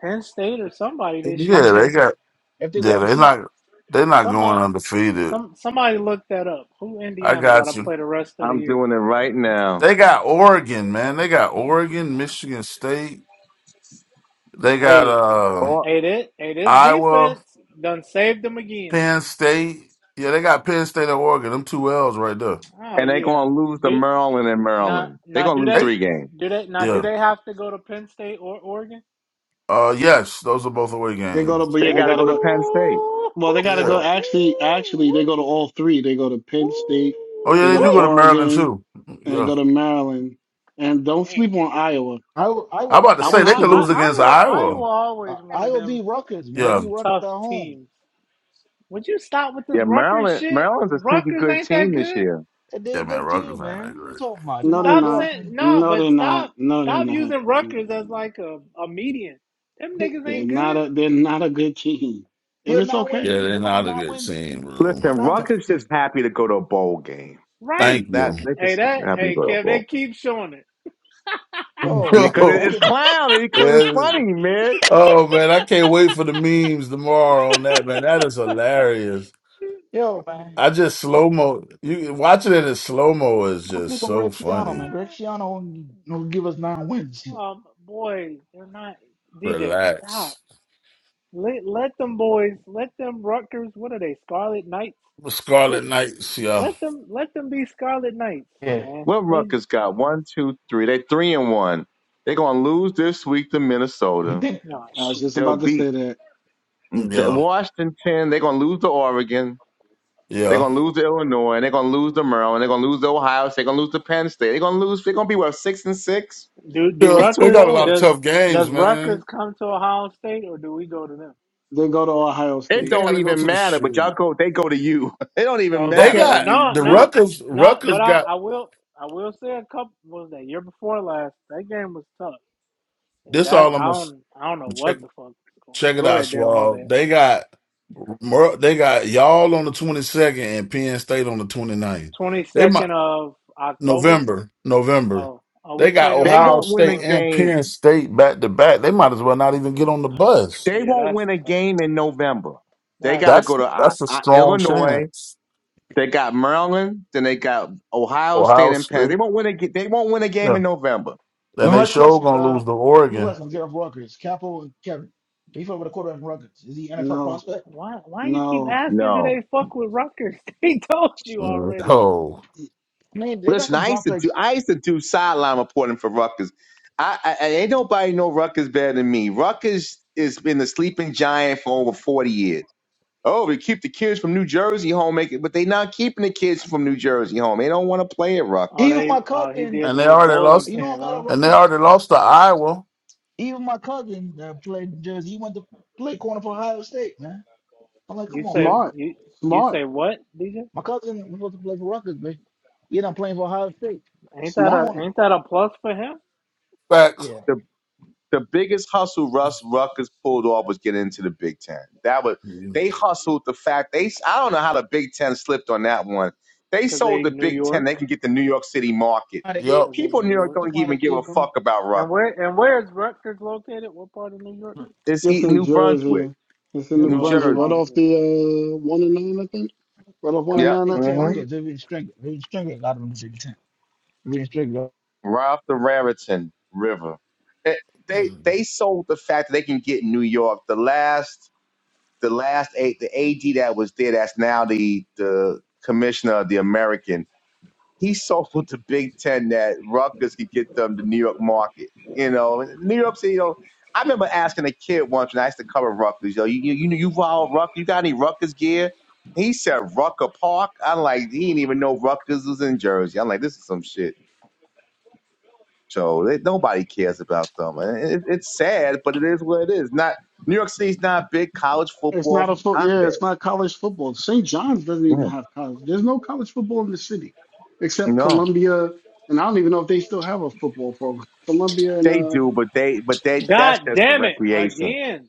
A: Penn State or somebody this
B: I'm
A: year.
N: Yeah, they
B: saying
N: got.
B: if they go
N: Yeah, they
B: undefeated,
N: not. They are not going
A: Somebody
N: undefeated.
A: some somebody look that up. Who
N: I
A: Indiana got
N: got
A: to
N: you.
A: play the rest of the
H: I'm
A: year?
H: doing it right now.
N: They got Oregon, man. They got Oregon, Michigan State. They got
A: Hey
N: uh
H: Oh,
A: hey this hey this
N: Iowa,
A: defense done saved them again.
N: Penn State. Yeah, they got Penn State and Oregon. Them two L's right there.
A: Oh
H: and they are
A: yeah.
H: gonna lose to
A: Do
H: Maryland and
A: not
H: Maryland. They're
A: now now
H: gonna
A: do
H: lose
N: They
A: they
H: three games.
A: do they now do
N: yeah.
A: they have to go to Penn State or Oregon?
N: Uh yes, those are both away
K: They go to,
N: games.
K: but yeah,
H: They
K: they
H: gotta
K: gotta
H: go to
K: go.
H: Penn State.
A: Ooh,
K: Well,
A: hoo,
K: they got to
A: hoo,
K: go.
N: Yeah.
K: Actually, actually,
A: hoo,
K: they go to
A: woo,
K: all three. They go to Penn State,
N: Oh
K: they
A: ooh,
N: yeah, they
K: go to
N: do go to
A: wait,
N: Maryland
K: Oregon,
N: too.
K: and they
N: Yeah.
K: go to Maryland. And don't
A: damn.
K: sleep on Iowa.
B: I will, I
N: I'm
B: will,
N: about to
K: I
A: Yeah,
N: say
K: wouldn't
N: they
A: I,
K: sleep
N: could
A: I,
N: lose
K: on.
N: against
A: Iowa,
N: Iowa.
A: Iowa
B: uh,
A: always one
B: I
A: of
B: will be
A: them
B: Rutgers, man.
N: Yeah,
B: Be
A: just
B: Rutgers
A: tough
B: at home.
A: teams. Would you stop with this
H: Yeah,
A: Rutgers
H: Maryland
A: shit?
H: Maryland's a sneaky
A: Rutgers
H: good
A: ain't that
H: team this
A: good.
H: year.
B: And They're
N: yeah,
B: a
N: man.
B: good
N: Rutgers
B: team,
N: ain't that
B: man. What you
N: great.
B: talking about? They're
K: No,
B: not
K: they're
B: a
A: Stop
K: not.
B: playoff
A: saying
B: team.
A: no,
K: No, they're
A: but
K: not.
A: stop,
K: No, they're
A: stop
K: not. No,
A: using
K: they're not.
A: Rutgers as like a, a median. Them
B: They,
A: niggas
K: They're
B: they,
A: ain't
K: not
A: good,
K: a. They're not a good team. And
B: they're a
K: it's
B: nine-win
N: Yeah,
K: okay.
B: team.
N: they're
B: They're gonna win
N: not a
B: nine
N: good
B: wins.
N: team,
B: They're
N: bro.
H: Listen,
B: gonna win nine
H: Rutgers
B: games.
H: just happy to go to a bowl game. That
N: Thank
A: right?
H: that
N: you.
H: they
A: Hey,
H: just
A: that,
H: happy to
A: hey,
H: go to a
A: Kev, they
H: bowl.
A: keep showing it.
B: Bro,
H: Yeah,
N: Yo,
B: man,
H: cause it-
B: that
H: it's
B: can not
H: clown and it's
N: yes.
H: funny, man.
N: oh man, I can't wait for the memes tomorrow on that, man. That is hilarious.
B: yo, man.
N: I just slow mo. You watching it in slow mo is
B: Don't
N: just
B: sleep on
N: so
B: Greg Schiano,
N: funny.
B: man. Greg
A: Ah,
B: Schiano will give us nine wins.
A: Um, boy, they're not. DJ, stop.
N: Relax.
A: Let let them boys, let them Rutgers. What are they? Scarlet Knights. Just
N: Scarlet Knights, yeah,
A: let them let them be Scarlet Knights,
B: Yeah.
A: man.
H: What
A: They
H: Rutgers got? One, two, three. They three and one. They're gonna lose this week to
B: You
H: Minnesota.
B: think
A: no
K: I was
A: shit.
K: just
H: They'll
K: about to
H: beat
K: say that.
H: the
N: yeah,
H: Washington. They're gonna lose to Oregon. They're
N: yeah,
H: gonna lose to Illinois. They're gonna lose to Maryland. They're gonna lose to Ohio. State. They're gonna lose to Penn State. They're gonna lose. They're gonna be what six and six.
A: Do do
N: yeah.
H: Get to a
N: They
A: Rutgers
N: got a lot of
H: bowl.
A: does
N: tough games,
A: does Rutgers
N: man.
A: come to Ohio State or do we go to them?
K: They go to Ohio
H: It
K: State.
N: They got
H: don't
N: to go
H: even
N: to the
H: matter. But y'all
N: shoot.
H: go. They go to you. It don't even
N: They
A: Okay,
H: matter.
B: okay.
H: I
N: got
H: mean,
A: no,
N: the
H: shit.
A: no,
N: Rutgers.
A: no.
N: Rutgers
A: But I
N: got
A: I will I will say a couple. What was that year before last? That game was tough. Yeah,
N: This
A: that
N: all I'm
A: I
N: gonna s-
A: don't I don't know
N: check.
A: what the fuck is going
N: Check
A: on.
N: it
A: Go
N: out,
A: ahead, Dale. My
N: Swab.
A: bad.
N: They got Mer- they got y'all on the 22nd and Penn State on the 29th.
A: Twenty
N: They might
A: second of October.
N: November, November.
A: Oh, oh, we
N: They got
A: played them
H: they
A: right
N: Ohio
H: won't win
N: State
H: a
A: before.
N: and
H: game.
N: Penn State back to back. They might as well not even get on the bus.
H: They
A: Yeah,
H: won't
A: that's
H: win a
A: tough.
H: game in November. They
A: That's
H: got to go
N: That's
A: tough.
H: to I,
N: that's a
H: I,
N: strong
H: Illinois.
N: chance.
H: They got Maryland, then they got Ohio State
N: Ohio
H: and Penn. They
N: State,
H: won't win a ga- they won't win a game
N: yeah.
H: in November.
B: The
N: And they
B: next
N: sure
B: question,
N: gonna
B: uh
N: lose to
B: good
N: Oregon.
B: question, Jeff Rutgers. Capo and Kevin. He fought with a quarterback from Rutgers. Is he NFL
K: No,
B: prospect?
A: Why why you keep
K: no.
A: asking do
H: No.
A: they fuck with Rutgers? They told you
N: Mm,
A: already.
N: Oh,
B: I mean,
H: But
B: they got
H: Listen,
B: some
H: I used to do
B: prospects.
H: I used to do sideline reporting for Rutgers. I, I and ain't nobody know Rutgers better than me. Rutgers has been the sleeping giant for over forty years. Oh, we keep the kids from New Jersey home, make it, but they not keeping the kids from New Jersey home. They don't want to play at
A: Oh
H: Rutgers.
B: Even my
A: they oh he
B: cousin,
A: did
N: and
A: the
N: they
A: little
N: already
A: bowling
B: you
N: lost.
B: know
A: pin,
B: I'm
A: huh?
B: at
N: And they
B: Rutgers.
N: already lost to Iowa.
B: Even my cousin that played in Jersey, he went to play corner for Ohio State, man. I'm like, come
A: You
B: on,
A: say
B: bro.
K: Smart,
A: you you
K: smart,
A: say what, DJ?
B: My cousin was supposed to play for Rutgers, but he ended up playing for Ohio State.
A: Ain't that
K: smart.
A: a
B: Corner.
A: ain't that a plus for him?
N: Facts.
B: Yeah.
H: The the biggest hustle Russ Ruckers pulled off was getting into the Big Ten. That was
N: Mm,
H: they hustled the fact they. I don't know how the Big Ten slipped on that one. They
A: Cause they
H: sold the
A: New
H: Big Ten.
A: York.
H: They can get the New York City market.
N: Yup.
A: Cause they
H: People in
A: New
H: New York
A: York.
H: don't
B: Somebody
H: even give a
B: give them
H: fuck about
A: And where
H: Rutgers.
A: and where is Rutgers located? What part of New York?
H: It's
K: This
H: eating
K: in
H: New Brunswick,
K: Jersey. It's in
B: they
K: New
H: New
A: Oh New
K: Brunswick, right
H: Jersey.
K: off
A: Brunswick.
K: the uh, one and nine, I think. Right off one
B: got
K: and
B: the
H: Yep.
K: nine, I
B: big town
H: hmm
K: believe.
B: because Vivian Stringer. Vivian Stringer got them big town. Vivian Stringer.
H: Right off the Raritan River. It- they they sold the fact that they can get New York. The last the last eight the AD that was there that's now the the commissioner of the American he sold to Big Ten that Rutgers could get them the New York market. You know, And New York City. You know, I remember asking a kid once when I used to cover Rutgers. You know, you you you, know, you follow Rutgers? You got any Rutgers gear? He said Rucker Park. I'm like, he didn't even know Rutgers was in Jersey. I'm like, this is some shit. So they, nobody cares about them. And It, it's sad, but it is what it is. Not New York City's not a big college
K: It's not
H: football
K: a foot. Yeah,
H: hotbed.
K: it's not college football. St. John's doesn't even
H: Mm.
K: have college. There's no college football in the city, except
H: No,
K: Columbia, and I don't even know if they still have a football program. Columbia and
H: they
K: uh,
H: do, but they but they that's
A: God
H: just for
A: damn it
H: recreation.
A: again.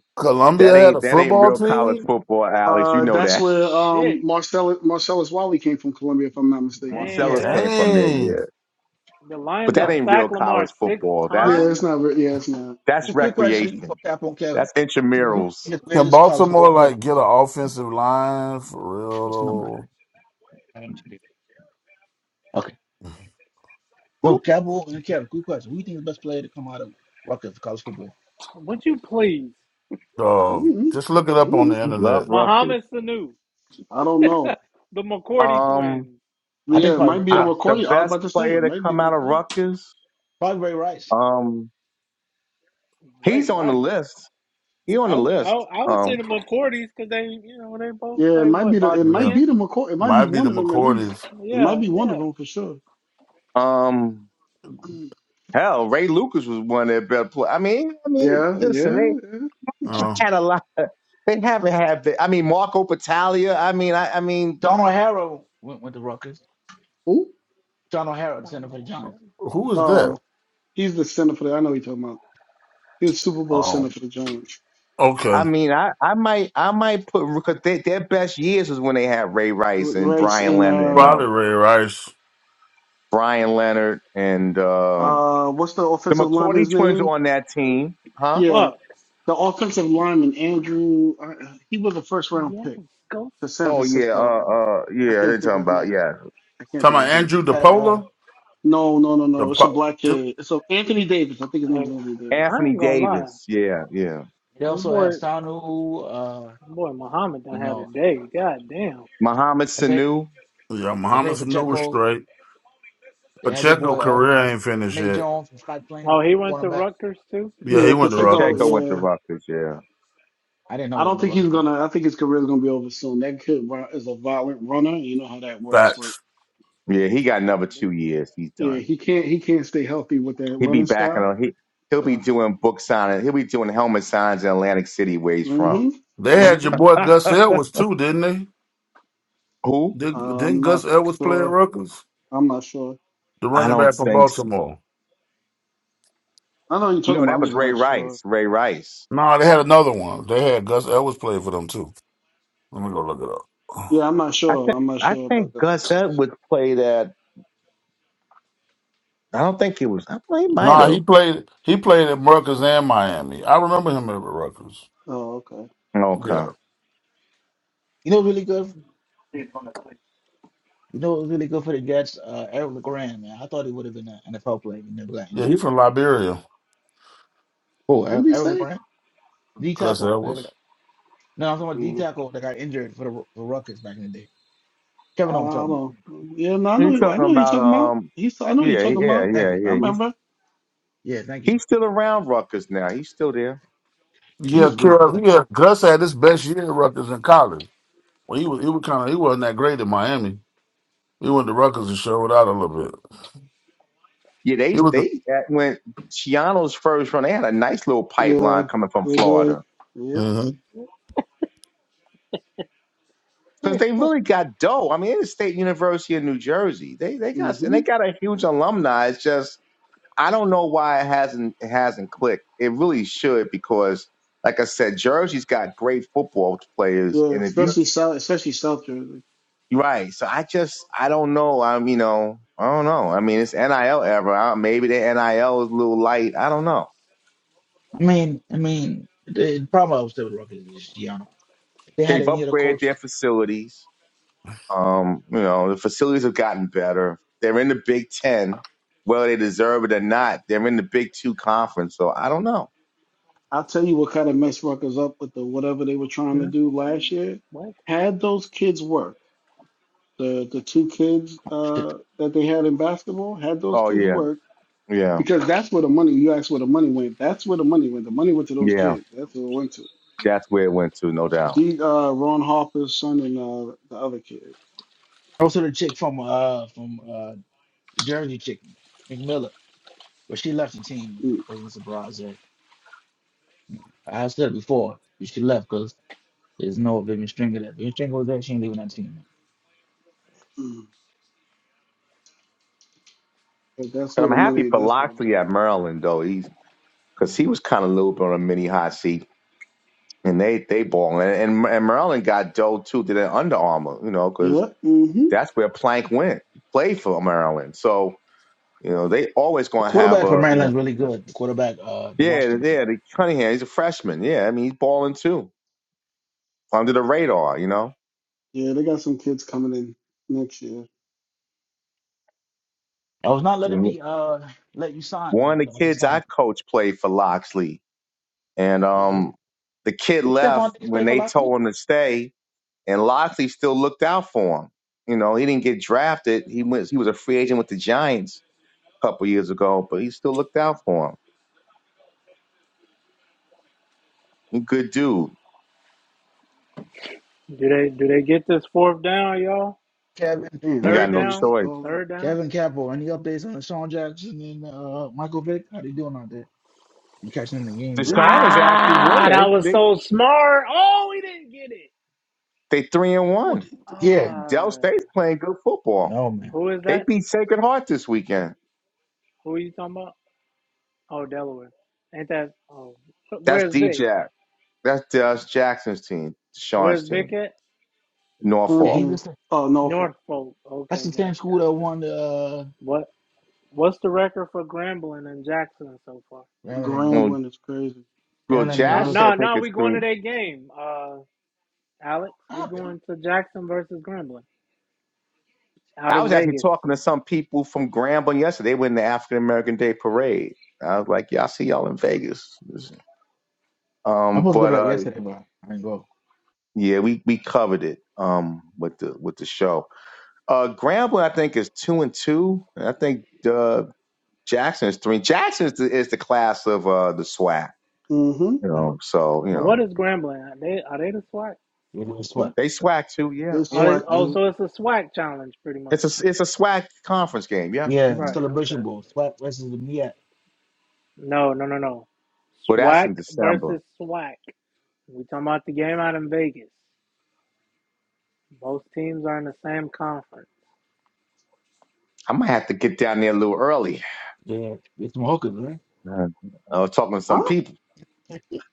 H: That
N: Columbia had a
H: ain't that ain't
N: football
H: real college
N: team?
H: football, Alex. You
K: uh,
H: know
K: that's
H: that.
K: where
A: Shit.
K: um Marcellus Marcellus Wiley came from, Columbia, if I'm not mistaken.
A: Damn,
B: Yeah.
A: they
H: Marcellus
A: done
H: came from there,
N: Dang.
H: yeah.
A: the Lions
H: But that
A: done
B: Okay.
H: ain't
A: sack
H: real
A: Lamar
H: college
A: six
H: football. That's
K: Yeah,
B: But
K: it's
A: times?
K: not. re- Yeah, it's not.
B: well,
H: that's
B: a
K: It's
B: quick
K: not.
B: question for
H: recreation.
B: Cap on Kevin.
H: That's
B: Who who you
H: intramurals.
B: think is the
N: Can
B: greatest college
N: Baltimore
B: football player?
N: like get an offensive line for real
B: What's the number?
N: though?
B: seventy-two. Okay. So
N: Whoop.
B: Capo and Kevin, quick question. Who you think is the best player to come out of Rutgers for college football?
A: Would you please?
B: Uh,
K: mm
N: Dog. Just look it up on
K: mm
N: the
H: You love
N: internet.
H: Rutgers.
A: Muhammad Sanu,
K: I don't know.
A: the McCourty
B: I
H: Um,
A: twins,
K: But
B: think it's
K: yeah, it
B: probably
K: might
B: Ray
K: be in
H: I,
B: Rice.
H: the
K: recording. I was
H: best
K: about to say,
H: player
K: it
H: to
K: might be
H: come out of
K: recording.
H: Rutgers.
B: Probably Ray Rice.
H: Um,
A: Ray
H: he's on the
A: Rice.
H: list. He on
A: I
H: the
A: would, I,
H: list.
A: would- I would say
H: Um,
A: the McCourties because they, you know, they both
K: Yeah, it
A: play
K: might
A: what
K: be the it
A: about
K: might
N: Yeah.
K: be
A: ten?
K: the McCoy. It might be
N: Might be
K: one
N: the
K: of them at least.
N: McCourties.
K: It might
A: Yeah,
K: be one of
A: yeah.
K: them for sure.
H: um, hell, Ray Lucas was one of their best players. I mean, I mean,
K: Yeah,
H: listen, they
K: yeah, yeah.
N: Uh,
H: had a lot. Of, they haven't had. The, I mean, Marco Battaglia. I mean, I, I mean.
B: John O'Hara went with the Rutgers.
K: Who?
B: John O'Hara, the center for the Giants. The
N: who is
B: Buc-
N: that?
K: Oh, he's the center for the. I know who you're talking about. He was Super Bowl
N: Oh.
K: center for the Giants.
H: I
N: Okay.
H: mean, I, I might I might put because they, their best years is when they had Ray
K: R-
H: Rice and
K: Rice
H: Brian
K: and
H: Leonard and
K: uh,
N: Probably
H: um,
N: Ray Rice.
H: Brian Leonard and um,
K: uh, what's the
H: the
K: offensive
H: McCourty
K: lineman's
H: twins are
K: name?
H: on that team, huh?
K: Yeah,
A: Fuck.
K: the offensive lineman Andrew. Uh, he was a first round
A: Yes,
K: pick
A: go
K: to San
H: Oh yeah,
K: Francisco. But
H: uh,
A: down.
H: uh,
K: I
H: yeah, they're
K: can't think of
H: talking
K: his
H: about
K: name.
H: yeah,
K: I can't
N: Talking
K: think of
N: about
K: his
N: Andrew
K: name.
B: had uh
N: DePola?
K: No, no, no, no. It's a
N: DePo-
K: black
N: De-
K: kid. It's a Anthony Davis. I think his name
A: Hey,
K: is Anthony Davis.
A: I
H: Anthony
A: ain't gonna lie.
H: Davis, yeah, yeah,
B: they
A: This
B: also had
A: boy,
B: Sanu, uh,
A: boy Muhammad
B: you
A: done had a
B: know,
A: day. God damn.
H: Muhammad Sanu,
N: yeah,
B: Isaiah
N: Muhammad Sanu was
B: Pacheco.
N: straight.
B: They had your
N: Pacheco
B: boy uh,
N: career ain't finished
B: Nate
N: yet.
B: Jones from Scott Plain,
A: Oh, he went to
B: cornerback.
A: Rutgers too.
N: Yeah, he
K: Yeah,
N: went to
K: Pacheco.
H: Pacheco
N: Rutgers.
H: went to
K: Yeah,
H: Rutgers, yeah,
K: yeah.
B: I didn't know
K: I
B: he was
K: don't
B: the
K: think he's
B: Ruggers guy.
K: gonna. I think his career is gonna be over soon. That kid ru- is a violent runner. You know how that works. But
N: Facts.
H: yeah, he got
A: My
H: another two
A: business.
H: years, he's
K: yeah,
H: done.
K: he
A: Jeez.
K: can't. He can't stay healthy with that
H: He'll be
K: running
H: back
K: style.
H: in he he'll be
K: Yeah.
H: doing book signing, he'll be doing helmet signs in Atlantic City where he's from.
K: mhm.
N: They had your
K: Mhm.
N: boy Gus Edwards too, didn't they?
H: Who?
N: Did,
K: Uh,
N: didn't
K: I'm not
N: Gus Edwards play at
K: sure.
N: Rutgers?
K: I'm not sure.
N: The
H: I
N: running
H: don't
N: back from
H: think so.
N: Baltimore.
K: I know what you're talking
H: No,
K: about.
H: that
K: I'm
H: was
K: just
H: Ray
K: not sure.
H: Rice. Ray Rice.
N: nah, they had another one. They had Gus Edwards play for them too. Let me go look it up.
K: Yeah, I'm not
H: I
K: sure.
H: think
K: I'm not
H: I
K: sure about
H: think
K: this. That
H: Gus
K: was.
H: Edwards played at. I don't think he was. I think he might
N: nah,
H: have.
N: he played. He played at Rutgers and Miami. I remember him at Rutgers.
K: Oh, okay.
H: Okay.
N: Yeah,
B: You know, really good. You know, it was really good for the Jets. Uh, Eric LeGrand, man. I thought he would have been an NFL player. He never got
N: yeah,
B: injured.
N: he's
K: Who?
N: from Liberia.
B: Oh,
K: Who
B: Eric
K: did he
B: Eric
K: say?
B: LeGrand, D
N: Gus
B: tackle. They-
N: Edwards.
B: No, I'm talking about D
K: Mm,
B: tackle that got injured for the Ru- for Ruckus back in the day.
K: I
B: Kevin, know what I'm talking. about.
K: don't. Yeah, no. I
H: You're
K: know. who- I
H: talking
K: know who you're
H: about
K: talking about.
H: um.
K: He's. I know who you're
H: Yeah,
K: talking
H: yeah,
K: about.
B: Thank
H: yeah,
B: you.
K: I
H: yeah. He's
K: remember.
B: Yeah, thank you.
H: he's still around Rutgers now. He's still there.
B: He
N: Yeah,
B: was really
N: Kev,
B: good.
N: yeah, Gus had his best year at Rutgers in college. Well, he was he was kind of he wasn't that great at Miami. He went to Rutgers and showed out a little bit.
H: Yeah, they
N: He was.
H: they that when Chiano's first run, they had a nice little pipeline
K: Yeah.
H: coming from
K: They did.
H: Florida
K: Yep.
H: because they really got dough. I mean, it's State University of New Jersey. They they got and
K: hmm
H: they got a huge alumni. It's just I don't know why it hasn't it hasn't clicked. It really should because, like I said, Jersey's got great football players,
K: Yeah,
H: and if you
K: especially South, especially South Jersey.
H: you're right, so I just I don't know. I'm you know I don't know. I mean, it's NIL ever. Uh, Maybe the NIL is a little light. I don't know.
B: I mean, I mean, the the problem I was still with Ruckus is just Gianna. If They had
H: They've
B: any other
H: upgraded
B: coach.
H: their facilities. Um, you know, the facilities have gotten better. They're in the Big Ten, whether they deserve it or not. They're in the Big Two conference, so I don't know.
K: I'll tell you what kind of mess Rutgers up with the whatever they were trying to
A: Hmm?
K: do last year.
A: What?
K: Had those kids work, the the two kids
B: Oh, Shit.
K: uh, that they had in basketball, had those
H: Oh
K: kids
H: yeah,
K: work
H: yeah,
K: because that's where the money. You asked where the money went. That's where the money went. The money went to those
H: yeah.
K: kids. That's what it went to.
H: That's where it went to, no doubt.
K: The uh, Ron Harper's son and uh, the other kid.
B: Also, the chick from uh from uh the Jersey chicken, McMillan. But she left the team, which wasn't a surprise. That I said it before, but she left because there's no Vivian Stringer there. Vivian Stringer was there, she ain't leaving that team.
K: Mm-hmm. But that's
H: But
K: where
H: I'm
K: the
H: happy
K: money.
H: for
K: That's where the
H: Loxley
K: money
H: at
K: is.
H: Maryland though. He's because he was kind of a little bit on a mini hot seat, and they they balling. And and, and Maryland got Doe too to the Under Armour, you know, because
K: Yep. hmm
H: that's where Plank went, played for Maryland. So you know they always
B: The
H: going to have
B: quarterback for
H: a you know
B: Maryland's really good. The quarterback, uh, the
H: yeah
B: Washington kid.
H: yeah the Cunningham he's a freshman yeah I mean he's balling too under the radar you know.
K: Yeah, they got some kids coming in next year.
B: I was not letting
H: Mhm.
B: me uh let you sign, man.
H: One of
B: So
H: the
B: I was going
H: kids I
B: sign.
H: coach played for Loxley, and
B: Yeah.
H: um the kid
B: Did
H: left
B: Stephon Diggs
H: when
B: play for
H: they
B: Locksley?
H: told him to stay And Loxley still looked out for him. You know, he didn't get drafted. He went. He was a free agent with the Giants a couple years ago, but he still looked out for him. He good dude.
A: Do they do they get this fourth down, y'all?
B: Kevin,
K: Damn,
H: He
K: my
A: Third
H: got no
K: thing
A: down,
K: is
H: choice.
K: all up.
A: third down.
B: Kevin Capo. Any updates on Sean Jackson and uh Michael Vick? How they doing out there? You catching them in the games yet?
K: hmm
H: Deshaun is actually
A: Ah, that
H: winning.
A: was
H: They
A: so smart. Oh, we didn't get it.
H: they, they three and
B: Who
H: one.
B: did- Yeah.
H: Dell
A: Ah,
H: State's playing good football.
B: No man.
A: who is
H: They
A: that?
H: beat Sacred Heart this weekend.
A: Who are you talking about? Oh, Delaware. Ain't that? Oh,
H: That's
A: where's Vic?
H: D-Jack. That's Des Jackson's team. Deshaun's
A: Where's Vic
H: team.
A: at?
B: Yeah,
H: Norfolk.
B: he's
K: Hampton,
B: just
K: oh, Norfolk,
A: Norfolk.
B: that's
A: Okay,
B: the
A: gotcha,
B: same school that
A: gotcha.
B: won the uh
A: What? What's the record for Grambling and Jackson so far?
B: Damn it, Amy.
H: Well,
K: Grambling is crazy.
H: well,
B: Damn it, Amy
A: No,
H: Jackson
B: goes.
H: I
A: no,
H: think
A: no.
H: is
A: We going
H: three.
A: to that game. Uh. Alex, we
B: I'm
A: going to Jackson versus Grambling out
H: I
A: in
H: was actually
A: Vegas.
H: talking to some people from Grambling yesterday. They were in the African American Day Parade. I was like, yeah, I see y'all in Vegas. Um,
B: supposed to go
H: but
B: to that
H: uh,
B: yesterday, but I didn't go.
H: yeah, we, we covered it um, with the with the show. Uh, Grambling, I think, is two and two. And I think uh, Jackson is three. Jackson is the, is the class of uh, the SWAC.
K: hmm
H: You
B: Uh,
H: know, so you
A: And what
H: know
A: is Grambling? Are they are they the SWAT
B: It was what?
A: too?
H: they SWAC too. Yeah,
K: They
A: Are
H: yeah.
A: they,
K: select
A: oh,
H: hmm
K: too.
A: so it's a SWAC challenge, pretty much.
H: It's a it's a SWAC conference game. Yeah,
B: Yeah, the
H: hmm
A: Right. Okay.
B: celebration bowl. Sweat versus the Mia.
A: No, no, no, no.
H: but that's
A: SWAC
H: in December.
A: versus SWAC. We talking about the game out in Vegas. Both teams are in the same conference.
H: I might have to get down there a little early.
B: Yeah, it's Mohawkins,
H: Uh, I was talking to some
K: huh?
H: people.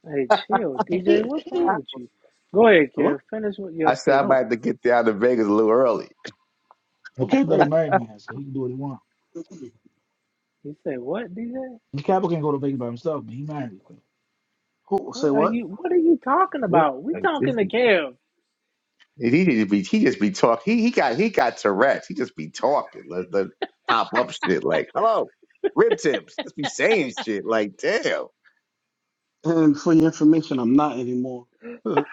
A: Hey, chill,
B: right?
A: DJ.
B: The
A: What's wrong
H: I
A: with you? Go ahead, kid.
K: Hello?
A: Finish with your
H: said I
K: That
H: might
K: was,
A: statement.
H: have to get down to Vegas a little early.
K: that was
B: kid that a
K: crazy.
B: married man, so he can do what he wants.
A: You say what, DJ?
B: Cabo can go to Vegas by himself, but he married. so.
K: Who, say
A: What are
K: what?
A: you? What are you talking about? We
H: Like, this
A: talking to
H: is-
A: Kev.
H: He just be he just be talk. He he got he got Tourette's. He just be talking. Let, let pop up shit like hello, rib tips. Just be saying shit like damn.
K: And for your information, I'm not anymore.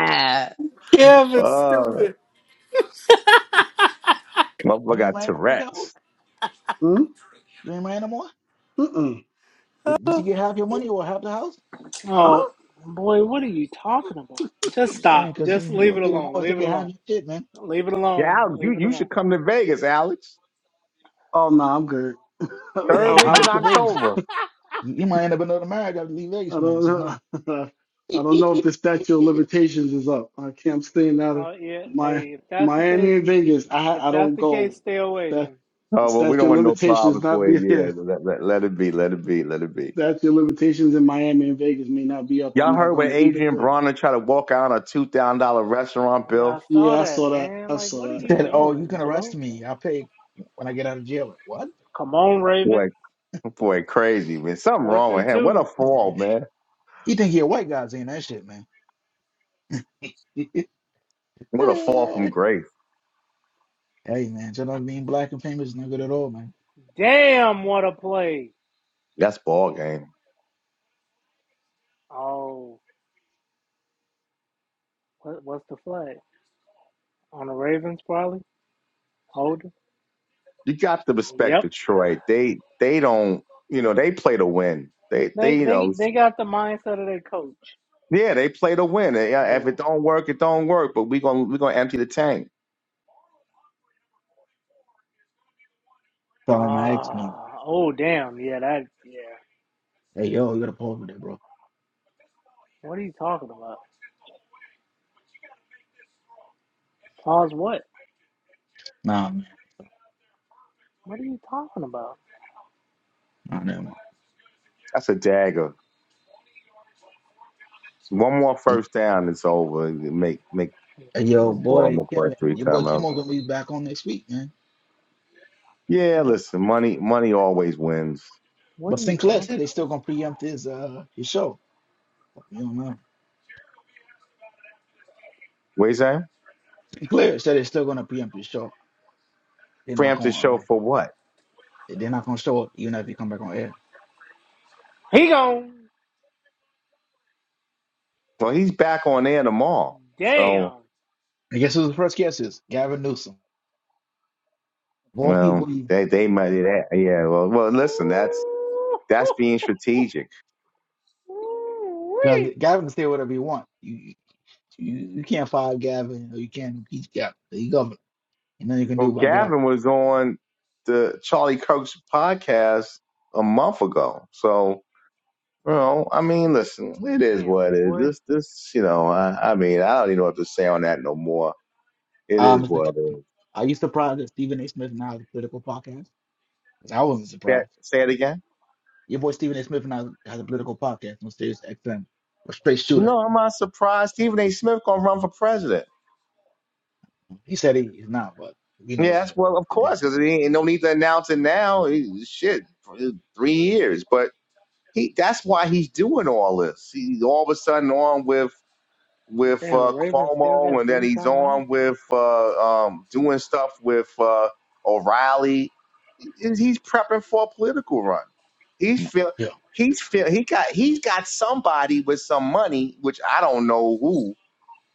H: Oh, motherfucker
B: You ain't
H: got
B: married no more, Cabo?
H: Tourette's.
K: Hmm?
B: You ain't married no more?
K: Mm-mm.
B: Did, did you get half your money or half the house?
A: Oh
K: Huh?
A: boy, what are you talking about? Just
B: I'm just
A: stop.
B: saying, because you,
A: Just
B: you
A: leave it
B: ain't get
A: alone.
B: divorced, they
A: Leave it
B: get half
A: alone.
B: your shit, man.
A: Leave it
H: Yeah,
A: alone.
H: Alex, you
A: Leave it
H: you
A: alone.
H: should come to Vegas, Alex.
K: Oh, no, I'm good. I,
B: Hey,
H: Third
B: if
H: week
K: I,
B: you
H: in
B: go
K: I
B: to Vegas,
H: October.
B: you, you might end up in another marriage after you leave Vegas, man.
K: don't
B: So,
K: know.
B: no.
K: I don't know if the statute of limitations is up. I can't, I'm staying out of
A: Oh yeah.
K: my
A: Hey, if that's the case,
K: Miami and Vegas. I
A: if
K: I
A: that's
K: don't
A: the case,
K: go.
A: stay away
K: That
A: then.
K: the
H: Oh well, we
K: statute
H: don't
K: of
H: want no
K: limitations
H: problems
K: not
H: for
K: be
H: you. Yeah,
K: here.
H: let, let, let it be. Let it be. Let it be.
K: That's your limitations in Miami and Vegas may not be up. I'm
H: Y'all
K: not
H: heard
K: going
H: when
K: to either
H: Adrian
K: place.
H: Bronner tried to walk out on a two thousand dollar restaurant
A: Yeah,
H: bill?
A: I saw
K: Yeah, I
A: that,
K: saw that.
A: man.
K: I
A: Like,
K: saw
A: what are
K: that.
A: you
B: Said, "Oh, you
A: doing,
B: can
A: Joe?
B: arrest me. I'll pay when I get out of jail." Like, what?
A: Come on, Raven.
H: Boy, boy, crazy man. Something
A: Fourth
H: wrong with
A: and
H: him. What a
A: two.
H: fall, man.
B: He think he a white guy saying that shit, man. hey
H: What a fall from grace.
B: man, just not being black and famous is not good at all, man.
A: Damn, what a play.
H: That's ball game.
A: Oh, what, what's the flag on the Ravens? Probably holding.
H: You got to respect
A: Yep.
H: Detroit. They they don't you know they play to win. They they
A: They
H: you
A: they
H: know
A: they got the mindset of their coach.
H: yeah they play to win. They- yeah, If
A: Yeah.
H: it don't work, it don't work. But we gonna we gonna empty the tank.
B: Sound like my ex, man.
A: Ah, oh damn, yeah, that, yeah.
B: Hey yo, you gotta pause with that, bro.
A: What are you talking about? Pause. What?
B: Nah, man.
A: What are you talking about?
B: Nah, never mind.
H: That's a dagger. One more
B: Hey,
H: first down, it's over. Make make
B: Yo,
H: uh,
B: boy,
H: Baltimore for a
B: Kevin,
H: three
B: your boy
H: timeout.
B: Kimo gonna be back on next week, man.
H: Yeah,
A: What,
H: listen, money money always wins.
A: what
B: But
A: are you
B: Sinclair
A: talking? about?
B: said they still gonna preempt his uh his show. You don't know.
H: What you say?
B: Sinclair said they're still gonna preempt his show. They're not
H: Preemptive
B: gonna
H: show
B: uh
H: for what?
B: they're not gonna show up even if they come back on air.
A: He gone.
H: Well, he's back on air tomorrow. So,
A: Damn.
B: And guess who the first guest is? Gavin Newsom. More
H: well,
B: people,
H: they they might do that. Yeah. Well, well, listen, that's
A: Ooh,
H: that's being strategic.
B: because
A: Ooh-wee.
B: Gavin can say whatever he want. You, you you can't fire Gavin or you can't impeach Gavin. He governor. Ain't nothing you can do
H: Well,
B: about Gavin.
H: Gavin was on the Charlie Kirk's podcast a month ago. So, you know, I mean, listen, it is
A: Damn
H: what it is.
A: boy.
H: This this, you know, I, I mean, I don't even know what to say on that no more. It
B: Uh,
H: is
B: Mr.
H: what it
B: Kevin,
H: is.
B: are you surprised that Stephen A. Smith now has a political podcast? 'Cause I wasn't
H: Say
B: surprised.
H: say it again.
B: Your boy Stephen A. Smith now has a political podcast on Sirius XM with Straight Shooter.
H: No, I'm not surprised. Stephen A. Smith gonna run for president.
B: He said he, he's not, but we know it's
H: Yes,
B: uh,
H: well, of
B: today.
H: course, because he ain't no need to announce it now. He, shit, for uh, three years, but he—that's why he's doing all this. He's all of a sudden on with with
A: Damn, the
H: uh,
A: Ravens still
H: Cuomo,
A: got
H: and then
A: three
H: he's
A: timeouts.
H: on with uh, um, doing stuff with uh, O'Reilly. He- He's prepping for a political run. He's
B: I'm like,
H: feel
B: Yeah,
H: he's feel he got he's got somebody with some money, which I don't know who,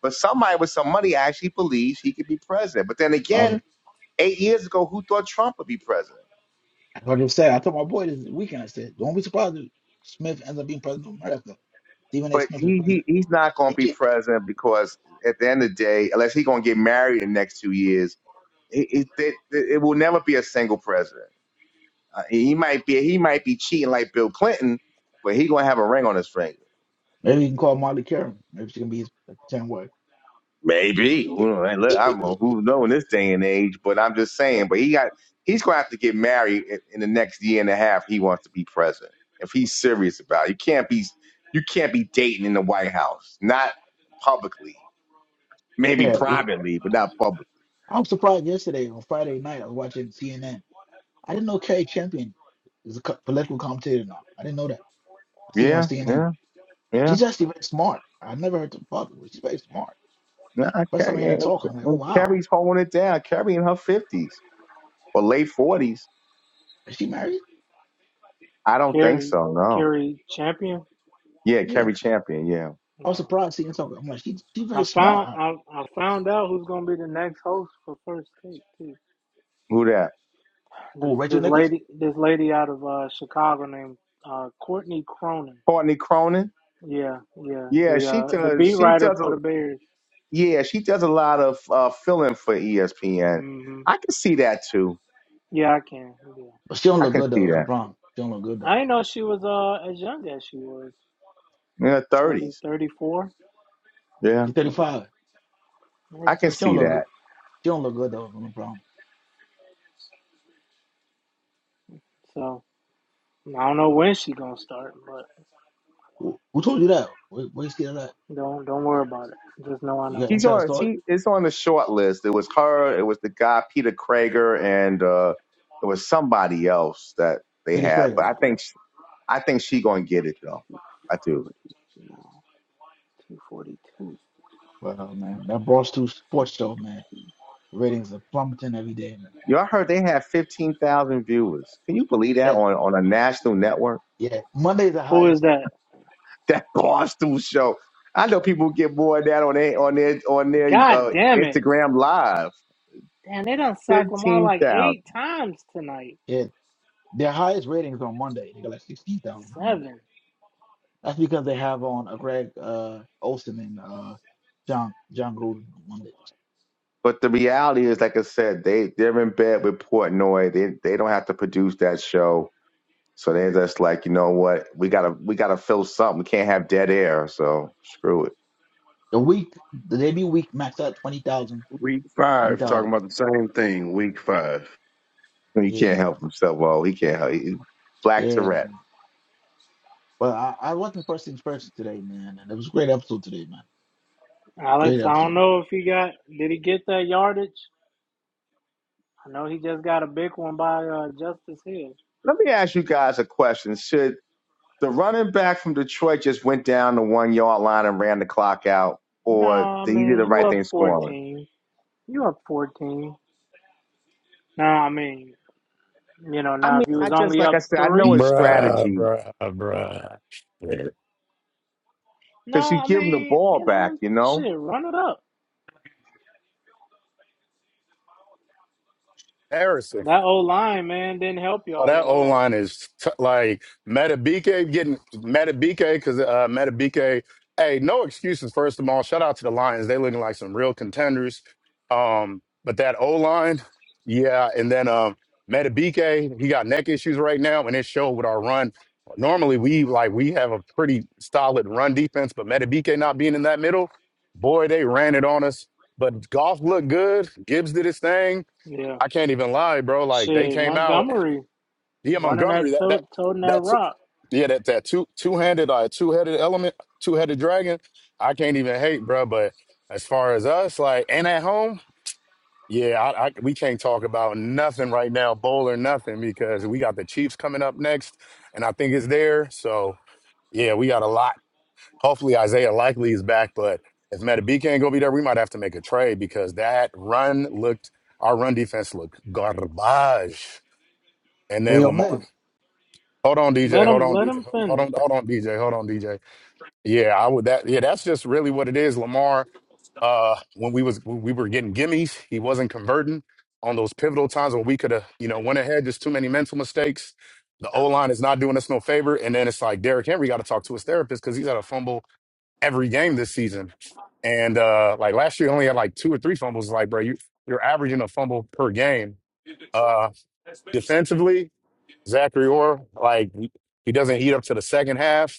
H: but somebody with some money actually believes he could be president. But then
B: I,
H: again
B: was-
H: Eight years ago, who thought Trump would be president?
B: what I just said. I told my boy this weekend. I said, "Don't be surprised if Smith ends up being president of America. Stephen A.
H: But
B: Smith is
H: he, he
B: president."
H: he's not going to be president because at the end of the day, unless he's going to get married in the next two years, it, it, it, it will never be a single president. Uh, he might be he might be cheating like Bill Clinton, but he going to have a ring on his finger.
B: Maybe you can call Molly Karen. Maybe she can be his pretend wife.
H: Maybe. Who know- Look, I don't know who know in this day and age, but I'm just saying. But he got he's going to have to get married in, in the next year and a half. He wants to be president if he's serious about it. You can't be you can't be dating in the White House, not publicly, maybe
B: Yeah, w-
H: privately, but not publicly.
B: I'm surprised. Yesterday on Friday night, I was watching CNN. I didn't know Carrie Champion is a co- political commentator now. I didn't know that. I see her on
H: Yeah,
B: CNN.
H: yeah, yeah.
B: She's actually very smart. I never heard her talk before. She's very smart.
H: No, I
B: First time I
H: Carrie,
B: heard her
H: and-
B: talk, I'm like, oh
H: and
B: wow,
H: Carrie's holding it down. Carrie in her fifties or late forties.
B: is she married?
H: I don't think
A: Carry,
H: so. No.
A: carry champion.
H: Yeah,
B: Yeah,
H: Carrie Champion. Yeah.
B: I was
A: No,
B: surprised seeing her talk. I'm like, she she's
A: I
B: very smart.
A: found
B: I-
A: I, I found out who's gonna be the next host for first take too.
H: Who that?
A: Th-
B: oh, Rachel
A: This
B: Nichols,
A: lady, this lady out of uh, Chicago named uh, Courtney Cronin.
H: Courtney Cronin.
A: Yeah, yeah.
H: Yeah,
A: The
H: she
A: uh, the
H: does.
A: beat
H: She
A: writer
H: does.
A: for the Bears.
H: Yeah, she does a lot of uh, filling for ESPN.
A: hmm
H: I can see that too.
A: Yeah, I can. Yeah.
B: but she don't
H: I
B: look
H: can
B: good
H: see
B: though. It's a
H: that
B: problem. She don't look good
A: I
B: though.
A: didn't know she was uh as young as she was
H: in her
A: 30,
H: thirties.
A: 34.
H: Yeah,
B: She's 35.
H: I can
B: But she don't
H: see
B: look good.
H: that.
B: She don't look good though on the Brown.
A: So I don't know when she gonna start, but
B: Who, who told you that? Where, where you see that at?
A: don't don't worry about it. Just know I
B: You
A: know.
B: got
H: She's
B: inside
H: on.
B: story?
H: She is on the short list. It was her. It was the guy Peter Krager, and uh, it was somebody else that they
B: Peter
H: had.
B: Strager.
H: But I think
A: 250,
H: sh I think she gonna get it though. I do.
A: no, 242.
B: Wow, man, that Barstool Sports Show, man. Ratings are plummeting every day, man.
H: Y'all heard they had fifteen thousand viewers. Can you believe that
B: Yeah,
H: on on a national network?
B: yeah. Monday's the
A: Who is
B: highest.
A: that?
H: that Barstool show. I know people get more of that on their on their on their
A: God
H: uh,
A: damn it!
H: Instagram live.
A: Damn, they done sacked Lamar
H: Fifteen
A: like
H: thousand.
A: eight times tonight.
B: Yeah, their highest ratings on Monday. They got like sixteen thousand on Monday.
A: Seven.
B: That's because they have on a Greg uh, Olson and uh, John John Gruden on Monday.
H: But the reality is, like I said, they they're in bed with Portnoy. They they don't have to produce that show, so they're just like, you know what, we gotta we gotta fill something. We can't have dead air, so screw it.
B: The week, the debut week maxed out 20,000.
D: Week five, talking
B: 20,000.
D: about the same thing. Week five.
H: He
B: Yeah,
H: can't
B: man.
H: help himself. Well, he can't help. He,
B: yeah.
H: Black Tourette.
B: Man. But I, I wasn't first things first today, man. And it was a great episode today, man. Great
A: Alex, I don't
B: episode.
A: know if he got, did he get that yardage? I know he just got a big one by uh, Justice Hill.
H: Let me ask you guys a question. Should the running back from Detroit just went down the one yard line and ran the clock out,
A: No,
H: or
A: I
H: the, he did
A: mean,
H: the
A: you
H: right
A: up
H: thing scoring.
A: 14. You up 14. No, I mean, you know,
H: I
A: now
H: mean,
A: if you
H: I
A: was
H: just
A: only
H: like I
A: up
H: said, I know
A: three,
H: his
G: Bruh,
H: strategy
G: bruh, bruh. Yeah.
A: no,
H: because you
A: I
H: give him the
A: mean,
H: ball
A: you
H: back.
A: know,
H: You know,
A: shit, run it up.
G: Harrison.
A: That old line, man, didn't help
G: Oh,
A: y'all
G: that
A: at
G: O
A: all.
G: line is t- like Metabike getting Metabike because uh, Metabike. Hey, no excuses. First of all, shout out to the Lions. They looking like some real contenders. Um, but that O line, yeah. And then um, Metabike, he got neck issues right now, and it showed with our run. Normally, we like we have a pretty solid run defense, but Metabike not being in that middle, boy, they ran it on us. But golf looked good. Gibbs did his thing.
A: Yeah.
G: I can't even lie, bro. Like they
A: Shit,
G: came out.
A: Montgomery
G: Yeah,
A: running
G: Montgomery.
A: that,
G: That that
A: to- toting that
G: that's
A: rock.
G: yeah. That that two two handed uh two headed element, two headed dragon. I can't even hate, bro. But as far as us, like and at home, yeah, I, I we can't talk about nothing right now, bowl or nothing, because we got the Chiefs coming up next, and I think it's there. So yeah, we got a lot. Hopefully Isaiah likely is back, but if Metabika ain't gonna be there, we might have to make a trade because that run looked our run defense looked garbage. And
B: Hey,
G: then
B: yo,
G: Lamar.
B: man.
G: Hold on, DJ.
A: Let
G: Hold
A: him,
G: on,
A: let
G: DJ.
A: him
G: Hold
A: finish.
G: on, hold on, DJ. Hold on, DJ. Yeah, I would that yeah, that's just really what it is, Lamar. Uh when we was when we were getting gimmies, he wasn't converting on those pivotal times where we could have, you know, went ahead, just too many mental mistakes. The O line is not doing us no favor. And then it's like Derrick Henry got to talk to his therapist because he's had a fumble every game this season. And uh like last year he only had like two or three fumbles. Like, bro, you you're averaging a fumble per game. Uh defensively, Zachary Orr, like he doesn't heat up to the second half.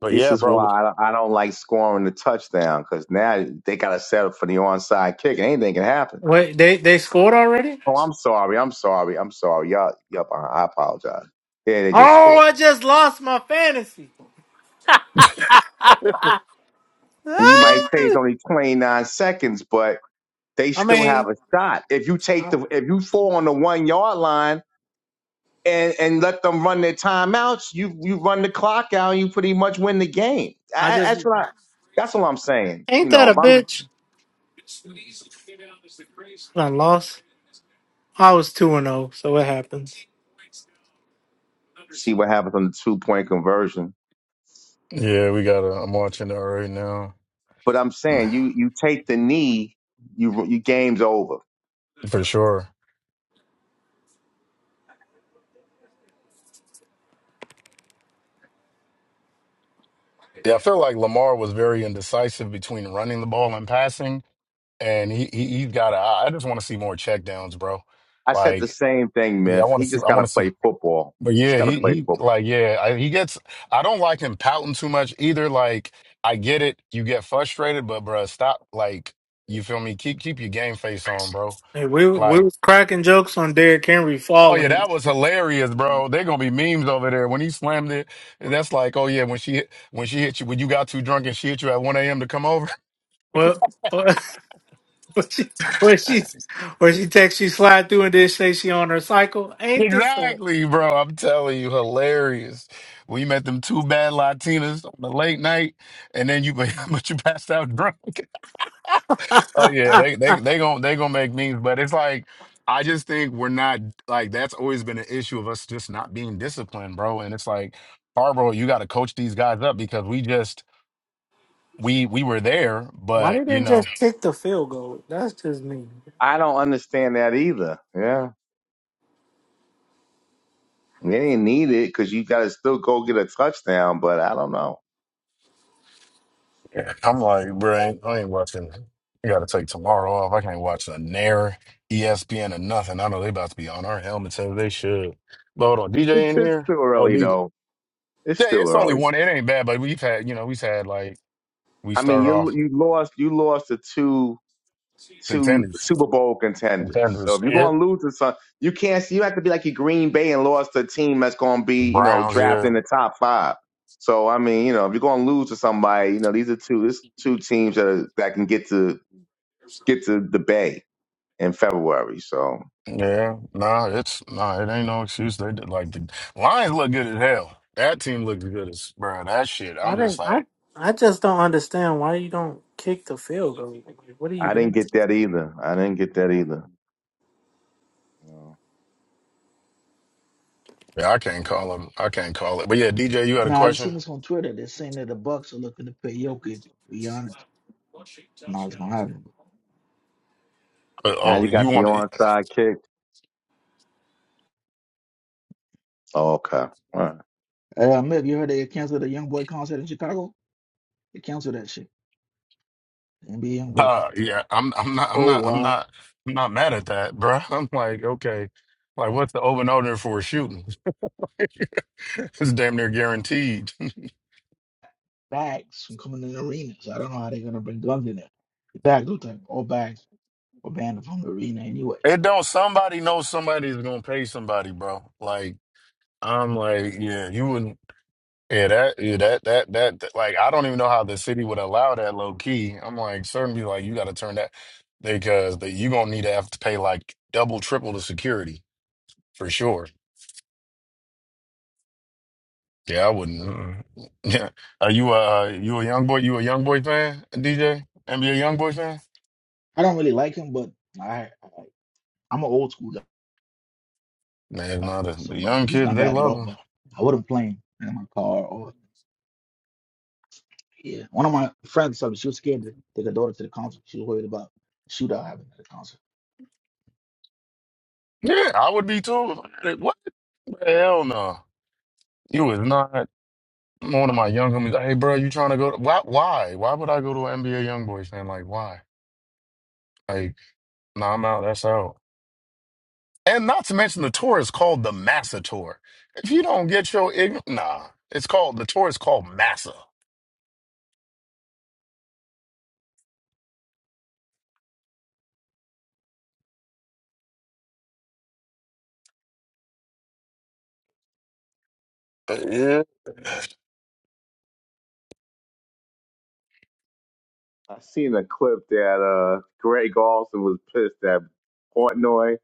G: But
H: this
G: yeah,
H: is
G: bro.
H: why I don't, I don't like scoring the touchdown because now they got to settle for the onside kick and anything can happen.
A: Wait, they they scored already?
H: Oh, I'm sorry, I'm sorry, I'm sorry. Y'all, y'all, I apologize. Yeah, they just
A: Oh,
H: scored,
A: I just lost my fantasy.
H: and you might
A: Ah!
H: say it's only 29 seconds, but they
A: I
H: still have
A: mean,
H: a shot. If you take
A: I,
H: the, if you fall on the one yard line and and let them run their timeouts, you you run the clock out, and you pretty much win the game. I,
A: I
H: I-
A: just
H: that's what I, that's what I'm saying. You
A: ain't
H: know,
A: that a
H: if I'm to
A: bitch? I lost. I was two and zero, so it happens.
H: see what happens on the two point conversion,
G: Yeah, we got. to I'm watching that right now
H: but I'm saying you you take the knee, you you game's over.
G: for sure. Yeah, I feel like Lamar was very indecisive between running the ball and passing, and he he he's got. I I just want to see more checkdowns, bro.
H: I said the
G: Like,
H: same thing,
G: yeah, I
H: Myth.
G: want
H: He
G: to see.
H: just
G: I
H: got to
G: want to see.
H: play football.
G: But
H: just
G: yeah,
H: got to
G: he
H: play
G: he
H: football.
G: like yeah, I, he gets. I don't like him pouting too much either. Like, I get it. You get frustrated, but bro, stop. Like, you feel me? Keep keep your game face on, bro.
A: Hey, we
G: Like.
A: we was cracking jokes on Derrick Henry
G: Oh yeah,
A: falling.
G: that was hilarious, bro. They're gonna be memes over there when he slammed it. That's like, oh yeah, when she hit, when she hit you when you got too drunk and she hit you at one a.m. to come over.
A: Well, what what she what she what she text she slide through and then say she on her cycle. Ain't this a,
G: Exactly, bro. I'm telling you, hilarious. We met them two bad Latinas on the late night, and then you but you passed out drunk. Oh yeah, they they they gonna they gonna make memes, but it's like I just think we're not like that's always been an issue of us just not being disciplined, bro. And it's like, Harbaugh, you got to coach these guys up because we just we we were there,
A: why they
G: but you
A: didn't just
G: know,
A: kick the field goal? That's just me.
H: I don't understand that either. Yeah, they didn't need it because you got to still go get a touchdown. But I don't know.
G: I'm like, bro, I ain't, I ain't watching. I gotta take tomorrow off. I can't watch a Nair, ESPN, or nothing. I know they about to be on our helmets as they should. But hold on, DJ
H: It's
G: in
H: it's
G: here.
H: still
G: Oh,
H: early
G: DJ.
H: though. It's
G: Yeah,
H: still
G: it's only
H: early.
G: one. It ain't bad, but we've had, you know, we've had like we
H: I mean,
G: started
H: you
G: off
H: you lost you lost to two two
G: contenders,
H: Super Bowl contenders. So
G: contenders.
H: if you're
G: Yeah,
H: going to lose to some, you can't. You have to be like your Green Bay and lost to a team that's going to be you know
G: Browns.
H: drafted
G: Yeah,
H: in the top five. So I mean, you know, if you're going to lose to somebody, you know, these are two this two teams that are, that can get to get to the Bay in February. So
G: yeah. Nah, it's nah. It ain't no excuse. They did like the Lions look good as hell. That team looks good as bro. That shit.
A: I
G: I'm just
A: didn't. I
G: like.
A: I just don't understand why you don't kick the field goal. Like, What are you
H: I didn't
A: doing?
H: get that either. I didn't get that either. So
G: Yeah, I can't call him. I can't call it. But yeah, DJ, you had a
B: Now, I've
G: question.
B: seen this on Twitter. They're saying that the Bucks are looking to pay Jokic. To be honest. Nah, it's going to happen.
G: Uh,
H: Now you
G: oh,
H: got
G: you
H: the
G: want?
H: onside kick. Okay. All right.
B: Hey, uh, Mick, you heard they canceled the Young Boy concert in Chicago? They canceled that shit. NBA Young Boy.
G: Uh, yeah, I'm. I'm not. I'm
B: Oh,
G: not. I'm
B: wow.
G: not. I'm not mad at that, bruh. I'm like, okay, like what's the over and under for a shooting? it's damn near guaranteed.
B: Bags from coming in arenas? I don't know how they're going to bring guns in there. Bags, look like all bags were banned from the arena anyway.
G: it don't. Somebody knows somebody's gonna pay somebody, bro. Like I'm like, yeah, you wouldn't. Yeah, that, yeah, that, that, that, that- like, I don't even know how the city would allow that low key. I'm like, certain people, like, you got to turn that because the, you gonna need to have to pay like double, triple the security for sure. Yeah, I wouldn't. Mm-mm. Yeah, are you a uh, you a young boy? You a young boy fan, DJ? NBA young boy fan?
B: I don't really like him, but I, I, I'm an old school guy.
G: Man, no, the,
B: So,
G: the
B: but
G: young
B: he's
G: kids
B: not
G: they
B: bad at
G: love
B: all.
G: him.
B: But I wouldn't play him in my car or yeah. One of my friends told me she was scared to take her daughter to the concert. She was worried about a shootout happening at the concert.
G: Yeah, I would be too. Like, What the hell, no? You is not one of my young homies. Hey, bro, you trying to go? To, why? Why? Why would I go to an NBA young boy fan? Like, why? Like, No, I'm out. that's out. And not to mention the tour is called the Massa Tour. If you don't get your ign nah, it's called the tour is called Massa. Yeah.
H: I seen a clip that uh Greg Olson was pissed at Portnoy.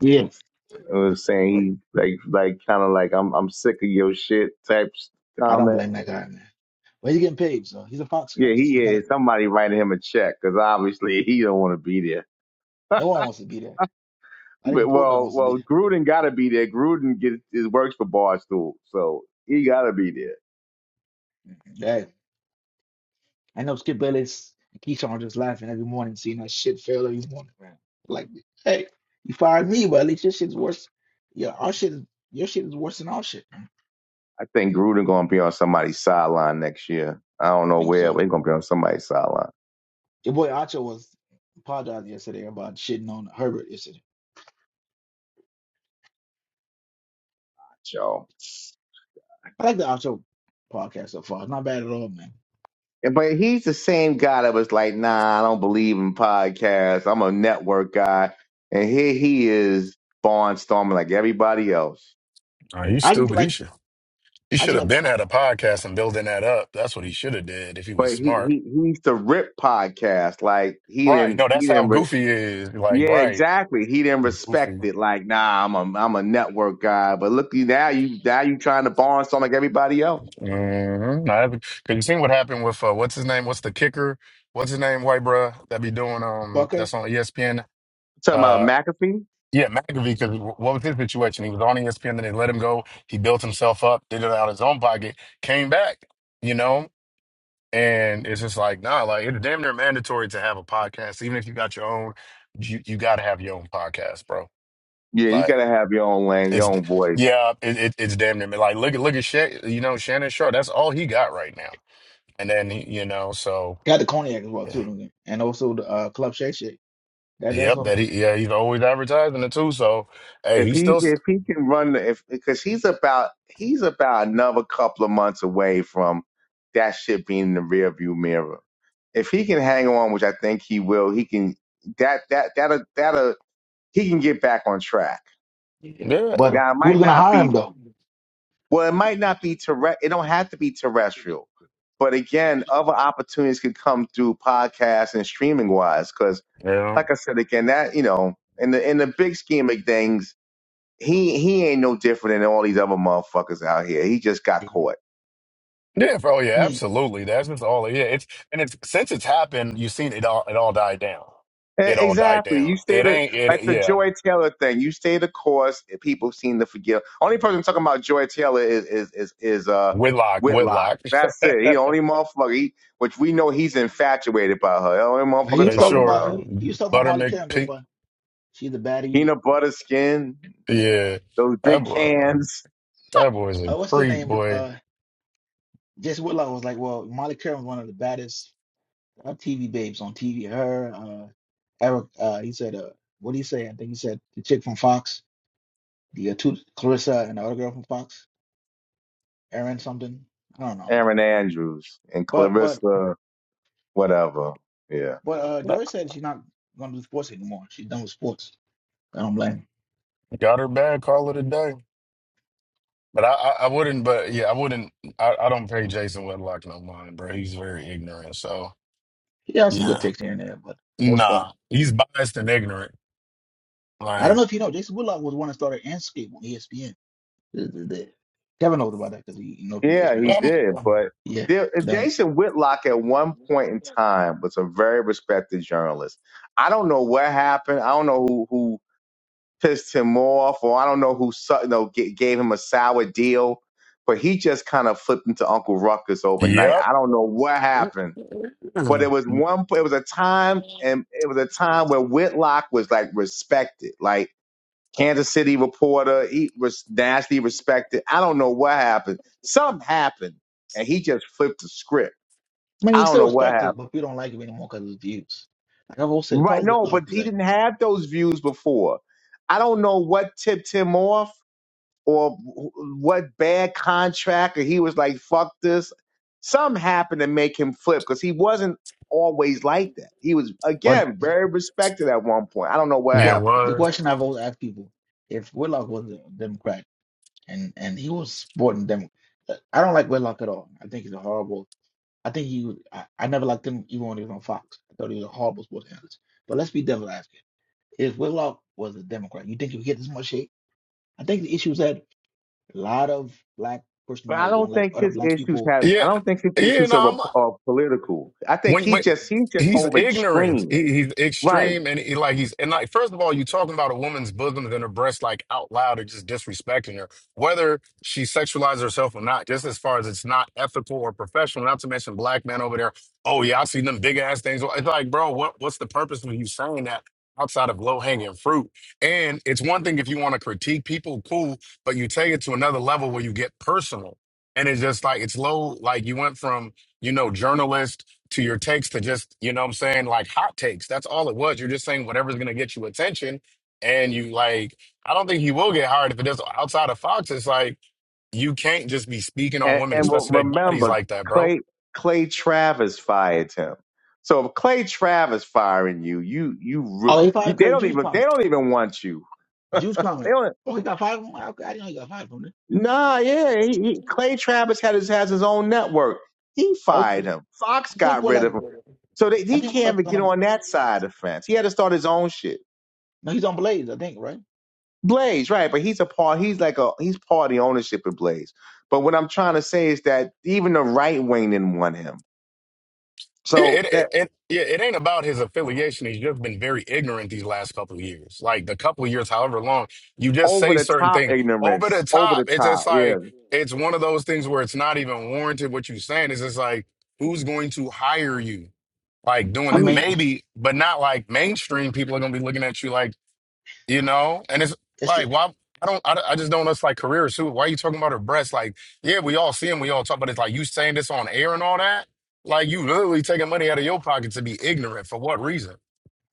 B: Yeah,
H: It was saying he like like kind of like I'm I'm sick of your shit type s-
B: I don't
H: comment.
B: blame that guy, man. But he's getting paid, so he's a Fox guy.
H: Yeah,
B: So
H: he
B: you gotta.
H: is. Somebody writing him a check because obviously he don't want to be there.
B: No one wants to be there. Not
H: But
B: even Portland
H: well,
B: wants to be
H: well,
B: there.
H: Gruden got to be there. Gruden gets is works for Barstool, so he got to be there.
B: Hey, I know Skip Bayless and Keyshawn are just laughing every morning, seeing that shit fail every morning, man. Like, hey, you fired me, but at least your shit's worse. Yeah, our shit is your shit is worse than our shit. I
H: I think Gruden gonna be on somebody's sideline next year. I don't know
B: think so.
H: where, but he's gonna be on somebody's sideline.
B: Your boy Acho was apologizing yesterday about shitting on Herbert yesterday.
H: Y'all.
B: I like the Acho podcast so far. It's not bad at all, man.
H: But he's the same guy that was like, nah, I don't believe in podcasts. I'm a network guy. And here he is barnstorming like everybody else.
G: Nah, you
B: I just
G: stupid. He
B: like
G: should he
B: I just
G: should have
B: like the
G: been at
B: co-
G: a podcast and building that up. That's what he should have did if he was
H: But he,
G: smart.
H: he, he used to rip podcasts. Like he
G: Right.
H: didn't,
G: No,
H: he
G: that's how
H: didn't, re-
G: goofy is. Like,
H: yeah,
G: right.
H: exactly. He didn't respect
G: Goofy.
H: it. Like, nah, I'm a, I'm a network guy. But look, you now you, now you trying to barnstorm like everybody else.
G: Mm-hmm. I haven't because you seen what happened with uh, what's his name? What's the kicker? What's his name, white bruh? That be doing um
B: Bucker.
G: that's on ESPN.
H: talking about McAfee?
G: Yeah, McAfee, because what was his situation? He was on ESPN, then they let him go. He built himself up, did it out of his own pocket, came back, you know? And it's just like, nah, like it's damn near mandatory to have a podcast. Even if you got your own, you, you got to have your own podcast, bro.
H: Yeah, you
G: Like
H: gotta have your own lane, your
G: it's,
H: own voice.
G: yeah, it, it, it's damn near. Like look at, look at, Sha- you know, Shannon Sharp. That's all he got right now. And then, he- you know, so,
B: Got the cognac as well
G: yeah.
B: too, don't you? and also the uh, Club Shake Shake. That that's
G: yep, that
B: awesome.
G: he, yeah, he's always advertising it too. So, hey,
H: if
G: he's
H: he
G: still, s-
H: if he can run the- if because he's about he's about another couple of months away from that shit being in the rearview mirror. If he can hang on, which I think he will, he can that that that that he can get back on track.
B: Yeah.
G: yeah,
B: But
H: Now it
B: who's
H: might
B: gonna
H: not
B: hire him
H: be
B: though?
H: well, it might not be terrestrial. It don't have to be terrestrial, but again, other opportunities could come through podcasts and streaming wise. Because
G: you know.
H: like I said again, that you know, in the in the big scheme of things he he ain't no different than all these other motherfuckers out here. He just got
B: Yeah.
H: caught.
G: Yeah, for- oh yeah,
B: Man,
G: absolutely. That's just all. Yeah, it's and it's since it's happened, you've seen it all. It all died down.
H: E-
G: It all died
H: Exactly.
G: down.
H: You stay
G: It
H: the
G: ain't.
H: like
G: It
H: the
G: yeah.
H: Joy Taylor thing. You stay the course. and People seem to forgive. Only person talking about Joy Taylor is is is, is uh
G: Whitlock,
H: Whitlock.
G: Whitlock,
H: That's it. He the only motherfucker. He, which we know he's infatuated by her. The only
B: he
H: motherfucker
B: was
G: for
B: talking
H: talking
G: sure.
B: about
H: about her.
B: he, he was talking about
G: Butter
B: Molly Campbell,
G: McPeak.
B: but she's a baddie.
H: Peanut butter skin,
G: Yeah,
H: those
G: that
H: big
G: boy.
H: cans.
G: That boy's a
B: Uh, what's the
G: creep,
B: name?
G: boy.
B: Uh, Jess Whitlock was like, well, Molly Curran was one of the baddest uh, TV babes on TV. Her, uh, Eric, uh, he said, uh, what do you say? I think he said the chick from Fox, the uh, two, Clarissa and the other girl from Fox, Erin something. I don't know, man.
H: Aaron Andrews and
B: But but
H: Clarissa, whatever. Yeah.
B: but uh, Joy said she's not gonna do sports anymore. She's done with sports. I don't blame her.
G: Got her bad. Call it a day. But I, I, I wouldn't. But yeah, I wouldn't. I, I don't pay Jason Whitlock no mind, bro. He's very ignorant. So
B: She has some good
G: yeah,
B: takes here and there, but for the most part,
G: nah, he's biased and ignorant.
B: I don't
G: Like,
B: know if you know, Jason Whitlock was the one that started Anscape on ESPN. The- the- the- Kevin knows about that because he knows through
H: Yeah, he
B: ESPN.
G: I'm-
H: did. But
B: Yeah,
H: there, uh,
B: that.
H: Jason Whitlock at one point in time was a very respected journalist. I don't know what happened. I don't know who, who pissed him off, or I don't know who su- you know, g- gave him a sour deal. But he just kind of flipped into Uncle Ruckus overnight.
G: Yep.
H: I don't know what happened.
G: Yeah,
H: But it was one. It was a time, and it was a time where Whitlock was like respected. Like Kansas City reporter. He was nasty, respected. I don't know what happened. Something happened, and he just flipped the script.
B: I mean,
H: I
B: he's
H: don't
B: still
H: know what
B: respected,
H: happened.
B: but we don't like it anymore because of his views. Like I've always said, the
H: Right?
B: problem with
H: No, but
B: Whitlock is
H: he
B: that,
H: didn't have those views before. I don't know what tipped him off or wh- what bad contract, or he was like, "Fuck this." Something happened to make him flip because he wasn't always like that. He was
B: but
H: again very respected at one point. I don't know what
G: it
B: what
H: happened.
B: the
G: was.
B: question I've always asked people, if Whitlock was a Democrat and and he was supporting Dem, I don't like Whitlock at all. I think he's a horrible. I think he, was- I, I never liked him even when he was on Fox. I thought he was a horrible sports analyst. But let's be devil advocate. If Whitlock was a Democrat, you think he would get this much hate? I think the issue is that a lot of black
H: But I
B: personalities don't
H: don't
B: like
H: think
B: other
H: his
B: black
H: issues
B: people.
H: have.
G: Yeah,
H: I don't think his
G: yeah.
H: issues
G: No,
H: are,
G: I'm.
H: are political. I think
G: When
H: he
G: wait,
H: just he's just
G: he's
H: over
G: ignorant.
H: extreme,
G: He, he's
H: right?
G: extreme, and he, like he's and like first of all, you talking about a woman's bosoms and her breasts like out loud and just disrespecting her, whether she sexualizes herself or not. Just as far as it's not ethical or professional. Not to mention black men over there. Oh yeah, I see them big ass things. It's like, bro, what what's the purpose of you saying that? Outside of low hanging fruit. And it's one thing if you want to critique people, cool, but you take it to another level where you get personal. And it's just like, it's low, like you went from, you know, journalist to your takes to just, you know what I'm saying, like hot takes. That's all it was. You're just saying whatever's going to get you attention. And you like, I don't think he will get hired if it is outside of Fox. It's like, you can't just be speaking on
H: And
G: women,
H: and re-
G: especially their bodies
H: remember,
G: like that, bro.
H: Clay Clay Travis fired him. So if Clay Travis firing you, you you, re-
B: Oh, they fired
H: you
B: him
H: they
B: because of
H: don't even they
B: Jews
H: don't even want you.
B: Juice
H: They
B: comment.
H: don't.
B: Oh, he got five from. Okay, I didn't know he got five from this.
H: Nah, yeah. He, he, Clay Travis had his has his own network. He
B: Oh
H: fired
B: yeah,
H: him. Fox
B: I think
H: got
B: what
H: rid
B: like.
H: of him. So they,
B: I
H: he
B: think
H: can't
B: Warlock like
H: even get
B: gonna.
H: on that side of the fence. He had to start his own shit.
B: No, he's on Blaze. I think right.
H: Blaze, right? But he's a part. He's like a he's party ownership of Blaze. But what I'm trying to say is that even the right wing didn't want him.
G: It,
H: So
G: it,
H: that
G: it, it, yeah, it ain't about his affiliation. He's just been very ignorant these last couple of years. Like the couple of years, however long, you just
H: over
G: say
H: the
G: certain
H: top
G: things over the
H: ignorance, over the
G: top. It's just
H: top, yeah.
G: like, it's one of those things where it's not even warranted what you're saying. It's just like, who's going to hire you? like doing
B: I
G: it
H: He,
B: mean,
G: maybe but not like mainstream people are gonna be looking at you like you know and it's
B: it's
G: like why i don't i, I just don't know like career too why are you talking about her breasts like yeah we all see them we all talk but it's like you saying this on air and all that like you literally taking money out of your pocket to be ignorant for what reason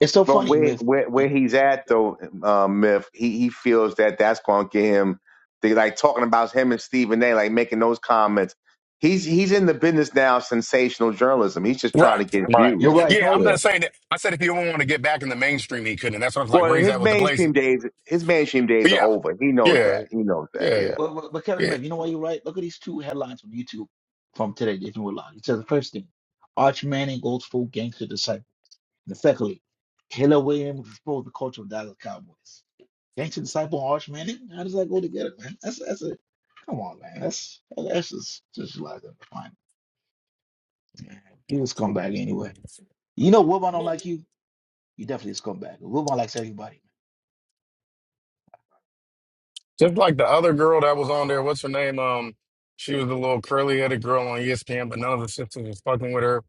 B: it's so
H: but
B: funny,
H: where
B: Myth.
H: where where
B: And
H: he's at though, uh, myth. He he feels that that's going to get him. They like talking about him and Stephen A. Like making those comments. He's he's in the business now. of Sensational journalism. He's just trying to
G: right
H: get
G: right
B: you're
H: views.
B: right. You know
G: yeah
B: what
G: i'm
B: you?
H: Yeah.
G: just saying that i said if he didn't want to get back in the mainstream he couldn't and that's what i was like where
H: Well,
G: he's
H: his
G: at with the blaze
H: mainstream days, his mainstream
G: But
H: days are
G: yeah
H: over. He knows
G: yeah
H: that. He knows that.
G: yeah
H: Yeah.
B: But, but, but Kevin
G: yeah
B: Myth, you know why you're right. Look at these two headlines from YouTube from today. If you Warlock, it says the first thing: Arch Manning goes full gangster disciple. And secondly, Taylor Williams exposed the culture of Dallas Cowboys. Gangster disciple and Arch Manning. How does that go together, man? That's that's a come on, man. That's that's just just like that. You're a scumbag anyway. You know, Wilbon don't like you. You definitely a scumbag. Wilbon likes everybody.
G: Just like the other girl that was on there, what's her name? Um, she was the little curly headed girl on ESPN, but none of the sisters was fucking with her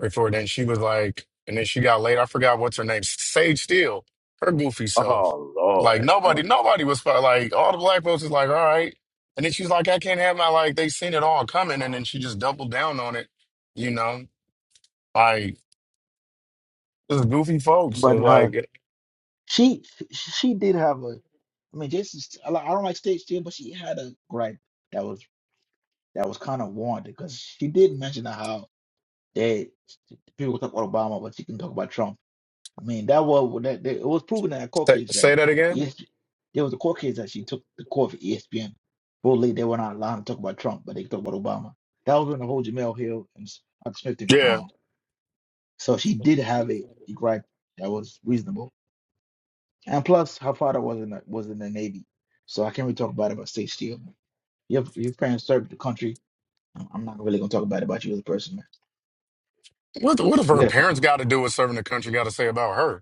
G: before then. She was like, and then she got laid. I forgot what's her name. Sage Steele, her goofy self.
H: Oh
G: Like
H: Lord,
G: nobody,
H: Um,
G: nobody was fu- like all the black folks is like, all right. And then she's like, I can't have my like. They seen it all coming, and then she just doubled down on it. You know, like this is goofy folks. So
B: But uh,
G: like,
B: she she did have a. I mean, Jason. I li- I don't like stage ten, but she had a gripe that was that was kind of warranted because she did mention how they people talk about Obama, but she can talk about Trump. I mean, that was that, that- it was proven in a court
G: say
B: case that
G: say that again.
B: ES there was a court case that she took the court for ESPN. Boldly, they were not allowed to talk about Trump, but they talked about Obama. That was when the whole Jamel Hill and Huck Smith thing was going
G: Yeah.
B: on. So she did have a, gripe that was reasonable, and plus her father was in the, was in the Navy, so I can't really talk about it about state steel. Your your parents served the country. I'm I'm not really gonna talk about it about you as a person, man.
G: What what have
B: You
G: her
B: gotta,
G: parents got to do with serving the country? Got to say about her?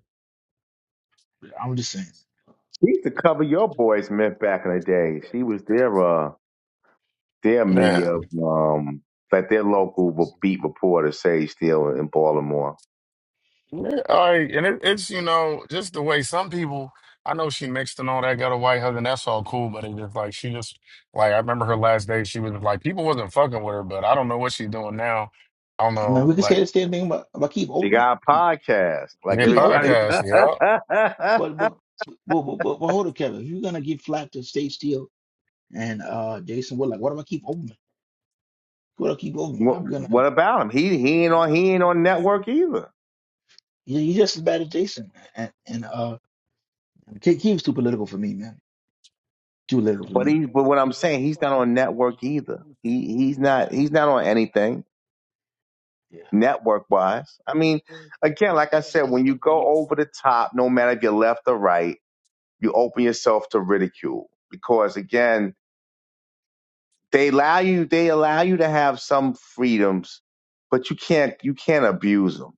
B: I'm just saying.
H: she used to cover your boys Mint back in the day. She was their uh their media
G: Man,
H: um like their local b- beat reporter Sage Steele in Baltimore.
G: Yeah, all right, and it, it's you know just the way some people. I know she mixed and all that, got a white husband. That's all cool, but it just like she just like I remember her last day. She was like people wasn't fucking with her, but I don't know what she's doing now. I don't
B: I mean,
G: know,
B: we can say
G: like
B: the same thing about, about Keith
H: She
B: Oldman.
H: got a podcast like
G: their
B: Keith
H: everybody.
B: Oldman
G: podcast. Yeah,
H: what,
B: But but but but, but, but hold up, Kevin. If you're gonna give flack to State Steel and uh Jason Wood, like what do I keep Overman? What do I keep Overman? I'm gonna
H: what about him? He he ain't on he ain't on network either.
B: he- he's just as bad as Jason. And and uh Ke- Keem's too political for me, man. Too political for
H: But
B: me.
H: he but what I'm saying he's not on network either. He he's not he's not on anything
B: Yeah.
H: network wise. I mean, again, like I said, when you go over the top, no matter if you're left or right you open yourself to ridicule because again they allow you they allow you to have some freedoms but you can't you can't abuse them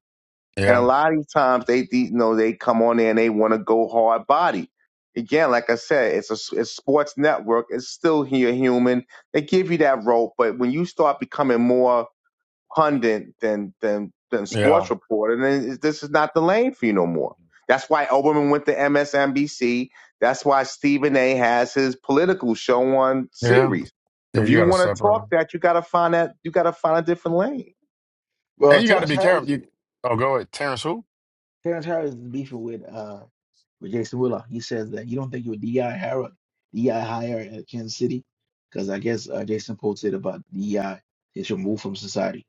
H: and a
G: yeah,
H: lot of times they they- you know they come on there and they want to go hard body again like i said it's a it's sports network it's still here human they give you that rope but when you start becoming more pundit than than than
G: yeah,
H: sports reporter, then it- this is not the lane for you no more. That's why Oberman went to MSNBC. That's why Stephen A. has his political show on
G: yeah,
H: series.
G: yeah.
H: If
G: You
H: you
G: got to
H: want to talk
G: separate,
H: that, you got to find that. You got to find a different lane.
G: and
B: Well
G: you got to
B: Terrence
G: be careful.
B: Harris
G: You, oh, go ahead, Terrence. Who?
B: Terrence Harris is beefing with uh with Jason Willow. He says that you don't think you were DI Harrod, DI hire at Kansas City? Because I guess uh, Jason posted about DI is removed from society.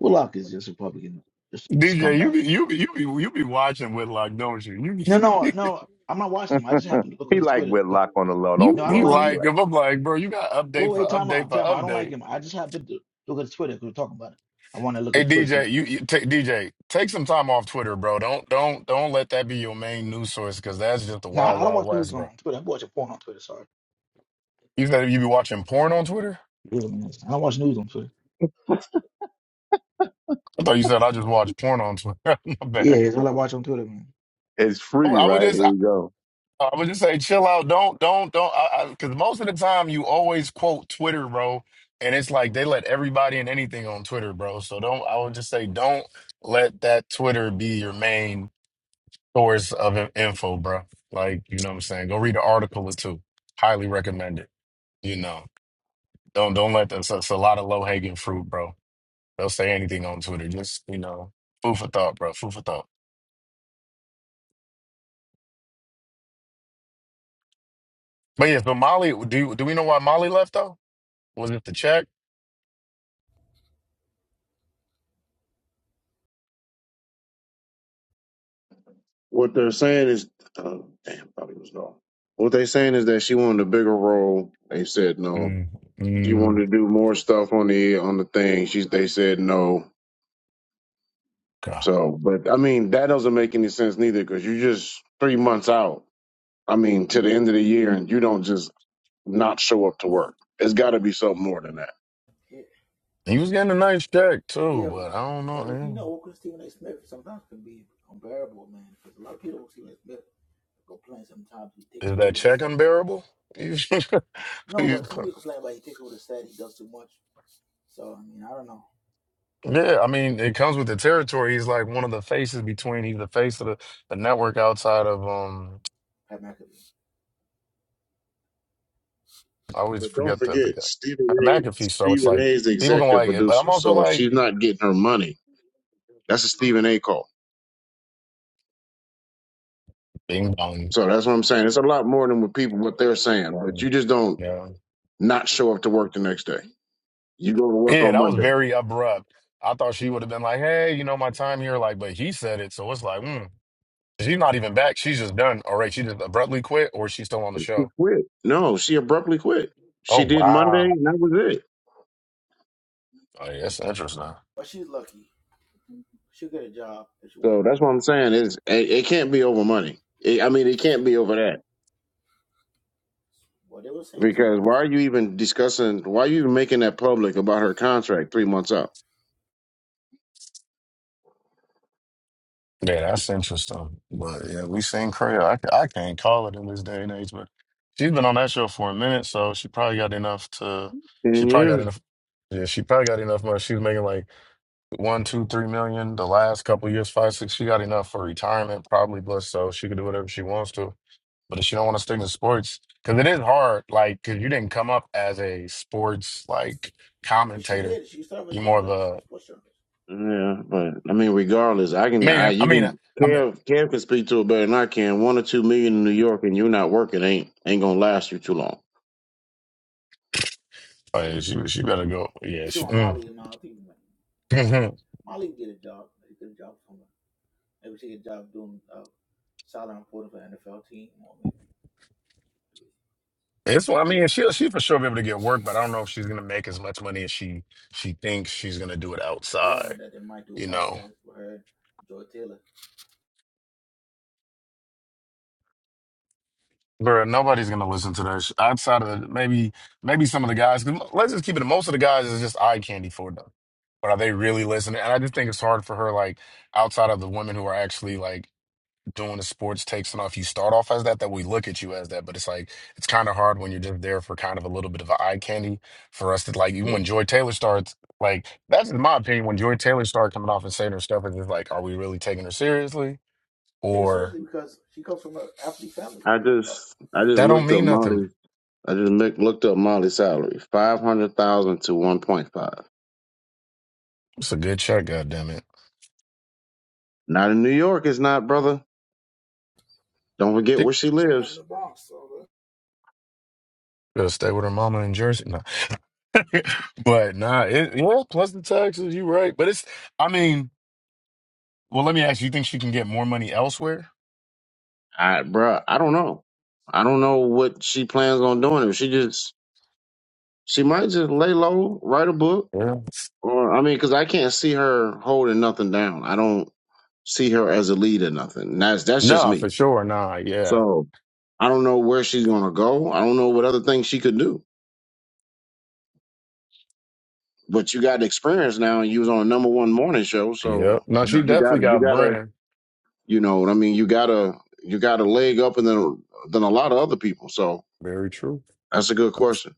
B: Willock is just a Republican, just a
G: DJ, you
B: scumbag.
G: be you be you be you be watching with like, don't you? You be,
B: No, no, no. I'm not watching him. I just happen to look at
H: he
B: his
H: like
B: Twitter because
H: Whitlock on the low. Don't
G: you
B: no, I don't
G: you
H: fool.
B: like
H: He
B: him.
G: like if I'm like, bro, you got update
B: Well,
G: for
B: wait, time
G: update
B: out,
G: for
B: time out. I don't like
G: update.
B: him. I just happen to look at his Twitter because we're talking about it. I want to look at
G: Hey
B: his Twitter.
G: DJ,
B: See,
G: you, you take DJ, take some time off Twitter, bro. Don't don't don't let that be your main news source because that's just the
B: no,
G: wild
B: I don't
G: wild
B: watch news
G: west, bro.
B: on Twitter. I watch porn on Twitter. Sorry,
G: You said you be watching porn on Twitter?
B: yeah, man. I don't watch news on Twitter.
G: I thought you said I just watch porn on Twitter. My bad.
B: Yeah, that's all I watch on Twitter, man.
H: It's
G: I, would
H: free,
G: I would
H: right?
G: just
H: Here you
G: I,
H: go.
G: I would just say chill out. Don't don't don't because most of the time you always quote Twitter, bro, and it's like they let everybody and anything on Twitter, bro. So don't. I would just say don't let that Twitter be your main source of in- info, bro. Like, you know what I'm saying? Go read an article or two. Highly recommend it. You know, don't don't let them. It's, it's a lot of low hanging fruit, bro. They'll say anything on Twitter. Just you know, food for thought, bro. Food for thought. But yeah, but Molly, do do we know why Molly left though? Was it the check?
D: What they're saying is, uh, damn, probably was gone. What they're saying is that she wanted a bigger role. They said no.
G: Mm,
D: She wanted
G: mm,
D: to do more stuff on the on the thing. She they said no.
G: God,
D: So, but I mean that doesn't make any sense neither because you just three months out. I mean to the end of the year, and you don't just not show up to work. It's got to be something more than that.
B: Yeah,
G: he was getting a nice check too,
B: yeah.
G: but I don't know.
B: But if you
G: Man.
B: know what Stephen A. Smith sometimes can be unbearable, man, because a lot of people with Stephen A. Smith complain sometimes he takes
G: Is that
B: over the
G: check
B: set.
G: unbearable?
B: No,
G: You-
B: but some people complain about he takes over the set, he does too much. So I mean, I don't know.
G: Yeah, I mean, it comes with the territory. He's like one of the faces between. He's the face of the, the network outside of um.
B: Pat McAfee.
G: I always
D: But don't
G: forget the the
D: forget
G: guy
D: Stephen A.
G: McAfee. So it's
D: Stephen A.
G: like
D: is the
G: people gonna
D: executive
G: like it, but I'm
D: producer,
G: also
D: so if
G: like,
D: she's not getting her money, that's a Stephen A. call.
G: bing bong.
D: So that's what I'm saying. It's a lot more than what people what they're saying. But you just don't
G: Yeah,
D: not show up to work the next day. You go to work
G: yeah,
D: on
G: that was
D: Monday.
G: very abrupt. I thought she would have been like, hey, you know, my time here, like, but he said it, so it's like, mm, she's not even back. She's just done. All right, she just abruptly quit, or she's still on the
D: She
G: show.
D: quit. No, she abruptly quit.
G: Oh
D: She did Monday,
G: wow,
D: and that was it.
G: oh, yeah, that's interesting.
B: But she's lucky. She'll get a job if she wants.
D: So that's what I'm saying is it, it can't be over money. It, I mean, it can't be over that
B: Well, they were saying
D: because
B: someone.
D: why are you even discussing? Why are you even making that public about her contract three months out?
G: Yeah, that's interesting. But yeah, we seen Craya. I, I can't call it in this day and age, but she's been on that show for a minute, so she probably got enough to. She
D: And
G: probably
D: yeah,
G: got enough. Yeah, she probably got enough money. She was making like one, two, three million the last couple years, five, six. She got enough for retirement, probably, but so she could do whatever she wants to. But if she don't want to stick to sports, because it is hard, like, because you didn't come up as a sports like
B: If she
G: commentator.
B: did, she started
G: You're
B: with
G: more of
B: journalists. She
G: a
B: was push journalists.
D: Yeah, but I mean, regardless, I can. I
G: man. I
D: you
G: mean, I mean,
D: can.
G: I mean,
D: Kev, Kev can speak to it better than I can. One or two million in New York, and you're not working, ain't ain't gonna last you too long.
G: oh, yeah, she she better go. Yeah,
B: You see, when
G: she.
B: Molly and uh, I think like, yeah.
G: Mhm.
B: Molly can get a job. She get a job somewhere. Maybe she get a job doing uh, sideline reporting for NFL team, or maybe
G: It's well, I mean she'll she for sure be able to get work, but I don't know if she's gonna make as much money as she she thinks she's gonna do it
B: rumor
G: outside,
B: that they might do
G: you
B: a
G: know.
B: podcast with her, and Joy Taylor.
G: Bro, nobody's gonna listen to that sh- outside of the, maybe maybe some of the guys. 'cause let's just keep it. Most of the guys is just eye candy for them, but are they really listening? And I just think it's hard for her, like outside of the women who are actually like doing the sports takes and off, you start off as that, that we look at you as that. But it's like it's kind of hard when you're just there for kind of a little bit of an eye candy for us to like even
D: Yeah.
G: when Joy Taylor starts, like that's in my opinion, when Joy Taylor started coming off and saying her stuff, it's just like, are we really taking her seriously?
B: Take it
G: Or
B: seriously because she comes from an athlete family.
D: I
B: Uh,
D: just, I just
G: that don't
D: looked up
G: mean nothing.
D: Molly. I just look, looked up Molly's salary: five hundred thousand to one point five.
G: It's a good shot, goddamn it.
D: Not in New York, it's not, brother. Don't forget
G: She
D: where she
B: she live in
D: lives.
B: the Bronx, so uh,
G: to stay with her mama in Jersey. No. but nah, it, yeah, plus the taxes, you right. But it's I mean, well let me ask you, you think she can get more money elsewhere?
D: I, bruh, I don't know. I don't know what she plans on doing. If she just, she might just lay low, write a book,
G: Yeah.
D: Well, I mean, because I can't see her holding nothing down. I don't see her as a lead or nothing. That's that's just
G: No, for
D: me.
G: sure. Nah, yeah.
D: So I don't know where she's gonna go. I don't know what other things she could do. But you got experience now, and you was on a number one morning show, so
G: Yep. No,
D: Yeah.
G: she
D: you
G: definitely
D: got you
G: got
D: got to
G: brand.
D: you know what I mean. You got to you got a leg up, and then than a lot of other people. So
G: Very true.
D: that's a good question.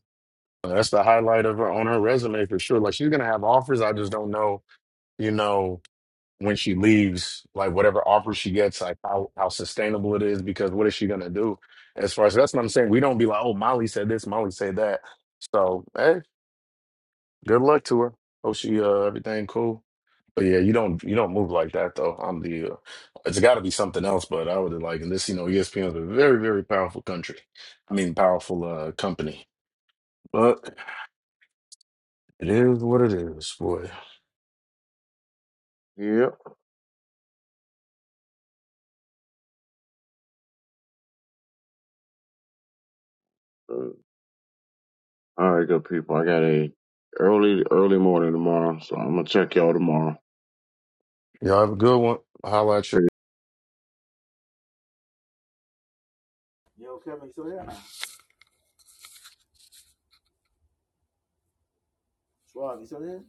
G: That's the highlight of her on her resume for sure. Like she's gonna have offers. I just don't know, you know, when she leaves, like whatever offer she gets, like how, how sustainable it is, because what is she gonna do? As far as that's what I'm saying. We don't be like, oh, Molly said this, Molly said that. So hey. Good luck to her. Hope she uh everything cool. But yeah, you don't you don't move like that though. I'm the uh, it's got to be something else. But I would like, and this you know, ESPN is a very very powerful country. I mean, powerful uh company. But it is what it is, boy.
D: Yep. Uh, All right, good people. I got a early early morning tomorrow, so I'm gonna check y'all tomorrow.
G: Y'all have a good one. Holla at you.
B: it's Rocky. So yeah,